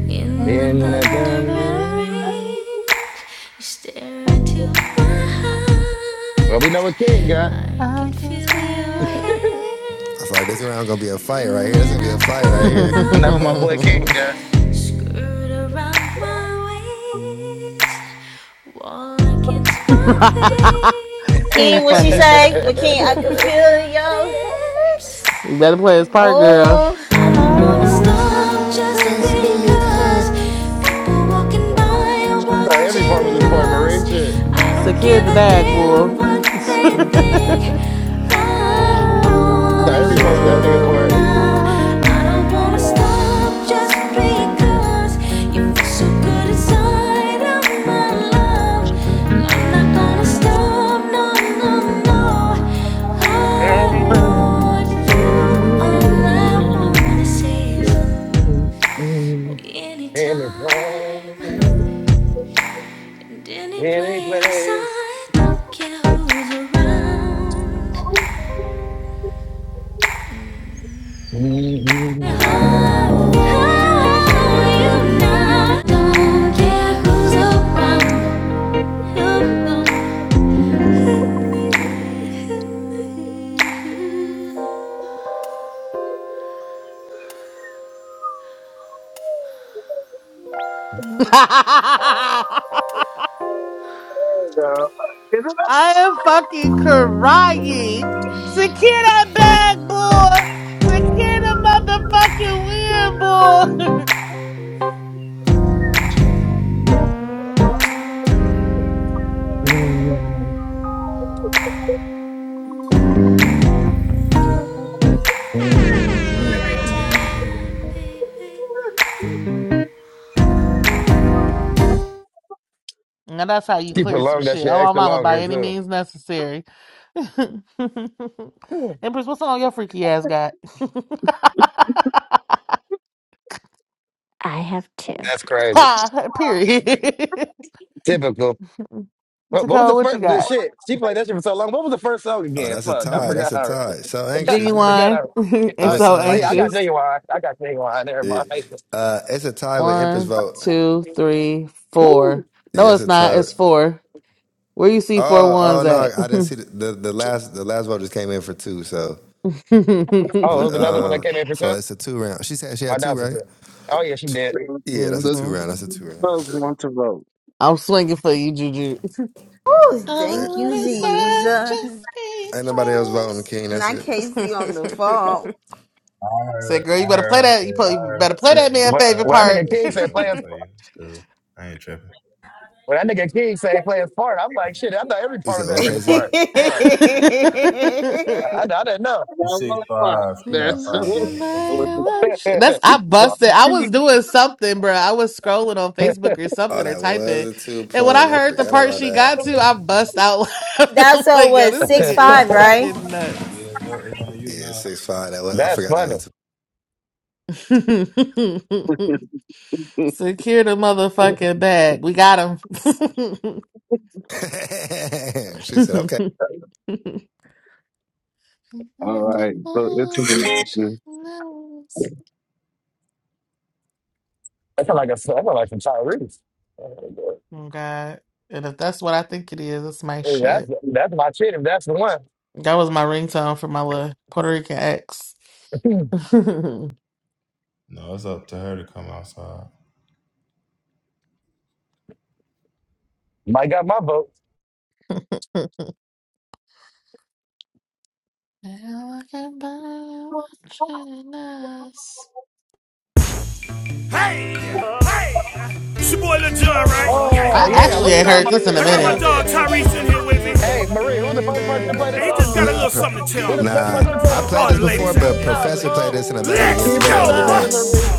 [SPEAKER 13] In the
[SPEAKER 2] In
[SPEAKER 19] in
[SPEAKER 2] the
[SPEAKER 13] thunder
[SPEAKER 2] thunder
[SPEAKER 13] rain,
[SPEAKER 19] the-
[SPEAKER 2] rain,
[SPEAKER 13] you stare into my eyes.
[SPEAKER 19] Well, we know what King got.
[SPEAKER 13] I
[SPEAKER 2] I
[SPEAKER 13] can
[SPEAKER 2] can
[SPEAKER 13] feel
[SPEAKER 2] feel
[SPEAKER 13] your
[SPEAKER 2] your
[SPEAKER 19] I
[SPEAKER 5] I
[SPEAKER 13] hand
[SPEAKER 5] feel like this round gonna be a fight right here. This
[SPEAKER 13] moving
[SPEAKER 5] gonna be a
[SPEAKER 13] up
[SPEAKER 5] fight right
[SPEAKER 13] my
[SPEAKER 5] here.
[SPEAKER 19] know what my boy
[SPEAKER 13] thighs,
[SPEAKER 19] King got.
[SPEAKER 13] skirt around my waist, wall
[SPEAKER 2] hate.
[SPEAKER 13] against my face.
[SPEAKER 19] I
[SPEAKER 2] King
[SPEAKER 8] King, what she
[SPEAKER 2] funny.
[SPEAKER 8] say?
[SPEAKER 13] I
[SPEAKER 8] With King,
[SPEAKER 13] can
[SPEAKER 8] I can
[SPEAKER 13] feel
[SPEAKER 8] feel
[SPEAKER 13] your
[SPEAKER 8] your
[SPEAKER 13] lips.
[SPEAKER 8] hex.
[SPEAKER 2] You better play his part, girl.
[SPEAKER 8] Oh,
[SPEAKER 13] I
[SPEAKER 2] I
[SPEAKER 13] don't
[SPEAKER 2] don't
[SPEAKER 13] wanna
[SPEAKER 2] wanna
[SPEAKER 13] stop,
[SPEAKER 2] stop
[SPEAKER 13] just just
[SPEAKER 2] just
[SPEAKER 5] Just because.
[SPEAKER 13] because
[SPEAKER 2] because
[SPEAKER 13] people walking by are
[SPEAKER 19] thought every part was
[SPEAKER 13] watching
[SPEAKER 19] this
[SPEAKER 2] watching
[SPEAKER 19] part,
[SPEAKER 13] us.
[SPEAKER 19] Marie. Shit.
[SPEAKER 2] us.
[SPEAKER 13] I don't
[SPEAKER 2] Secure
[SPEAKER 13] give
[SPEAKER 2] the
[SPEAKER 13] a
[SPEAKER 2] bag, boy.
[SPEAKER 13] damn what they think.
[SPEAKER 2] I
[SPEAKER 13] I
[SPEAKER 19] I thought
[SPEAKER 13] want
[SPEAKER 19] every
[SPEAKER 13] you
[SPEAKER 19] part
[SPEAKER 2] want
[SPEAKER 19] was that nigga part.
[SPEAKER 2] you
[SPEAKER 13] now.
[SPEAKER 2] now.
[SPEAKER 13] I don't wanna stop just because you feel so good inside of my love. I'm not gonna stop, no, no, no. I want you. All I wanna say is.
[SPEAKER 19] Any time,
[SPEAKER 13] Anytime, and any
[SPEAKER 19] any
[SPEAKER 13] place,
[SPEAKER 19] place.
[SPEAKER 13] I don't care who's around. Oh, oh, you know, I don't care who's around.
[SPEAKER 6] There you go.
[SPEAKER 2] I am fucking crying. Secure that bag, boy. Secure the motherfucking win, boy.
[SPEAKER 19] She
[SPEAKER 13] Anytime, baby.
[SPEAKER 2] Now that's how you clear some
[SPEAKER 19] prolonged that
[SPEAKER 2] shit.
[SPEAKER 19] shit
[SPEAKER 2] Oh, my
[SPEAKER 19] extra
[SPEAKER 2] mama, by
[SPEAKER 19] longer
[SPEAKER 2] any means
[SPEAKER 19] too.
[SPEAKER 2] necessary. Empress, what's on your freaky ass got?
[SPEAKER 7] I have two.
[SPEAKER 19] That's crazy.
[SPEAKER 2] Period.
[SPEAKER 19] Typical. What, what was
[SPEAKER 2] Taco,
[SPEAKER 19] the
[SPEAKER 2] what you
[SPEAKER 19] first the
[SPEAKER 2] got?
[SPEAKER 19] shit? She played that shit for so long. What was the first song
[SPEAKER 5] Oh,
[SPEAKER 19] again?
[SPEAKER 5] that's a
[SPEAKER 19] Fuck, I
[SPEAKER 5] tie. That's
[SPEAKER 19] forgot.
[SPEAKER 5] a
[SPEAKER 19] Her.
[SPEAKER 5] tie. So
[SPEAKER 19] I
[SPEAKER 5] anxious, nigga.
[SPEAKER 19] forgot.
[SPEAKER 2] Genuine
[SPEAKER 19] Her.
[SPEAKER 5] It
[SPEAKER 2] and
[SPEAKER 19] Uh,
[SPEAKER 5] was
[SPEAKER 2] so
[SPEAKER 5] so
[SPEAKER 19] oh yeah, I
[SPEAKER 5] anxious.
[SPEAKER 19] got
[SPEAKER 2] anxious.
[SPEAKER 19] genuine. I got genuine. Never
[SPEAKER 5] Yeah.
[SPEAKER 19] mind.
[SPEAKER 5] Uh, it's a tie with Empress
[SPEAKER 2] One,
[SPEAKER 5] vote.
[SPEAKER 2] two, three,
[SPEAKER 19] Woo.
[SPEAKER 2] four. No,
[SPEAKER 5] Yeah, it's
[SPEAKER 2] it's
[SPEAKER 5] a
[SPEAKER 2] not.
[SPEAKER 5] tie.
[SPEAKER 2] It's four. Where you see four
[SPEAKER 5] Oh, oh
[SPEAKER 2] ones
[SPEAKER 5] no,
[SPEAKER 2] at?
[SPEAKER 5] I didn't see the, the, the last the last vote just came in for two. So,
[SPEAKER 2] hmm
[SPEAKER 19] Oh,
[SPEAKER 5] with,
[SPEAKER 19] it was another one that
[SPEAKER 5] um,
[SPEAKER 19] came in for
[SPEAKER 5] so
[SPEAKER 19] two.
[SPEAKER 5] it's a two round. She said she
[SPEAKER 19] My
[SPEAKER 5] had two,
[SPEAKER 19] doubt's it
[SPEAKER 5] right?
[SPEAKER 19] too. Oh yeah, she did.
[SPEAKER 6] Isn't
[SPEAKER 5] Yeah, that's a
[SPEAKER 6] that?
[SPEAKER 5] two round. That's a two round.
[SPEAKER 6] folks want to vote.
[SPEAKER 2] I'm swinging for you, Juju.
[SPEAKER 8] oh,
[SPEAKER 2] I
[SPEAKER 5] Eh,
[SPEAKER 8] thank you,
[SPEAKER 2] wanna stop
[SPEAKER 8] Jesus.
[SPEAKER 2] just
[SPEAKER 5] Ain't nobody else voting King. That's
[SPEAKER 8] Not
[SPEAKER 5] it.
[SPEAKER 8] Casey
[SPEAKER 2] because.
[SPEAKER 8] on the phone.
[SPEAKER 9] I
[SPEAKER 2] Say,
[SPEAKER 9] heard.
[SPEAKER 2] girl, you
[SPEAKER 9] I
[SPEAKER 2] better
[SPEAKER 9] heard
[SPEAKER 2] play
[SPEAKER 9] her
[SPEAKER 2] that.
[SPEAKER 9] say.
[SPEAKER 2] You probably
[SPEAKER 9] I heard her
[SPEAKER 2] better play that
[SPEAKER 9] say.
[SPEAKER 2] man
[SPEAKER 19] When,
[SPEAKER 9] I heard
[SPEAKER 19] when that
[SPEAKER 9] her
[SPEAKER 19] nigga
[SPEAKER 9] say
[SPEAKER 19] King
[SPEAKER 9] she was
[SPEAKER 19] said
[SPEAKER 9] swinging
[SPEAKER 2] favorite
[SPEAKER 19] players,
[SPEAKER 9] for you. It's cool. I ain't tripping.
[SPEAKER 19] when that nigga King said players part, I'm like shit. I thought every
[SPEAKER 5] You
[SPEAKER 19] part was
[SPEAKER 5] said
[SPEAKER 19] that
[SPEAKER 5] what,
[SPEAKER 19] nigga
[SPEAKER 5] KC?
[SPEAKER 19] part. Fuck,
[SPEAKER 2] part.
[SPEAKER 19] I, I didn't know.
[SPEAKER 9] It's
[SPEAKER 6] Well,
[SPEAKER 9] six
[SPEAKER 6] well, well,
[SPEAKER 9] five. She got
[SPEAKER 6] There's
[SPEAKER 2] Living like
[SPEAKER 6] all
[SPEAKER 9] five
[SPEAKER 2] a
[SPEAKER 9] though. It's six,
[SPEAKER 2] man,
[SPEAKER 9] five.
[SPEAKER 2] That's I busted. I was doing something, bro. I was scrolling on Facebook or something
[SPEAKER 5] Oh,
[SPEAKER 2] or
[SPEAKER 5] that was
[SPEAKER 2] typing,
[SPEAKER 5] a two
[SPEAKER 2] and when I
[SPEAKER 5] point. I
[SPEAKER 2] heard the
[SPEAKER 5] forgot
[SPEAKER 2] part
[SPEAKER 5] about
[SPEAKER 2] she
[SPEAKER 5] that.
[SPEAKER 2] got to, I bust out laughing. I'm
[SPEAKER 8] That's all
[SPEAKER 2] like, "Yo,
[SPEAKER 8] was
[SPEAKER 2] this
[SPEAKER 8] six
[SPEAKER 2] nigga is
[SPEAKER 8] five, right?
[SPEAKER 2] fucking nuts."
[SPEAKER 9] Yeah, it's, your, it's on you
[SPEAKER 5] Yeah,
[SPEAKER 9] now.
[SPEAKER 5] six five. That was, I
[SPEAKER 19] that's
[SPEAKER 9] Five.
[SPEAKER 5] forgot that was
[SPEAKER 19] funny.
[SPEAKER 5] a two.
[SPEAKER 2] Secure the motherfucking bag. We got him.
[SPEAKER 5] she said, okay,
[SPEAKER 6] right. So it's
[SPEAKER 19] That's like a that's like some Tyrese.
[SPEAKER 2] oh God! And if that's what I think it is, it's my
[SPEAKER 19] Hey, that's
[SPEAKER 2] shit.
[SPEAKER 19] that's my shit. If that's the one,
[SPEAKER 2] That was my ringtone for my little Puerto Rican ex.
[SPEAKER 9] No, it's up to her to come outside.
[SPEAKER 19] Mike got my vote.
[SPEAKER 13] Hey, hey, it's your boy Lil Jon, right? Yeah,
[SPEAKER 19] Oh
[SPEAKER 2] I
[SPEAKER 13] yeah.
[SPEAKER 19] yeah,
[SPEAKER 2] actually
[SPEAKER 19] what you
[SPEAKER 2] ain't
[SPEAKER 19] know
[SPEAKER 2] heard
[SPEAKER 19] about
[SPEAKER 2] this in
[SPEAKER 19] this?
[SPEAKER 2] a
[SPEAKER 13] I
[SPEAKER 19] I
[SPEAKER 13] got my
[SPEAKER 19] got
[SPEAKER 2] minute.
[SPEAKER 13] dog
[SPEAKER 19] this.
[SPEAKER 13] Tyrese in here with me.
[SPEAKER 19] Hey Marie, who the first person to play this
[SPEAKER 13] Hey, he
[SPEAKER 19] song,
[SPEAKER 13] just got a
[SPEAKER 19] Marie?
[SPEAKER 5] Nah,
[SPEAKER 13] little
[SPEAKER 5] per,
[SPEAKER 13] something to
[SPEAKER 19] Who the
[SPEAKER 13] tell
[SPEAKER 19] first
[SPEAKER 5] nah.
[SPEAKER 19] person to play
[SPEAKER 5] I
[SPEAKER 19] this
[SPEAKER 5] played
[SPEAKER 13] all
[SPEAKER 5] this
[SPEAKER 19] song,
[SPEAKER 13] the
[SPEAKER 19] Marie?
[SPEAKER 5] before,
[SPEAKER 13] ladies
[SPEAKER 19] Keep
[SPEAKER 13] out
[SPEAKER 19] it a
[SPEAKER 5] but
[SPEAKER 13] there.
[SPEAKER 19] thousand.
[SPEAKER 5] Professor played this in a battle
[SPEAKER 13] Let's
[SPEAKER 5] against
[SPEAKER 19] Keep it
[SPEAKER 5] me
[SPEAKER 19] a
[SPEAKER 5] the other day.
[SPEAKER 19] thousand,
[SPEAKER 13] go!
[SPEAKER 19] Marie.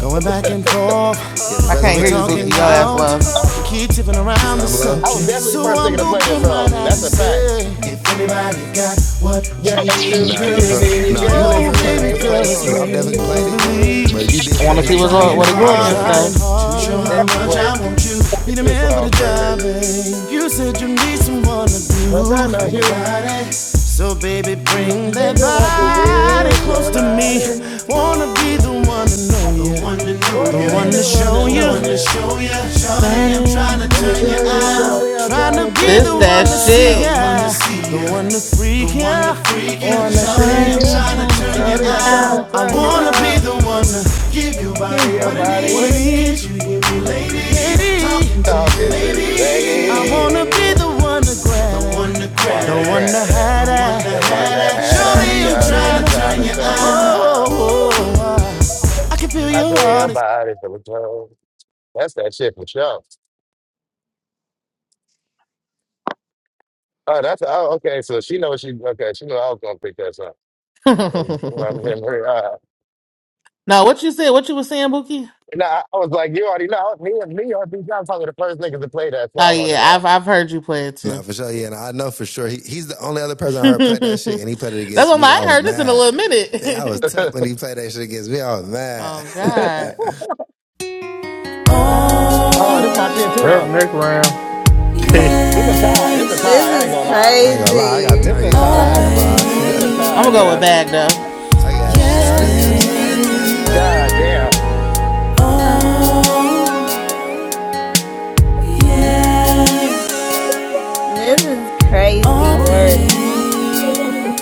[SPEAKER 5] Yeah,
[SPEAKER 2] I
[SPEAKER 5] Professor
[SPEAKER 2] can't hear
[SPEAKER 5] played
[SPEAKER 2] you,
[SPEAKER 5] this again.
[SPEAKER 2] Bookie. Your ass low.
[SPEAKER 5] He said I'm
[SPEAKER 2] I
[SPEAKER 5] low.
[SPEAKER 19] I was definitely the first nigga to play this song. That's a fact. Yeah, do
[SPEAKER 5] Nah, yeah,
[SPEAKER 19] to
[SPEAKER 5] per,
[SPEAKER 19] me,
[SPEAKER 5] nah. You
[SPEAKER 19] girl,
[SPEAKER 5] weren't the
[SPEAKER 19] it's
[SPEAKER 5] first person
[SPEAKER 19] me.
[SPEAKER 5] to play this
[SPEAKER 19] Oh,
[SPEAKER 5] song. I've
[SPEAKER 19] baby,
[SPEAKER 5] definitely played
[SPEAKER 19] girl, it's
[SPEAKER 5] it,
[SPEAKER 19] me.
[SPEAKER 5] but you did
[SPEAKER 2] want
[SPEAKER 5] play
[SPEAKER 2] to
[SPEAKER 5] this
[SPEAKER 2] see what
[SPEAKER 5] against me
[SPEAKER 2] go
[SPEAKER 5] in
[SPEAKER 2] what it
[SPEAKER 5] that
[SPEAKER 2] go
[SPEAKER 5] battle the
[SPEAKER 2] against
[SPEAKER 5] other
[SPEAKER 2] though.
[SPEAKER 5] day.
[SPEAKER 19] Definitely played
[SPEAKER 13] Be the
[SPEAKER 19] this
[SPEAKER 13] man for
[SPEAKER 19] song
[SPEAKER 13] the job.
[SPEAKER 19] first.
[SPEAKER 13] You said you want
[SPEAKER 19] But I know you. Don't you want to feel your body? Wanna be the one to know you.
[SPEAKER 2] Shawty, I'm
[SPEAKER 19] Let
[SPEAKER 2] gonna
[SPEAKER 19] me
[SPEAKER 2] take
[SPEAKER 19] show you,
[SPEAKER 2] you out.
[SPEAKER 19] shawty, I'm trying to tell
[SPEAKER 2] This
[SPEAKER 19] you
[SPEAKER 13] to
[SPEAKER 2] that
[SPEAKER 13] see
[SPEAKER 19] out.
[SPEAKER 2] shit.
[SPEAKER 13] ya. The one to freak ya.
[SPEAKER 19] Wanna
[SPEAKER 13] Shawty,
[SPEAKER 19] freak
[SPEAKER 13] I'm
[SPEAKER 2] Shawty, I'm
[SPEAKER 19] you?
[SPEAKER 13] trying to
[SPEAKER 2] trying to
[SPEAKER 13] turn you
[SPEAKER 2] turn you
[SPEAKER 19] Shawty, I'm trying
[SPEAKER 13] out.
[SPEAKER 19] to
[SPEAKER 2] out.
[SPEAKER 13] I
[SPEAKER 19] tell you
[SPEAKER 13] wanna be
[SPEAKER 19] out.
[SPEAKER 13] the one to give your
[SPEAKER 19] Give
[SPEAKER 13] body
[SPEAKER 19] your
[SPEAKER 13] what it needs.
[SPEAKER 19] body
[SPEAKER 13] What
[SPEAKER 19] what
[SPEAKER 13] it
[SPEAKER 19] it
[SPEAKER 13] needs.
[SPEAKER 19] needs.
[SPEAKER 13] You get me talking to
[SPEAKER 19] Talking to you,
[SPEAKER 13] me. I wanna be
[SPEAKER 19] baby.
[SPEAKER 13] the one to grab. The one to
[SPEAKER 19] I
[SPEAKER 13] grab.
[SPEAKER 19] wanna
[SPEAKER 13] The one to
[SPEAKER 19] grab that.
[SPEAKER 13] have
[SPEAKER 19] The one that
[SPEAKER 13] that.
[SPEAKER 19] had that
[SPEAKER 13] Shawty, I'm
[SPEAKER 2] Johnny, I'm
[SPEAKER 19] shawty,
[SPEAKER 13] trying
[SPEAKER 19] I'm
[SPEAKER 13] to
[SPEAKER 2] trying to
[SPEAKER 19] trying
[SPEAKER 13] turn
[SPEAKER 19] to
[SPEAKER 13] you
[SPEAKER 2] turn you
[SPEAKER 13] out.
[SPEAKER 19] tell you
[SPEAKER 2] out.
[SPEAKER 13] Oh,
[SPEAKER 19] out.
[SPEAKER 13] oh, oh, oh. I can feel
[SPEAKER 19] I
[SPEAKER 13] your
[SPEAKER 19] tell your
[SPEAKER 13] heart is.
[SPEAKER 19] body for the toe. That's that shit for sure. Oh, that's oh, okay. So she knows she okay. She knew I was gonna pick that song. I mean, uh,
[SPEAKER 2] no, what you said, what you was saying, Bookie?
[SPEAKER 19] and I, I was like, you already know me and me are these. I'm probably the first niggas to play that
[SPEAKER 2] Oh
[SPEAKER 19] song on his
[SPEAKER 2] yeah, I've I've heard you play it
[SPEAKER 5] Nah,
[SPEAKER 2] too.
[SPEAKER 5] for sure. Yeah, and I know for sure. He, he's the only other person I
[SPEAKER 2] That's
[SPEAKER 5] heard play that shit, and he played it against
[SPEAKER 2] what my,
[SPEAKER 5] me.
[SPEAKER 2] I
[SPEAKER 5] I
[SPEAKER 2] ain't
[SPEAKER 5] was
[SPEAKER 2] heard this in a
[SPEAKER 5] mad.
[SPEAKER 2] little
[SPEAKER 5] Yeah, I was
[SPEAKER 2] minute.
[SPEAKER 5] tucked
[SPEAKER 19] ass.
[SPEAKER 5] when he played that shit against me. I was mad.
[SPEAKER 2] oh God.
[SPEAKER 14] Oh,
[SPEAKER 19] oh, this my
[SPEAKER 2] Oh
[SPEAKER 19] shit too
[SPEAKER 3] Well,
[SPEAKER 19] though.
[SPEAKER 3] next round.
[SPEAKER 19] This a tie. This a
[SPEAKER 8] This
[SPEAKER 19] tie. I ain't
[SPEAKER 8] is
[SPEAKER 19] gonna
[SPEAKER 2] yes.
[SPEAKER 19] lie.
[SPEAKER 5] I ain't gonna lie. I gotta
[SPEAKER 8] crazy.
[SPEAKER 19] This
[SPEAKER 5] turn
[SPEAKER 19] a
[SPEAKER 5] you out. I ain't
[SPEAKER 19] tie.
[SPEAKER 5] gonna
[SPEAKER 2] Oh
[SPEAKER 5] lie.
[SPEAKER 19] This a
[SPEAKER 2] babe. I'm
[SPEAKER 19] tie,
[SPEAKER 2] gonna go with
[SPEAKER 19] cuz.
[SPEAKER 2] bag though.
[SPEAKER 5] I got
[SPEAKER 2] Yes,
[SPEAKER 5] shouty. I'm trying to turn
[SPEAKER 2] babe.
[SPEAKER 5] you
[SPEAKER 19] God damn.
[SPEAKER 2] Oh
[SPEAKER 3] You
[SPEAKER 14] yes,
[SPEAKER 2] yes.
[SPEAKER 8] This is crazy
[SPEAKER 14] oh,
[SPEAKER 3] are
[SPEAKER 8] work.
[SPEAKER 3] the
[SPEAKER 14] babe.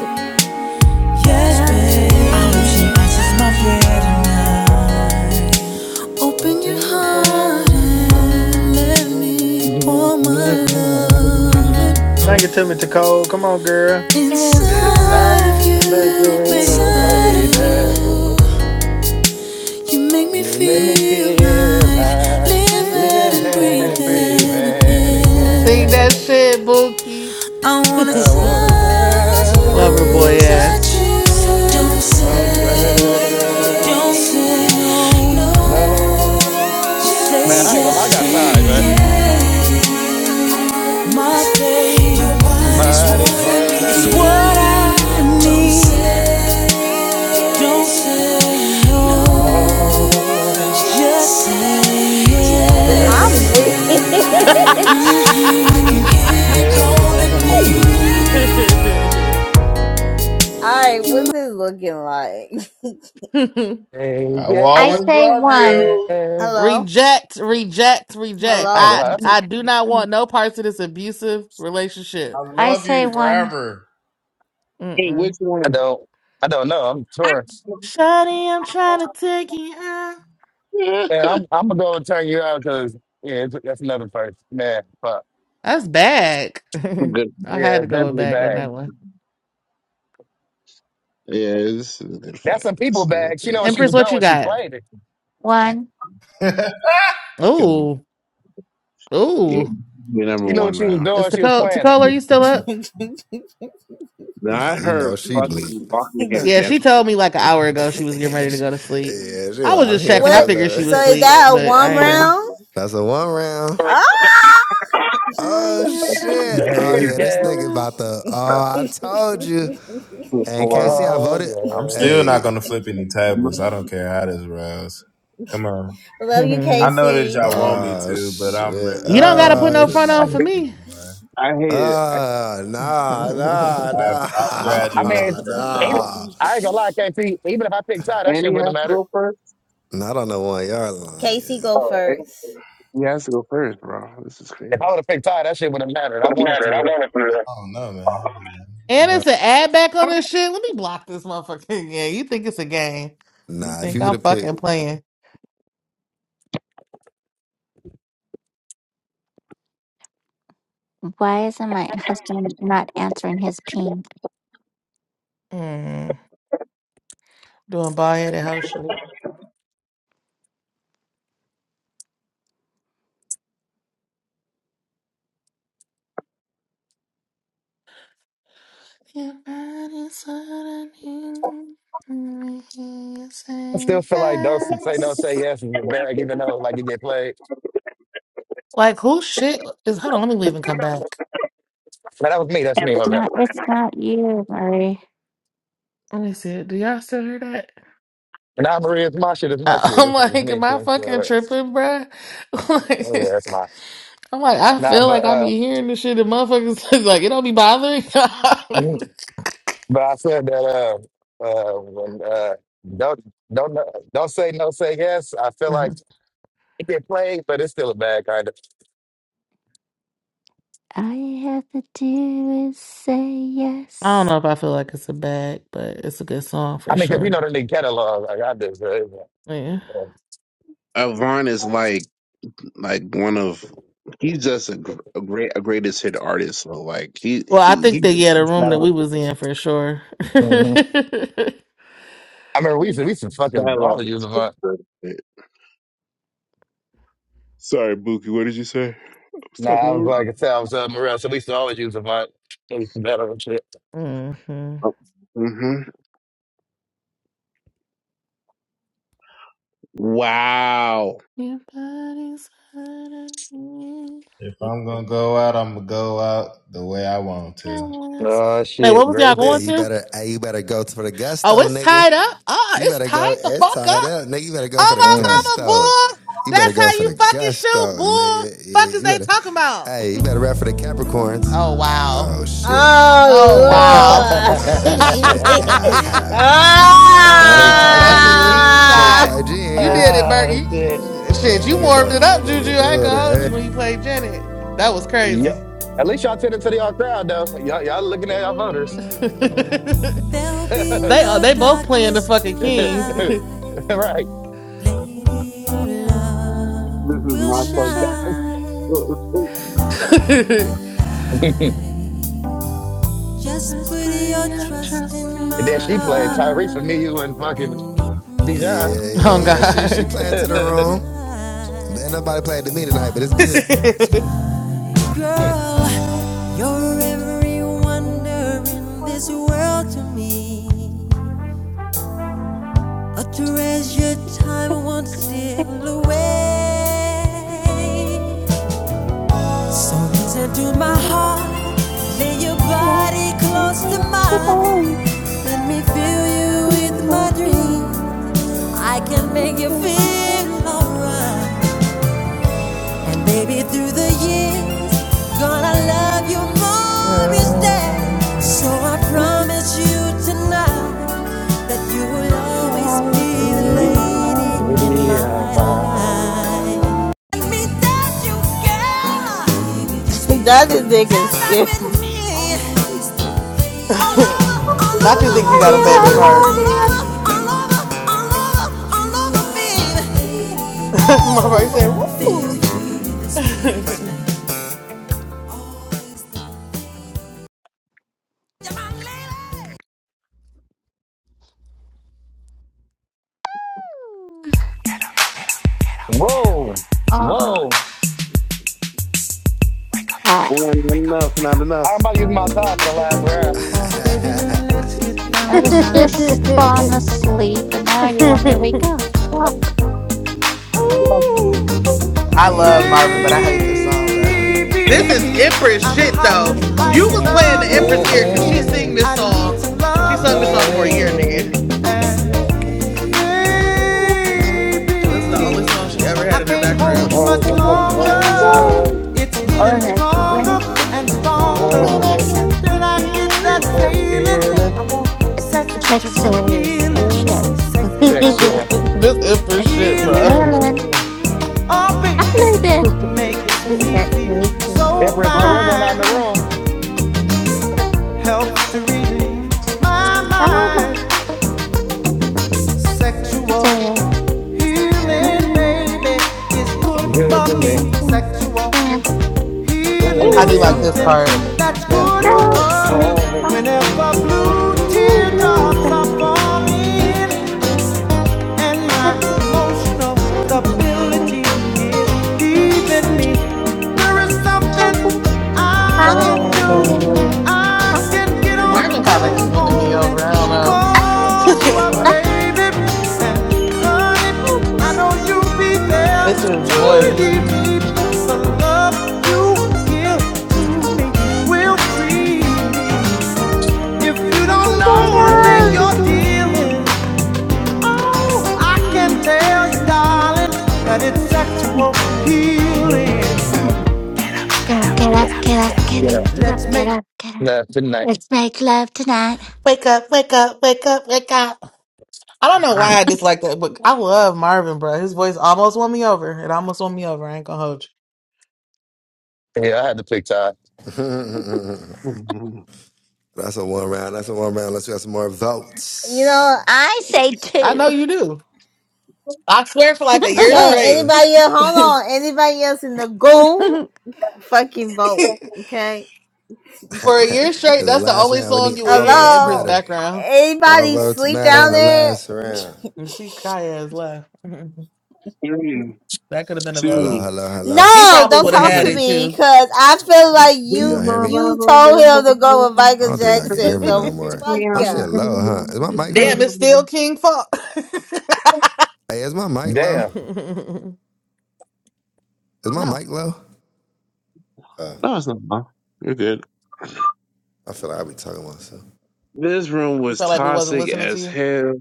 [SPEAKER 14] Yes,
[SPEAKER 2] Yes,
[SPEAKER 14] babe. I
[SPEAKER 2] babe.
[SPEAKER 14] hope she answers my prayer tonight. Open your
[SPEAKER 3] Open
[SPEAKER 2] Be
[SPEAKER 3] your
[SPEAKER 14] heart
[SPEAKER 2] hiding
[SPEAKER 3] heart.
[SPEAKER 14] and let me
[SPEAKER 2] me
[SPEAKER 14] pour my love
[SPEAKER 3] Sing it
[SPEAKER 19] It's
[SPEAKER 3] to me, Nicole. Come on, girl.
[SPEAKER 19] not
[SPEAKER 14] inside of you,
[SPEAKER 2] inside of
[SPEAKER 19] a
[SPEAKER 2] you.
[SPEAKER 14] baby.
[SPEAKER 19] good
[SPEAKER 14] Inside
[SPEAKER 19] day,
[SPEAKER 14] of
[SPEAKER 19] though.
[SPEAKER 14] you, you make me
[SPEAKER 19] You let me
[SPEAKER 14] feel
[SPEAKER 19] feel
[SPEAKER 14] like
[SPEAKER 19] like
[SPEAKER 2] We've
[SPEAKER 14] living
[SPEAKER 19] living
[SPEAKER 14] and
[SPEAKER 2] been a
[SPEAKER 19] and
[SPEAKER 2] breather.
[SPEAKER 14] breathing
[SPEAKER 2] I
[SPEAKER 19] breathing
[SPEAKER 2] can't
[SPEAKER 14] again.
[SPEAKER 2] sing
[SPEAKER 19] again.
[SPEAKER 2] that shit, Bookie.
[SPEAKER 14] I wanna touch
[SPEAKER 19] I wanna
[SPEAKER 14] you. I
[SPEAKER 19] glad
[SPEAKER 2] Lover
[SPEAKER 14] wanna
[SPEAKER 2] boy
[SPEAKER 19] you.
[SPEAKER 14] touch
[SPEAKER 2] ass.
[SPEAKER 14] you. Don't
[SPEAKER 3] Don't
[SPEAKER 19] No
[SPEAKER 14] say,
[SPEAKER 3] say,
[SPEAKER 14] don't
[SPEAKER 19] glad.
[SPEAKER 14] say no.
[SPEAKER 19] No.
[SPEAKER 14] Just
[SPEAKER 19] Man,
[SPEAKER 3] don't
[SPEAKER 19] I
[SPEAKER 14] Say
[SPEAKER 19] ain't gonna.
[SPEAKER 3] say,
[SPEAKER 19] I
[SPEAKER 14] yes to
[SPEAKER 19] got tired,
[SPEAKER 3] Thank
[SPEAKER 19] man.
[SPEAKER 3] say.
[SPEAKER 14] me, yeah. my baby. Your body's
[SPEAKER 19] But
[SPEAKER 14] what
[SPEAKER 19] it's
[SPEAKER 14] I
[SPEAKER 19] what
[SPEAKER 14] need.
[SPEAKER 19] I
[SPEAKER 14] It's what
[SPEAKER 19] need.
[SPEAKER 14] I need. Don't say don't say no.
[SPEAKER 19] No.
[SPEAKER 14] Just say
[SPEAKER 19] Yeah.
[SPEAKER 14] yes.
[SPEAKER 8] I'm weak. all
[SPEAKER 14] Mm-hmm. I can hear
[SPEAKER 19] Yeah. wanna
[SPEAKER 14] you calling me.
[SPEAKER 19] need.
[SPEAKER 8] right, what's this looking like?
[SPEAKER 2] So sad.
[SPEAKER 9] I will
[SPEAKER 19] Yeah.
[SPEAKER 7] I
[SPEAKER 19] yeah.
[SPEAKER 9] always
[SPEAKER 7] say
[SPEAKER 9] love
[SPEAKER 7] one.
[SPEAKER 19] I
[SPEAKER 9] you.
[SPEAKER 8] Hello,
[SPEAKER 2] reject, reject, reject.
[SPEAKER 19] ain't gonna
[SPEAKER 8] hello.
[SPEAKER 2] I
[SPEAKER 19] lie. That's,
[SPEAKER 2] I do not want no parts of this abusive
[SPEAKER 9] I
[SPEAKER 2] relationship.
[SPEAKER 7] I
[SPEAKER 9] love
[SPEAKER 7] say
[SPEAKER 9] you
[SPEAKER 7] one.
[SPEAKER 9] forever.
[SPEAKER 6] hey, which
[SPEAKER 2] Mm-mm.
[SPEAKER 19] I
[SPEAKER 6] one?
[SPEAKER 19] don't. I don't know. I'm touring.
[SPEAKER 2] Shawty, I'm trying to take you out.
[SPEAKER 6] Yeah,
[SPEAKER 19] Man, I'm. I'm gonna go and turn you out because yeah, it's- that's another first. Man, fuck.
[SPEAKER 2] That's back.
[SPEAKER 6] good.
[SPEAKER 2] I had
[SPEAKER 19] Yeah,
[SPEAKER 2] to
[SPEAKER 19] it's
[SPEAKER 2] go with
[SPEAKER 19] definitely
[SPEAKER 2] back on
[SPEAKER 19] bad.
[SPEAKER 2] that one.
[SPEAKER 6] Yeah, this is a good
[SPEAKER 19] That's
[SPEAKER 6] fight.
[SPEAKER 19] a people
[SPEAKER 6] This is a
[SPEAKER 19] bag. She
[SPEAKER 6] good
[SPEAKER 19] know what she
[SPEAKER 6] fight.
[SPEAKER 19] was
[SPEAKER 2] Empress, what
[SPEAKER 19] doing
[SPEAKER 2] you
[SPEAKER 19] when she
[SPEAKER 2] got?
[SPEAKER 19] played it.
[SPEAKER 7] One.
[SPEAKER 6] She got
[SPEAKER 2] Ooh,
[SPEAKER 6] yeah,
[SPEAKER 2] ooh.
[SPEAKER 6] the number
[SPEAKER 19] She knew what
[SPEAKER 6] one
[SPEAKER 19] she was
[SPEAKER 6] round.
[SPEAKER 19] doing.
[SPEAKER 2] it's
[SPEAKER 19] when She was
[SPEAKER 2] Tacola.
[SPEAKER 19] playing it.
[SPEAKER 2] Tacola, are you still up?
[SPEAKER 5] Nah,
[SPEAKER 6] Not
[SPEAKER 5] you
[SPEAKER 6] her
[SPEAKER 5] know she bleep.
[SPEAKER 6] fucking walking him
[SPEAKER 2] Yeah,
[SPEAKER 6] down.
[SPEAKER 2] she told me like an hour ago she was getting ready to go to sleep.
[SPEAKER 5] yeah, she
[SPEAKER 2] I
[SPEAKER 5] like,
[SPEAKER 2] was
[SPEAKER 5] I'm
[SPEAKER 2] just
[SPEAKER 5] here
[SPEAKER 2] checking. I
[SPEAKER 5] for
[SPEAKER 8] What?
[SPEAKER 2] figured she
[SPEAKER 5] love.
[SPEAKER 8] So
[SPEAKER 2] was
[SPEAKER 8] is
[SPEAKER 2] asleep,
[SPEAKER 8] that a
[SPEAKER 2] but
[SPEAKER 8] one
[SPEAKER 2] I ain't know.
[SPEAKER 8] round?
[SPEAKER 5] That's a one round.
[SPEAKER 8] Ah!
[SPEAKER 2] I
[SPEAKER 5] Oh
[SPEAKER 2] am trying
[SPEAKER 5] shit.
[SPEAKER 2] to
[SPEAKER 5] Oh
[SPEAKER 2] take
[SPEAKER 19] Hey,
[SPEAKER 5] yeah, this
[SPEAKER 2] you
[SPEAKER 19] yeah,
[SPEAKER 5] nigga
[SPEAKER 2] out.
[SPEAKER 5] about the oh I told you. And Casey, I
[SPEAKER 19] oh,
[SPEAKER 5] voted.
[SPEAKER 9] I'm still
[SPEAKER 19] yeah.
[SPEAKER 9] not
[SPEAKER 5] Hey.
[SPEAKER 9] gonna flip any tables. I don't care how this rolls. Come on.
[SPEAKER 8] Love you,
[SPEAKER 9] I know that
[SPEAKER 8] Casey.
[SPEAKER 9] y'all want me
[SPEAKER 5] Oh
[SPEAKER 9] to, but I'm
[SPEAKER 5] shit.
[SPEAKER 9] really
[SPEAKER 2] you don't
[SPEAKER 9] not
[SPEAKER 2] got to
[SPEAKER 9] in
[SPEAKER 2] put
[SPEAKER 9] this
[SPEAKER 2] no
[SPEAKER 5] Oh
[SPEAKER 2] front on for
[SPEAKER 5] shit.
[SPEAKER 9] dramatic.
[SPEAKER 2] me.
[SPEAKER 9] anymore.
[SPEAKER 5] Oh nah nah
[SPEAKER 9] I've, I've
[SPEAKER 19] I
[SPEAKER 9] graduated
[SPEAKER 19] mean,
[SPEAKER 5] nah
[SPEAKER 9] from
[SPEAKER 19] even,
[SPEAKER 9] that.
[SPEAKER 5] nah.
[SPEAKER 19] I ain't gonna lie, KT. Even if I picked Ty, that shit wouldn't have mattered.
[SPEAKER 5] Not on the one yard line.
[SPEAKER 8] Casey,
[SPEAKER 5] yeah.
[SPEAKER 8] go first.
[SPEAKER 6] He has to go first, bro. This is crazy.
[SPEAKER 19] If I would have picked Ty, that shit wouldn't have mattered. I wanted to. uh,
[SPEAKER 9] I don't know, man.
[SPEAKER 2] And
[SPEAKER 9] I'm a-
[SPEAKER 2] it's an ad back on this shit. Let me block this motherfucker. Yeah, you think it's a game? You
[SPEAKER 5] Nah, if
[SPEAKER 2] think
[SPEAKER 5] you would
[SPEAKER 2] I'm
[SPEAKER 5] have picked,
[SPEAKER 2] fucking playing?
[SPEAKER 7] Why isn't my husband not answering his ping?
[SPEAKER 2] Mm, doing bald head house shit. Your body's suddenly making you
[SPEAKER 19] I
[SPEAKER 2] say
[SPEAKER 19] still feel like Dawson say no, say
[SPEAKER 2] yes.
[SPEAKER 19] yes is a bag, even though like you get played.
[SPEAKER 2] Like who shit is? Hold on, let me leave and come back.
[SPEAKER 19] But that was me. That's me,
[SPEAKER 7] It's
[SPEAKER 19] my bad.
[SPEAKER 7] not. It's not you, Murray.
[SPEAKER 2] Let me see. Do y'all still hear that?
[SPEAKER 19] And now Maria, it's my shit. It's my
[SPEAKER 2] I-
[SPEAKER 19] shit.
[SPEAKER 2] I'm
[SPEAKER 19] It's, it's
[SPEAKER 2] like,
[SPEAKER 19] me.
[SPEAKER 2] am I
[SPEAKER 19] So,
[SPEAKER 2] fucking
[SPEAKER 19] so,
[SPEAKER 2] tripping, bruh?
[SPEAKER 19] okay, that's
[SPEAKER 2] like,
[SPEAKER 19] my.
[SPEAKER 2] I'm like, I
[SPEAKER 19] Nah,
[SPEAKER 2] feel like
[SPEAKER 19] but
[SPEAKER 2] I
[SPEAKER 19] uh,
[SPEAKER 2] be hearing this shit and motherfuckers like it don't be bothering.
[SPEAKER 19] But I said that uh, uh, when, uh, don't don't don't say no, say yes. I feel like
[SPEAKER 2] Mhm.
[SPEAKER 19] it get played, but it's still a bad kind of.
[SPEAKER 7] All you have to do is say
[SPEAKER 2] I don't
[SPEAKER 7] yes.
[SPEAKER 2] know if I feel like it's a bag, but it's a good song for
[SPEAKER 19] I mean, because you
[SPEAKER 2] sure.
[SPEAKER 19] know the new catalog. Like I just, uh,
[SPEAKER 2] Yeah.
[SPEAKER 6] Avon is like like one of he's just a, gr- a great a greatest hit artist. So like he
[SPEAKER 2] Well, I
[SPEAKER 6] he
[SPEAKER 2] think
[SPEAKER 6] he
[SPEAKER 2] that yeah, the room that we was in for sure.
[SPEAKER 19] mhm. I remember we used to we used to fucking always use
[SPEAKER 6] satellites.
[SPEAKER 19] Avant.
[SPEAKER 6] Sorry, Buki. What did you say? I was
[SPEAKER 19] Nah, I
[SPEAKER 6] talking
[SPEAKER 19] was like I said, I was uh, Morel, so we used to always use Avant. We used to and shit.
[SPEAKER 2] hmm
[SPEAKER 6] over. hmm Wow.
[SPEAKER 9] if I'm gonna go out, I'm gonna go out the way I want to.
[SPEAKER 19] Oh
[SPEAKER 2] Hey, what
[SPEAKER 19] shit,
[SPEAKER 2] was
[SPEAKER 19] great
[SPEAKER 2] y'all
[SPEAKER 19] as
[SPEAKER 5] hey,
[SPEAKER 2] going
[SPEAKER 19] it.
[SPEAKER 5] you
[SPEAKER 2] to?
[SPEAKER 5] better hey, you better go for the
[SPEAKER 2] Oh,
[SPEAKER 5] gusto,
[SPEAKER 2] it's
[SPEAKER 5] nigga.
[SPEAKER 2] tied up. Oh,
[SPEAKER 5] You
[SPEAKER 2] it's
[SPEAKER 5] better go.
[SPEAKER 2] tied the
[SPEAKER 5] It's
[SPEAKER 2] fuck
[SPEAKER 5] tied
[SPEAKER 2] up.
[SPEAKER 5] up, nigga. You better go
[SPEAKER 2] Oh
[SPEAKER 5] for the
[SPEAKER 19] Mm.
[SPEAKER 2] my mama,
[SPEAKER 5] gusto.
[SPEAKER 2] boy.
[SPEAKER 5] You better
[SPEAKER 2] That's
[SPEAKER 5] go
[SPEAKER 2] how
[SPEAKER 5] for
[SPEAKER 2] you
[SPEAKER 5] the
[SPEAKER 2] fucking
[SPEAKER 5] gusto,
[SPEAKER 2] shoot, boy.
[SPEAKER 5] nigga.
[SPEAKER 2] Fuck
[SPEAKER 5] Yeah,
[SPEAKER 2] is
[SPEAKER 5] you
[SPEAKER 2] they
[SPEAKER 5] better.
[SPEAKER 2] talking about?
[SPEAKER 5] Hey, you better rap for the Capricorns.
[SPEAKER 2] Oh wow.
[SPEAKER 5] Oh shit.
[SPEAKER 2] Oh wow.
[SPEAKER 8] Oh Lord!
[SPEAKER 5] Oh shit. And my nigga
[SPEAKER 19] uh,
[SPEAKER 2] That's
[SPEAKER 5] Kaiji in
[SPEAKER 2] a
[SPEAKER 5] here.
[SPEAKER 2] cheap
[SPEAKER 5] My nigga
[SPEAKER 2] shot.
[SPEAKER 8] ah!
[SPEAKER 5] Kaiji in
[SPEAKER 2] You
[SPEAKER 5] here.
[SPEAKER 2] did it, Bert. You,
[SPEAKER 19] uh,
[SPEAKER 2] you- shit,
[SPEAKER 5] That
[SPEAKER 2] you
[SPEAKER 5] nigga know.
[SPEAKER 2] warmed it
[SPEAKER 5] it. That
[SPEAKER 2] up, Juju.
[SPEAKER 5] nigga
[SPEAKER 2] I ain't
[SPEAKER 5] doing it.
[SPEAKER 2] gonna hold
[SPEAKER 5] eh?
[SPEAKER 2] you when you played Janet. That was
[SPEAKER 19] Yep.
[SPEAKER 2] crazy.
[SPEAKER 19] At least y'all tending to the y'all crowd though. Y'all, y'all looking at y'all voters.
[SPEAKER 14] There'll be
[SPEAKER 2] they are
[SPEAKER 14] no
[SPEAKER 2] they both playing the
[SPEAKER 14] darkness
[SPEAKER 2] fucking king.
[SPEAKER 14] tonight.
[SPEAKER 19] right.
[SPEAKER 14] Lady, your
[SPEAKER 2] Maybe our
[SPEAKER 6] This is
[SPEAKER 14] love
[SPEAKER 2] love
[SPEAKER 14] will
[SPEAKER 6] my
[SPEAKER 2] will
[SPEAKER 6] first.
[SPEAKER 14] shine.
[SPEAKER 2] shine.
[SPEAKER 14] Guiding the
[SPEAKER 19] and
[SPEAKER 14] light. Just
[SPEAKER 2] Just
[SPEAKER 14] put
[SPEAKER 2] put
[SPEAKER 14] your
[SPEAKER 2] your
[SPEAKER 14] trust in
[SPEAKER 2] trust
[SPEAKER 14] my
[SPEAKER 2] in
[SPEAKER 19] then
[SPEAKER 2] my
[SPEAKER 19] she played Tyrese for
[SPEAKER 14] heart
[SPEAKER 19] me,
[SPEAKER 2] heart.
[SPEAKER 19] you and fucking
[SPEAKER 14] and meet me
[SPEAKER 19] Bijan.
[SPEAKER 5] Yeah,
[SPEAKER 14] in
[SPEAKER 2] Oh
[SPEAKER 5] yeah, yeah. She she
[SPEAKER 2] God.
[SPEAKER 5] playing to the room. Ain't
[SPEAKER 14] paradise.
[SPEAKER 5] nobody playing to me tonight, but
[SPEAKER 14] Now
[SPEAKER 5] it's good.
[SPEAKER 14] is the time. Girl, you're every wonder in this world to me. A treasured time won't steal away. So listen to my heart, lay your body close to mine. Let me fill you with my dream. I can make you feel alright. And baby, through the years, gonna love you more each day. So I promise you tonight. That you will always
[SPEAKER 7] Love
[SPEAKER 14] be
[SPEAKER 7] you, love you.
[SPEAKER 14] the
[SPEAKER 7] Love you,
[SPEAKER 14] lady in my life. Let me touch you, girl.
[SPEAKER 8] that is nigga
[SPEAKER 14] Dance back with
[SPEAKER 8] skips.
[SPEAKER 14] me. All over, all
[SPEAKER 2] Not you think he
[SPEAKER 7] I
[SPEAKER 14] over,
[SPEAKER 2] got a favorite part.
[SPEAKER 7] love
[SPEAKER 14] all
[SPEAKER 7] you, I love
[SPEAKER 14] over, all
[SPEAKER 7] you, I
[SPEAKER 14] over,
[SPEAKER 7] love
[SPEAKER 14] all over, all over, all
[SPEAKER 7] you,
[SPEAKER 14] over,
[SPEAKER 7] I love you,
[SPEAKER 14] baby.
[SPEAKER 7] I love you.
[SPEAKER 2] That's my right said, woo.
[SPEAKER 7] Woo!
[SPEAKER 19] whoa,
[SPEAKER 7] Oh,
[SPEAKER 19] whoa.
[SPEAKER 7] crap.
[SPEAKER 6] not enough. Not
[SPEAKER 19] I'm
[SPEAKER 6] enough.
[SPEAKER 19] about to use my tie for the last round.
[SPEAKER 13] Baby, now let's get
[SPEAKER 7] I
[SPEAKER 13] down
[SPEAKER 7] was
[SPEAKER 13] tonight.
[SPEAKER 7] just falling asleep, and now you want me to wake up. Fuck.
[SPEAKER 2] I love Marvin, but I hate this song, bro. This is
[SPEAKER 13] Baby,
[SPEAKER 2] Empress
[SPEAKER 13] I'm
[SPEAKER 2] shit
[SPEAKER 7] I
[SPEAKER 13] hot
[SPEAKER 2] though.
[SPEAKER 13] just
[SPEAKER 7] need to,
[SPEAKER 2] You
[SPEAKER 13] like
[SPEAKER 2] was
[SPEAKER 13] an
[SPEAKER 7] need to,
[SPEAKER 2] playing the
[SPEAKER 7] go to
[SPEAKER 13] oven.
[SPEAKER 2] Empress ear because she sing this
[SPEAKER 13] I
[SPEAKER 2] song.
[SPEAKER 13] need some
[SPEAKER 2] She sung this song for a year,
[SPEAKER 13] loving.
[SPEAKER 2] nigga.
[SPEAKER 13] And baby,
[SPEAKER 2] This is the only song she ever had in her
[SPEAKER 13] can't
[SPEAKER 7] I
[SPEAKER 13] hold
[SPEAKER 2] background.
[SPEAKER 13] it
[SPEAKER 7] feel
[SPEAKER 13] much
[SPEAKER 7] so like
[SPEAKER 13] longer.
[SPEAKER 7] I'm alone. Oh, I have to
[SPEAKER 2] When I
[SPEAKER 19] Desire
[SPEAKER 2] get that feeling
[SPEAKER 19] for the
[SPEAKER 7] go.
[SPEAKER 19] feeling,
[SPEAKER 7] Texas. Oh, that-
[SPEAKER 2] sexual.
[SPEAKER 7] Yeah.
[SPEAKER 19] sexual
[SPEAKER 2] this Empress
[SPEAKER 7] Okay.
[SPEAKER 2] shit, bro.
[SPEAKER 13] Healing,
[SPEAKER 7] Maryland.
[SPEAKER 19] feeling.
[SPEAKER 13] oh baby,
[SPEAKER 7] I know
[SPEAKER 13] makes me
[SPEAKER 7] that. That's
[SPEAKER 13] feel
[SPEAKER 7] me.
[SPEAKER 13] so
[SPEAKER 7] too.
[SPEAKER 19] Empress
[SPEAKER 13] fine.
[SPEAKER 7] Oh,
[SPEAKER 19] Loretta not in the
[SPEAKER 7] my.
[SPEAKER 19] room.
[SPEAKER 13] Helps to relieve my
[SPEAKER 7] Oh,
[SPEAKER 13] mind.
[SPEAKER 7] my. It's
[SPEAKER 13] Sexual
[SPEAKER 7] a-
[SPEAKER 13] healing,
[SPEAKER 7] Mm,
[SPEAKER 13] baby, is
[SPEAKER 19] That's
[SPEAKER 13] good
[SPEAKER 19] good
[SPEAKER 13] for
[SPEAKER 19] to
[SPEAKER 13] me.
[SPEAKER 19] me.
[SPEAKER 7] I think
[SPEAKER 13] Sexual.
[SPEAKER 7] that-
[SPEAKER 13] Healing
[SPEAKER 2] I
[SPEAKER 13] is
[SPEAKER 19] Feeling
[SPEAKER 2] do
[SPEAKER 7] Mm,
[SPEAKER 2] like
[SPEAKER 19] is
[SPEAKER 2] this
[SPEAKER 13] something
[SPEAKER 19] something
[SPEAKER 2] part.
[SPEAKER 13] that's
[SPEAKER 19] that's
[SPEAKER 13] good
[SPEAKER 7] Oh,
[SPEAKER 19] good
[SPEAKER 13] for me.
[SPEAKER 7] okay.
[SPEAKER 19] for me.
[SPEAKER 7] That's
[SPEAKER 13] Whenever
[SPEAKER 7] good. mm, the dog is like a
[SPEAKER 13] blue
[SPEAKER 7] little
[SPEAKER 13] teardrops
[SPEAKER 7] bit
[SPEAKER 13] are falling, and my
[SPEAKER 7] of a-
[SPEAKER 13] emotional stability is leaving me. There is something
[SPEAKER 7] good one.
[SPEAKER 13] I can
[SPEAKER 19] I
[SPEAKER 13] do.
[SPEAKER 7] That's a
[SPEAKER 19] can do
[SPEAKER 2] Yeah,
[SPEAKER 13] I can get on the
[SPEAKER 2] Marvin kind of winning me
[SPEAKER 13] telephone
[SPEAKER 2] over. I don't
[SPEAKER 13] and call
[SPEAKER 2] know.
[SPEAKER 13] you up, baby, and I'll be
[SPEAKER 2] That's
[SPEAKER 13] there.
[SPEAKER 2] his voice.
[SPEAKER 13] Believe me, but to me will. If you don't
[SPEAKER 19] it.
[SPEAKER 13] know the thing
[SPEAKER 7] good
[SPEAKER 19] Mm,
[SPEAKER 13] you're
[SPEAKER 7] one. Oh,
[SPEAKER 13] dealing, I can
[SPEAKER 7] Don't
[SPEAKER 13] tell you, darling, that it's sexual healing
[SPEAKER 19] mm.
[SPEAKER 7] get up,
[SPEAKER 19] Yes,
[SPEAKER 7] get up, get up, get
[SPEAKER 19] Get
[SPEAKER 7] up,
[SPEAKER 19] up.
[SPEAKER 13] that's
[SPEAKER 7] get
[SPEAKER 13] making.
[SPEAKER 7] up, get up.
[SPEAKER 19] Left tonight.
[SPEAKER 7] Let's make love tonight.
[SPEAKER 2] Wake up, wake up, wake up, wake up. I don't know why I dislike that, but I love Marvin, bro. His voice almost won me over. It almost won me over. I ain't gonna hold you.
[SPEAKER 19] Yeah, I had to pick Todd.
[SPEAKER 5] that's a one round. That's a one round. Let's get some more
[SPEAKER 8] You
[SPEAKER 5] votes.
[SPEAKER 8] know.
[SPEAKER 7] I say
[SPEAKER 2] I
[SPEAKER 7] two.
[SPEAKER 2] know you do. I swear for like a
[SPEAKER 5] I
[SPEAKER 2] year
[SPEAKER 5] say
[SPEAKER 8] Okay.
[SPEAKER 2] straight.
[SPEAKER 5] two.
[SPEAKER 8] Anybody else? Hold
[SPEAKER 2] for a
[SPEAKER 8] on. Anybody else in the goo? fucking vote. Okay.
[SPEAKER 5] As
[SPEAKER 2] year
[SPEAKER 5] the
[SPEAKER 2] straight, that's the
[SPEAKER 5] last
[SPEAKER 2] only
[SPEAKER 5] round, we
[SPEAKER 2] song
[SPEAKER 5] need
[SPEAKER 2] you would
[SPEAKER 5] all
[SPEAKER 2] hear in
[SPEAKER 5] votes
[SPEAKER 2] Empress
[SPEAKER 8] Hello.
[SPEAKER 5] matter.
[SPEAKER 2] background.
[SPEAKER 5] All
[SPEAKER 8] Anybody
[SPEAKER 5] votes
[SPEAKER 8] sleep
[SPEAKER 5] matter
[SPEAKER 8] down
[SPEAKER 5] in the
[SPEAKER 8] there?
[SPEAKER 5] last round.
[SPEAKER 2] You see Kaya has left. that
[SPEAKER 6] Three,
[SPEAKER 2] could have been a vote.
[SPEAKER 5] Hello,
[SPEAKER 2] He
[SPEAKER 6] two,
[SPEAKER 5] hello, hello.
[SPEAKER 2] he
[SPEAKER 8] No,
[SPEAKER 2] probably
[SPEAKER 8] don't
[SPEAKER 2] would have
[SPEAKER 8] talk
[SPEAKER 2] had
[SPEAKER 8] to
[SPEAKER 2] it
[SPEAKER 6] one.
[SPEAKER 8] me
[SPEAKER 2] too.
[SPEAKER 8] because I feel like
[SPEAKER 5] Can
[SPEAKER 8] you
[SPEAKER 5] y'all hear me?
[SPEAKER 8] you told him to go with
[SPEAKER 5] I
[SPEAKER 8] Michael
[SPEAKER 5] don't think y'all can hear
[SPEAKER 8] Jackson.
[SPEAKER 5] me
[SPEAKER 8] So
[SPEAKER 5] no more.
[SPEAKER 8] fuck
[SPEAKER 5] My
[SPEAKER 8] yeah.
[SPEAKER 5] shit low, huh? Is my mic
[SPEAKER 2] Damn,
[SPEAKER 5] low?
[SPEAKER 2] it's still King Funk.
[SPEAKER 5] Hey, is my mic low?
[SPEAKER 19] Damn.
[SPEAKER 5] Is my
[SPEAKER 2] no.
[SPEAKER 5] mic low? Uh,
[SPEAKER 6] No, it's not. enough. You're good.
[SPEAKER 5] I feel like I be talking to myself.
[SPEAKER 6] This room
[SPEAKER 2] You
[SPEAKER 6] was
[SPEAKER 2] felt like we wasn't
[SPEAKER 6] toxic as
[SPEAKER 2] listening
[SPEAKER 6] hell.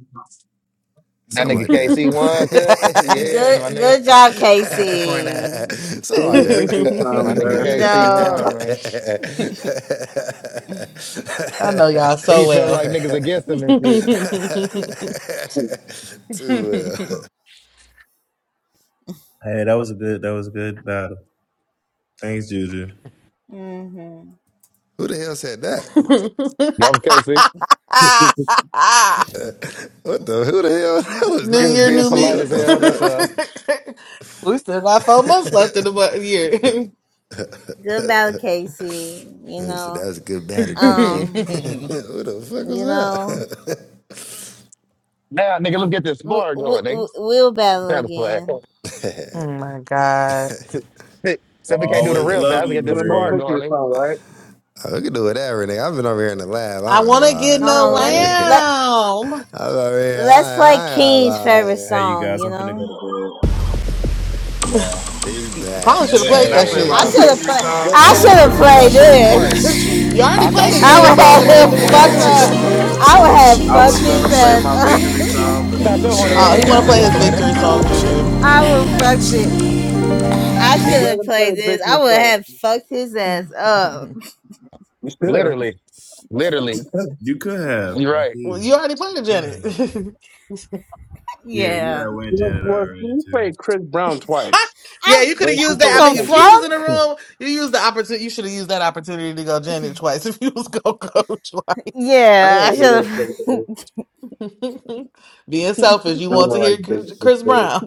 [SPEAKER 19] That
[SPEAKER 5] Something
[SPEAKER 19] nigga
[SPEAKER 5] like that.
[SPEAKER 19] KC one, cuz. Yeah,
[SPEAKER 8] Good
[SPEAKER 19] my nigga.
[SPEAKER 8] good job,
[SPEAKER 2] Capricorn ass.
[SPEAKER 8] Casey.
[SPEAKER 6] Sing
[SPEAKER 5] Something like
[SPEAKER 6] a victory
[SPEAKER 2] I
[SPEAKER 19] My
[SPEAKER 6] song,
[SPEAKER 19] nigga
[SPEAKER 6] bro.
[SPEAKER 8] You
[SPEAKER 19] KC one,
[SPEAKER 8] know.
[SPEAKER 19] man.
[SPEAKER 2] know y'all
[SPEAKER 19] He
[SPEAKER 2] so
[SPEAKER 19] be feeling
[SPEAKER 2] well.
[SPEAKER 19] like niggas
[SPEAKER 5] that.
[SPEAKER 19] against him and
[SPEAKER 2] new
[SPEAKER 5] Too
[SPEAKER 19] shit.
[SPEAKER 5] well.
[SPEAKER 9] Hey, that was a good. That was a good battle. Thanks, Juju.
[SPEAKER 8] hmm
[SPEAKER 5] Who the hell said that?
[SPEAKER 19] That was KC.
[SPEAKER 5] What the? Who the hell? That was
[SPEAKER 19] He
[SPEAKER 5] not
[SPEAKER 19] was
[SPEAKER 2] year,
[SPEAKER 19] being
[SPEAKER 2] new
[SPEAKER 5] KC.
[SPEAKER 19] polite
[SPEAKER 2] me.
[SPEAKER 5] What
[SPEAKER 19] as
[SPEAKER 5] the
[SPEAKER 19] hell. That's all.
[SPEAKER 5] fuck?
[SPEAKER 2] we still got four months left in the bu- year.
[SPEAKER 8] Good battle, Casey. You
[SPEAKER 5] And he said that
[SPEAKER 8] know.
[SPEAKER 5] was a good battle, Juju.
[SPEAKER 8] Um.
[SPEAKER 5] who the fuck was
[SPEAKER 8] You know.
[SPEAKER 5] that?
[SPEAKER 19] Now, nigga, look at this
[SPEAKER 8] We,
[SPEAKER 19] bar
[SPEAKER 8] we,
[SPEAKER 19] going, nigga.
[SPEAKER 8] we'll battle
[SPEAKER 19] Kind of flag.
[SPEAKER 8] again.
[SPEAKER 2] oh my god!
[SPEAKER 19] Said
[SPEAKER 9] Well, I
[SPEAKER 19] we can't do the
[SPEAKER 9] always
[SPEAKER 19] real
[SPEAKER 9] love
[SPEAKER 19] battle. Look
[SPEAKER 9] you,
[SPEAKER 19] at
[SPEAKER 6] But
[SPEAKER 19] this
[SPEAKER 6] I know
[SPEAKER 19] bar
[SPEAKER 9] Marie.
[SPEAKER 6] if it's
[SPEAKER 19] going,
[SPEAKER 6] song, right?
[SPEAKER 5] I we can do whatever, nigga. I've been over here in the lab. I
[SPEAKER 2] I
[SPEAKER 5] ain't gonna
[SPEAKER 2] want to get
[SPEAKER 5] lie,
[SPEAKER 8] Hold
[SPEAKER 5] nigga.
[SPEAKER 2] no
[SPEAKER 5] I'm
[SPEAKER 8] on, let
[SPEAKER 5] over
[SPEAKER 8] me
[SPEAKER 19] nigga.
[SPEAKER 5] here.
[SPEAKER 8] let
[SPEAKER 2] lamb.
[SPEAKER 5] I'm over here.
[SPEAKER 8] let's
[SPEAKER 5] I,
[SPEAKER 8] play
[SPEAKER 5] I ain't gonna
[SPEAKER 8] King's
[SPEAKER 5] lie.
[SPEAKER 8] favorite
[SPEAKER 9] Hey,
[SPEAKER 5] Nigga.
[SPEAKER 9] you
[SPEAKER 8] song,
[SPEAKER 9] guys,
[SPEAKER 8] you
[SPEAKER 9] I'm finna go
[SPEAKER 8] know?
[SPEAKER 9] to bed. Yeah.
[SPEAKER 5] He's back.
[SPEAKER 2] Probably should
[SPEAKER 9] Hey,
[SPEAKER 2] have
[SPEAKER 13] That's
[SPEAKER 9] wait,
[SPEAKER 13] it.
[SPEAKER 2] played
[SPEAKER 9] can I play
[SPEAKER 2] that
[SPEAKER 8] I
[SPEAKER 9] my
[SPEAKER 8] should
[SPEAKER 6] Let's
[SPEAKER 5] Hey,
[SPEAKER 8] have
[SPEAKER 9] victory
[SPEAKER 8] played
[SPEAKER 9] song?
[SPEAKER 6] let's
[SPEAKER 5] tell
[SPEAKER 8] I
[SPEAKER 5] a
[SPEAKER 6] let's
[SPEAKER 8] should
[SPEAKER 13] I
[SPEAKER 5] friend.
[SPEAKER 8] have
[SPEAKER 6] skip to my
[SPEAKER 8] played
[SPEAKER 13] missed
[SPEAKER 6] favorite part.
[SPEAKER 8] this.
[SPEAKER 13] you.
[SPEAKER 2] You already
[SPEAKER 13] I
[SPEAKER 19] I
[SPEAKER 2] played
[SPEAKER 19] thought
[SPEAKER 2] the
[SPEAKER 19] you,
[SPEAKER 13] missed
[SPEAKER 8] I
[SPEAKER 19] I
[SPEAKER 6] Let's
[SPEAKER 2] Janet
[SPEAKER 13] you.
[SPEAKER 8] would
[SPEAKER 19] thought
[SPEAKER 6] skip to
[SPEAKER 19] your
[SPEAKER 2] song
[SPEAKER 8] have
[SPEAKER 2] and
[SPEAKER 6] my
[SPEAKER 2] made the
[SPEAKER 8] him
[SPEAKER 19] hor-
[SPEAKER 6] favorite
[SPEAKER 2] nigga
[SPEAKER 19] horny
[SPEAKER 8] fucked
[SPEAKER 6] part.
[SPEAKER 13] I
[SPEAKER 19] ass was
[SPEAKER 13] just
[SPEAKER 8] up.
[SPEAKER 19] gonna play
[SPEAKER 2] hard.
[SPEAKER 19] it.
[SPEAKER 13] wanna
[SPEAKER 8] I would
[SPEAKER 13] touch
[SPEAKER 8] have
[SPEAKER 9] I
[SPEAKER 13] you,
[SPEAKER 8] fucked
[SPEAKER 9] was gonna
[SPEAKER 8] his
[SPEAKER 13] teach
[SPEAKER 9] play
[SPEAKER 13] you,
[SPEAKER 8] ass
[SPEAKER 9] my
[SPEAKER 8] up.
[SPEAKER 9] victory
[SPEAKER 13] make
[SPEAKER 9] song,
[SPEAKER 13] you
[SPEAKER 19] I
[SPEAKER 9] but this
[SPEAKER 19] thought your
[SPEAKER 9] is
[SPEAKER 13] please
[SPEAKER 19] horny ass
[SPEAKER 9] uh.
[SPEAKER 2] Oh,
[SPEAKER 13] you.
[SPEAKER 19] was
[SPEAKER 2] he want to
[SPEAKER 19] definitely
[SPEAKER 2] play
[SPEAKER 19] gonna
[SPEAKER 2] his
[SPEAKER 19] play that.
[SPEAKER 2] victory
[SPEAKER 13] I
[SPEAKER 2] song,
[SPEAKER 13] want
[SPEAKER 2] Juju.
[SPEAKER 13] you,
[SPEAKER 8] I
[SPEAKER 13] me,
[SPEAKER 8] would
[SPEAKER 13] I
[SPEAKER 8] fucked it.
[SPEAKER 13] you.
[SPEAKER 8] I
[SPEAKER 6] They Let
[SPEAKER 8] should have
[SPEAKER 6] The play
[SPEAKER 8] played
[SPEAKER 6] played
[SPEAKER 8] this. I
[SPEAKER 6] Victory
[SPEAKER 8] would
[SPEAKER 6] song.
[SPEAKER 8] have fucked his ass up.
[SPEAKER 6] You should have.
[SPEAKER 19] Literally, literally.
[SPEAKER 6] You could have.
[SPEAKER 9] You could have.
[SPEAKER 19] You're right.
[SPEAKER 2] Well, you already played the Janet.
[SPEAKER 9] Good. Yeah, you
[SPEAKER 8] Yeah.
[SPEAKER 9] had win
[SPEAKER 6] You know,
[SPEAKER 9] Janet
[SPEAKER 6] well,
[SPEAKER 9] already
[SPEAKER 6] she
[SPEAKER 9] too.
[SPEAKER 6] played Chris Brown twice.
[SPEAKER 2] yeah,
[SPEAKER 8] I,
[SPEAKER 2] you could
[SPEAKER 8] I
[SPEAKER 2] have
[SPEAKER 6] So she
[SPEAKER 2] used
[SPEAKER 8] don't give
[SPEAKER 6] could
[SPEAKER 2] that. I
[SPEAKER 6] have
[SPEAKER 8] a
[SPEAKER 2] mean, if
[SPEAKER 6] played this.
[SPEAKER 2] King was in the
[SPEAKER 8] fuck.
[SPEAKER 2] room, you used the opportunity. You should have used that opportunity to go Janet twice if you was gonna go
[SPEAKER 6] I
[SPEAKER 8] Yeah,
[SPEAKER 6] don't
[SPEAKER 8] I
[SPEAKER 6] really
[SPEAKER 8] should have.
[SPEAKER 6] like this.
[SPEAKER 2] twice. Being selfish, you
[SPEAKER 6] I don't
[SPEAKER 2] want to
[SPEAKER 6] like
[SPEAKER 2] hear
[SPEAKER 6] this.
[SPEAKER 2] Ch-
[SPEAKER 6] this-
[SPEAKER 2] Chris
[SPEAKER 6] this.
[SPEAKER 2] Brown.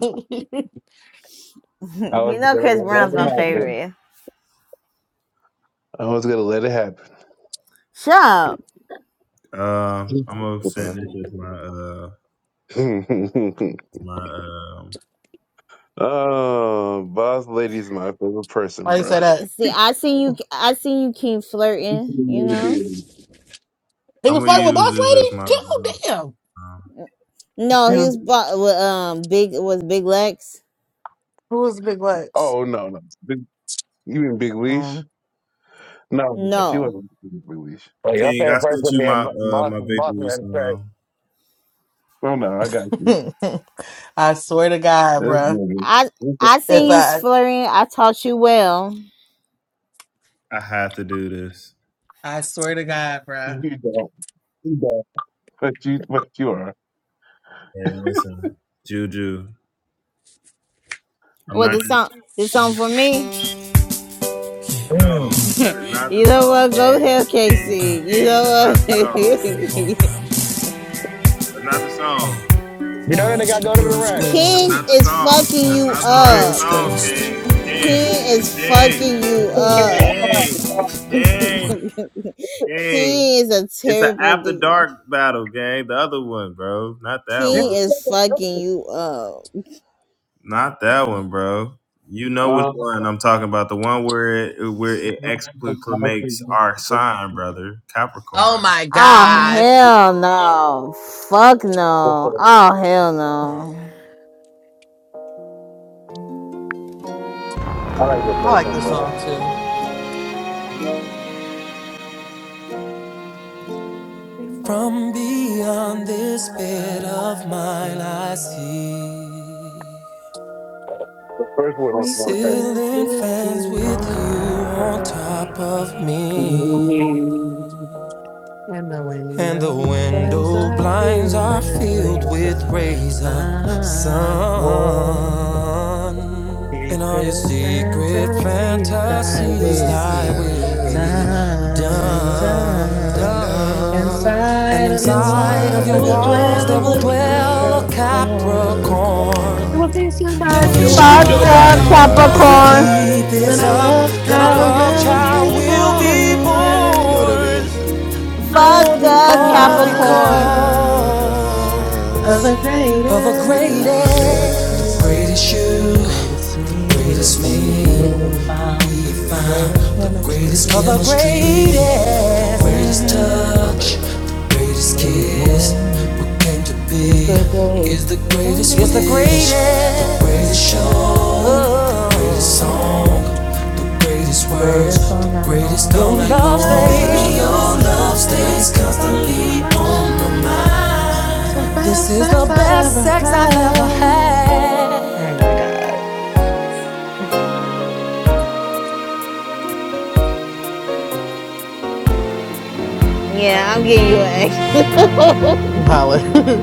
[SPEAKER 6] I
[SPEAKER 8] you
[SPEAKER 6] was
[SPEAKER 8] know,
[SPEAKER 6] gonna
[SPEAKER 8] Chris Brown's
[SPEAKER 6] let it
[SPEAKER 8] my
[SPEAKER 6] happen.
[SPEAKER 2] Why
[SPEAKER 8] favorite.
[SPEAKER 6] I was gonna let it happen.
[SPEAKER 8] Shut
[SPEAKER 9] Um, uh, I'm gonna
[SPEAKER 5] Huh?
[SPEAKER 9] send this as my uh my um
[SPEAKER 6] oh, boss lady's my favorite person,
[SPEAKER 2] you
[SPEAKER 6] bro.
[SPEAKER 2] say that?
[SPEAKER 8] See,
[SPEAKER 6] she
[SPEAKER 8] I see you. I see you King,
[SPEAKER 6] was,
[SPEAKER 8] flirting. You know.
[SPEAKER 2] He
[SPEAKER 9] I'm
[SPEAKER 2] was
[SPEAKER 9] gonna
[SPEAKER 2] flirting with
[SPEAKER 9] use
[SPEAKER 2] Boss
[SPEAKER 9] this
[SPEAKER 2] Lady.
[SPEAKER 9] as my
[SPEAKER 2] too.
[SPEAKER 9] uh,
[SPEAKER 2] damn.
[SPEAKER 8] No, he was bu- with um big was Big Lex.
[SPEAKER 2] Who was Big Lex?
[SPEAKER 6] oh no, no, Big- you mean Big Leash?
[SPEAKER 2] Mm.
[SPEAKER 6] No, no, she
[SPEAKER 8] No,
[SPEAKER 6] wasn't Luis.
[SPEAKER 19] Like, your
[SPEAKER 9] King. I
[SPEAKER 19] favorite person
[SPEAKER 9] sent
[SPEAKER 19] put
[SPEAKER 9] you
[SPEAKER 19] me in
[SPEAKER 9] my
[SPEAKER 19] Bo-
[SPEAKER 9] uh my
[SPEAKER 19] Boston, Boston,
[SPEAKER 9] victory
[SPEAKER 19] and say,
[SPEAKER 9] song.
[SPEAKER 6] Oh no, I got you.
[SPEAKER 2] I swear to God,
[SPEAKER 6] This
[SPEAKER 2] bruh.
[SPEAKER 6] nigga.
[SPEAKER 8] I
[SPEAKER 6] You
[SPEAKER 8] I
[SPEAKER 2] If
[SPEAKER 6] don't.
[SPEAKER 8] seen you
[SPEAKER 2] I,
[SPEAKER 8] flirting. I taught you well.
[SPEAKER 9] I have to do this.
[SPEAKER 2] I swear to God, bruh.
[SPEAKER 6] You don't. You don't. But you, but you are.
[SPEAKER 9] And listen, Juju, I'm
[SPEAKER 8] Well,
[SPEAKER 9] not.
[SPEAKER 8] this song this song for me.
[SPEAKER 9] No,
[SPEAKER 19] mm.
[SPEAKER 9] that is not the
[SPEAKER 8] you know what?
[SPEAKER 9] song, King.
[SPEAKER 8] Go hell,
[SPEAKER 9] King,
[SPEAKER 8] Casey. You
[SPEAKER 9] King, that's
[SPEAKER 8] know
[SPEAKER 9] not the
[SPEAKER 8] what?
[SPEAKER 9] song. That's not the song.
[SPEAKER 19] you know that nigga I go to the rack.
[SPEAKER 9] That's
[SPEAKER 8] King
[SPEAKER 9] not the
[SPEAKER 8] is
[SPEAKER 9] song.
[SPEAKER 8] fucking
[SPEAKER 9] That's
[SPEAKER 8] you
[SPEAKER 9] not the right
[SPEAKER 8] up.
[SPEAKER 9] song, King. King,
[SPEAKER 8] King is fucking you up.
[SPEAKER 9] King, King,
[SPEAKER 8] King
[SPEAKER 9] King, King.
[SPEAKER 8] is a
[SPEAKER 9] It's an
[SPEAKER 8] terrible
[SPEAKER 9] after
[SPEAKER 8] dude.
[SPEAKER 9] dark battle, gang. The other one, bro. Not that
[SPEAKER 6] You.
[SPEAKER 9] one.
[SPEAKER 8] King is fucking you up.
[SPEAKER 9] Not that one, bro. You know which
[SPEAKER 6] Um,
[SPEAKER 9] one I'm talking about. The one where it, where it
[SPEAKER 6] I
[SPEAKER 9] exclamates our sign, brother,
[SPEAKER 2] oh
[SPEAKER 9] Capricorn.
[SPEAKER 2] my
[SPEAKER 8] Oh
[SPEAKER 2] God, I
[SPEAKER 8] hell no. Fuck no. Oh hell no.
[SPEAKER 6] like the first
[SPEAKER 2] like
[SPEAKER 6] one
[SPEAKER 2] this
[SPEAKER 6] better.
[SPEAKER 2] song too. Been
[SPEAKER 14] From
[SPEAKER 2] This
[SPEAKER 14] beyond
[SPEAKER 2] will
[SPEAKER 14] this
[SPEAKER 2] of
[SPEAKER 14] bed
[SPEAKER 2] my
[SPEAKER 14] of
[SPEAKER 2] last
[SPEAKER 14] mine, I
[SPEAKER 2] seat.
[SPEAKER 14] see.
[SPEAKER 6] The first one was
[SPEAKER 2] Three
[SPEAKER 6] more petty.
[SPEAKER 2] bands
[SPEAKER 14] Ceiling
[SPEAKER 2] with
[SPEAKER 14] fans
[SPEAKER 2] you
[SPEAKER 14] with
[SPEAKER 2] on
[SPEAKER 14] you
[SPEAKER 2] top
[SPEAKER 14] on
[SPEAKER 2] of
[SPEAKER 14] top of
[SPEAKER 2] me.
[SPEAKER 14] me.
[SPEAKER 2] And the
[SPEAKER 14] And the
[SPEAKER 2] windows blinds
[SPEAKER 14] window
[SPEAKER 2] are
[SPEAKER 14] blinds
[SPEAKER 2] filled
[SPEAKER 14] are
[SPEAKER 2] with
[SPEAKER 14] filled
[SPEAKER 2] waves
[SPEAKER 14] with
[SPEAKER 2] of
[SPEAKER 14] rays of sun.
[SPEAKER 2] time.
[SPEAKER 14] And all your
[SPEAKER 2] Secret
[SPEAKER 14] secret
[SPEAKER 2] fantasy I
[SPEAKER 14] fantasies,
[SPEAKER 2] will
[SPEAKER 14] thy
[SPEAKER 2] be
[SPEAKER 5] Caesar
[SPEAKER 14] will
[SPEAKER 5] will
[SPEAKER 14] be
[SPEAKER 5] be
[SPEAKER 2] done,
[SPEAKER 14] done,
[SPEAKER 2] done.
[SPEAKER 5] gone.
[SPEAKER 14] done. And
[SPEAKER 2] Inside of
[SPEAKER 5] Cause
[SPEAKER 2] your
[SPEAKER 14] inside of
[SPEAKER 2] walls,
[SPEAKER 5] inside
[SPEAKER 2] there
[SPEAKER 14] your
[SPEAKER 5] of
[SPEAKER 2] will
[SPEAKER 5] your
[SPEAKER 14] walls, there
[SPEAKER 2] dwell
[SPEAKER 5] arms
[SPEAKER 14] will
[SPEAKER 2] a
[SPEAKER 5] there would
[SPEAKER 14] dwell a
[SPEAKER 5] dwell a
[SPEAKER 2] Capricorn.
[SPEAKER 14] Capricorn.
[SPEAKER 2] It
[SPEAKER 5] Capricorn
[SPEAKER 2] will be
[SPEAKER 14] They
[SPEAKER 5] that
[SPEAKER 14] will
[SPEAKER 5] will
[SPEAKER 2] somebody
[SPEAKER 9] There
[SPEAKER 14] feast
[SPEAKER 9] will
[SPEAKER 14] your
[SPEAKER 5] fix
[SPEAKER 9] be
[SPEAKER 2] all
[SPEAKER 8] Fuck
[SPEAKER 5] your
[SPEAKER 9] your
[SPEAKER 14] body
[SPEAKER 8] a
[SPEAKER 2] night.
[SPEAKER 5] body
[SPEAKER 9] body
[SPEAKER 14] all
[SPEAKER 5] all
[SPEAKER 14] night.
[SPEAKER 9] all
[SPEAKER 14] If we
[SPEAKER 8] Capricorn.
[SPEAKER 5] night.
[SPEAKER 14] keep
[SPEAKER 9] night.
[SPEAKER 2] Then
[SPEAKER 14] this
[SPEAKER 2] I
[SPEAKER 14] up,
[SPEAKER 2] love
[SPEAKER 5] Hey,
[SPEAKER 14] then our
[SPEAKER 2] how
[SPEAKER 5] Capricorn
[SPEAKER 14] love
[SPEAKER 5] gang in
[SPEAKER 2] we'll
[SPEAKER 5] this
[SPEAKER 14] child
[SPEAKER 2] be
[SPEAKER 5] bitch.
[SPEAKER 14] will be
[SPEAKER 5] You know
[SPEAKER 2] born.
[SPEAKER 5] what it
[SPEAKER 14] born.
[SPEAKER 5] is.
[SPEAKER 8] Fuck
[SPEAKER 2] All
[SPEAKER 8] a
[SPEAKER 14] All
[SPEAKER 5] All
[SPEAKER 8] Capricorn.
[SPEAKER 2] because
[SPEAKER 14] because
[SPEAKER 2] of
[SPEAKER 5] because
[SPEAKER 2] the
[SPEAKER 14] of a
[SPEAKER 5] of the
[SPEAKER 14] great
[SPEAKER 2] greatest, greatest
[SPEAKER 14] act.
[SPEAKER 5] greatest,
[SPEAKER 14] Great
[SPEAKER 2] you,
[SPEAKER 14] is you,
[SPEAKER 2] greatest
[SPEAKER 5] the
[SPEAKER 14] great
[SPEAKER 2] me.
[SPEAKER 14] is
[SPEAKER 5] greatest
[SPEAKER 14] me.
[SPEAKER 2] We
[SPEAKER 5] me
[SPEAKER 2] have found
[SPEAKER 14] we
[SPEAKER 5] we have
[SPEAKER 2] the
[SPEAKER 14] found
[SPEAKER 2] greatest
[SPEAKER 5] found,
[SPEAKER 14] the
[SPEAKER 5] the
[SPEAKER 2] chemistry
[SPEAKER 14] greatest Of
[SPEAKER 5] greatest
[SPEAKER 14] our
[SPEAKER 2] is
[SPEAKER 14] chemistry, greatest. the
[SPEAKER 5] chemistry.
[SPEAKER 14] greatest
[SPEAKER 5] I'm
[SPEAKER 14] touch,
[SPEAKER 5] back to lab.
[SPEAKER 14] the greatest kiss. What came to be
[SPEAKER 2] the great,
[SPEAKER 14] is the
[SPEAKER 2] the
[SPEAKER 14] greatest It's the greatest,
[SPEAKER 2] greatest,
[SPEAKER 14] the greatest show, Oh, the greatest song, the greatest words,
[SPEAKER 2] greatest on
[SPEAKER 14] the
[SPEAKER 2] the
[SPEAKER 14] greatest
[SPEAKER 2] long
[SPEAKER 14] all Your night
[SPEAKER 2] baby.
[SPEAKER 14] love long. stays-
[SPEAKER 2] All love
[SPEAKER 14] Baby, your
[SPEAKER 2] things
[SPEAKER 14] love
[SPEAKER 2] constantly
[SPEAKER 14] stays
[SPEAKER 2] on
[SPEAKER 14] constantly
[SPEAKER 2] my
[SPEAKER 14] on my
[SPEAKER 2] mind. It's the
[SPEAKER 14] mind. this
[SPEAKER 2] best
[SPEAKER 14] is the
[SPEAKER 2] sex I
[SPEAKER 14] best
[SPEAKER 2] ever
[SPEAKER 14] sex I've ever
[SPEAKER 2] had.
[SPEAKER 14] had.
[SPEAKER 2] Oh my God.
[SPEAKER 8] Yeah, I'm getting you an X.
[SPEAKER 2] Wow.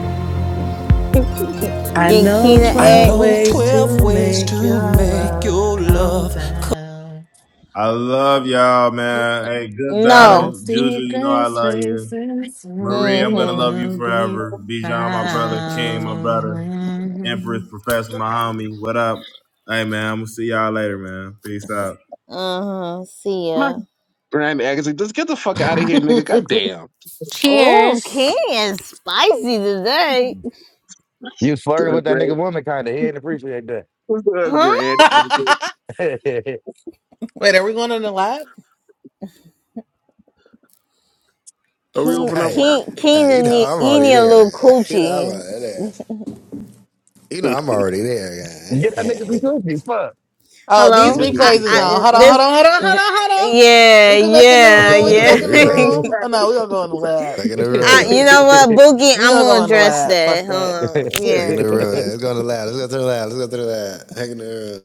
[SPEAKER 2] I
[SPEAKER 8] getting
[SPEAKER 2] know
[SPEAKER 8] Kina
[SPEAKER 14] I
[SPEAKER 2] 12
[SPEAKER 14] know
[SPEAKER 8] X.
[SPEAKER 2] ways
[SPEAKER 14] 12
[SPEAKER 2] to
[SPEAKER 14] ways
[SPEAKER 2] make
[SPEAKER 14] to
[SPEAKER 2] your
[SPEAKER 14] make
[SPEAKER 2] love
[SPEAKER 14] your
[SPEAKER 2] come
[SPEAKER 14] love
[SPEAKER 2] down.
[SPEAKER 9] I love y'all, man. Hey, good
[SPEAKER 2] All the
[SPEAKER 8] No.
[SPEAKER 9] battle. Juju, you know
[SPEAKER 2] secret
[SPEAKER 9] I love you.
[SPEAKER 2] spaces of
[SPEAKER 9] Marie, I'm
[SPEAKER 2] you
[SPEAKER 9] gonna
[SPEAKER 8] Mm-hmm.
[SPEAKER 9] love you
[SPEAKER 2] will be
[SPEAKER 9] forever. Bijan, my brother. King, my brother. Empress,
[SPEAKER 2] found.
[SPEAKER 9] Professor, my homie. What up? Hey, man. I'm gonna see y'all later, man. Peace out.
[SPEAKER 8] Uh-huh. See
[SPEAKER 6] My
[SPEAKER 8] ya.
[SPEAKER 6] grand Agassi, just get the fuck out of here, nigga. God damn.
[SPEAKER 8] Oh,
[SPEAKER 7] Cheers.
[SPEAKER 8] Keen is spicy today.
[SPEAKER 19] You was
[SPEAKER 6] What's
[SPEAKER 19] flirting with that
[SPEAKER 6] grand?
[SPEAKER 19] nigga woman, kind of. He didn't appreciate that.
[SPEAKER 6] What's the
[SPEAKER 8] Huh?
[SPEAKER 6] grand? Agassi?
[SPEAKER 2] Wait, are we going on the live?
[SPEAKER 6] Are we
[SPEAKER 8] Keen
[SPEAKER 6] open
[SPEAKER 5] Hey,
[SPEAKER 6] up?
[SPEAKER 8] Keen
[SPEAKER 5] hey, you
[SPEAKER 8] Keen
[SPEAKER 5] know
[SPEAKER 8] need,
[SPEAKER 5] I'm already
[SPEAKER 8] need a
[SPEAKER 5] there.
[SPEAKER 8] little
[SPEAKER 5] You know I'm
[SPEAKER 8] coochie.
[SPEAKER 5] already there. You know I'm already there, guy.
[SPEAKER 19] Get that nigga some cookies, fuck.
[SPEAKER 2] Oh, these
[SPEAKER 8] Hello? I,
[SPEAKER 2] replays is on.
[SPEAKER 8] I
[SPEAKER 2] Hold on, hold
[SPEAKER 8] this
[SPEAKER 2] on, hold on, hold
[SPEAKER 8] th-
[SPEAKER 2] on, hold on.
[SPEAKER 8] yeah,
[SPEAKER 2] We can make a new
[SPEAKER 8] yeah,
[SPEAKER 2] room. We can
[SPEAKER 5] yeah,
[SPEAKER 2] make
[SPEAKER 8] yeah.
[SPEAKER 5] the
[SPEAKER 2] a new
[SPEAKER 5] reset.
[SPEAKER 2] room. Oh no, we gonna go in the lab.
[SPEAKER 5] Back in the
[SPEAKER 8] I, you know
[SPEAKER 5] room.
[SPEAKER 8] what,
[SPEAKER 19] Right.
[SPEAKER 8] Boogie,
[SPEAKER 2] We
[SPEAKER 8] I'm
[SPEAKER 2] gonna go
[SPEAKER 8] gonna
[SPEAKER 2] in the
[SPEAKER 8] address
[SPEAKER 2] lab. Fuck
[SPEAKER 8] that. Hold
[SPEAKER 2] that.
[SPEAKER 8] on.
[SPEAKER 5] Back in the
[SPEAKER 8] Yeah.
[SPEAKER 5] room. Let's go to the lab. Let's go to the lab. Let's go to the lab. Back in the room.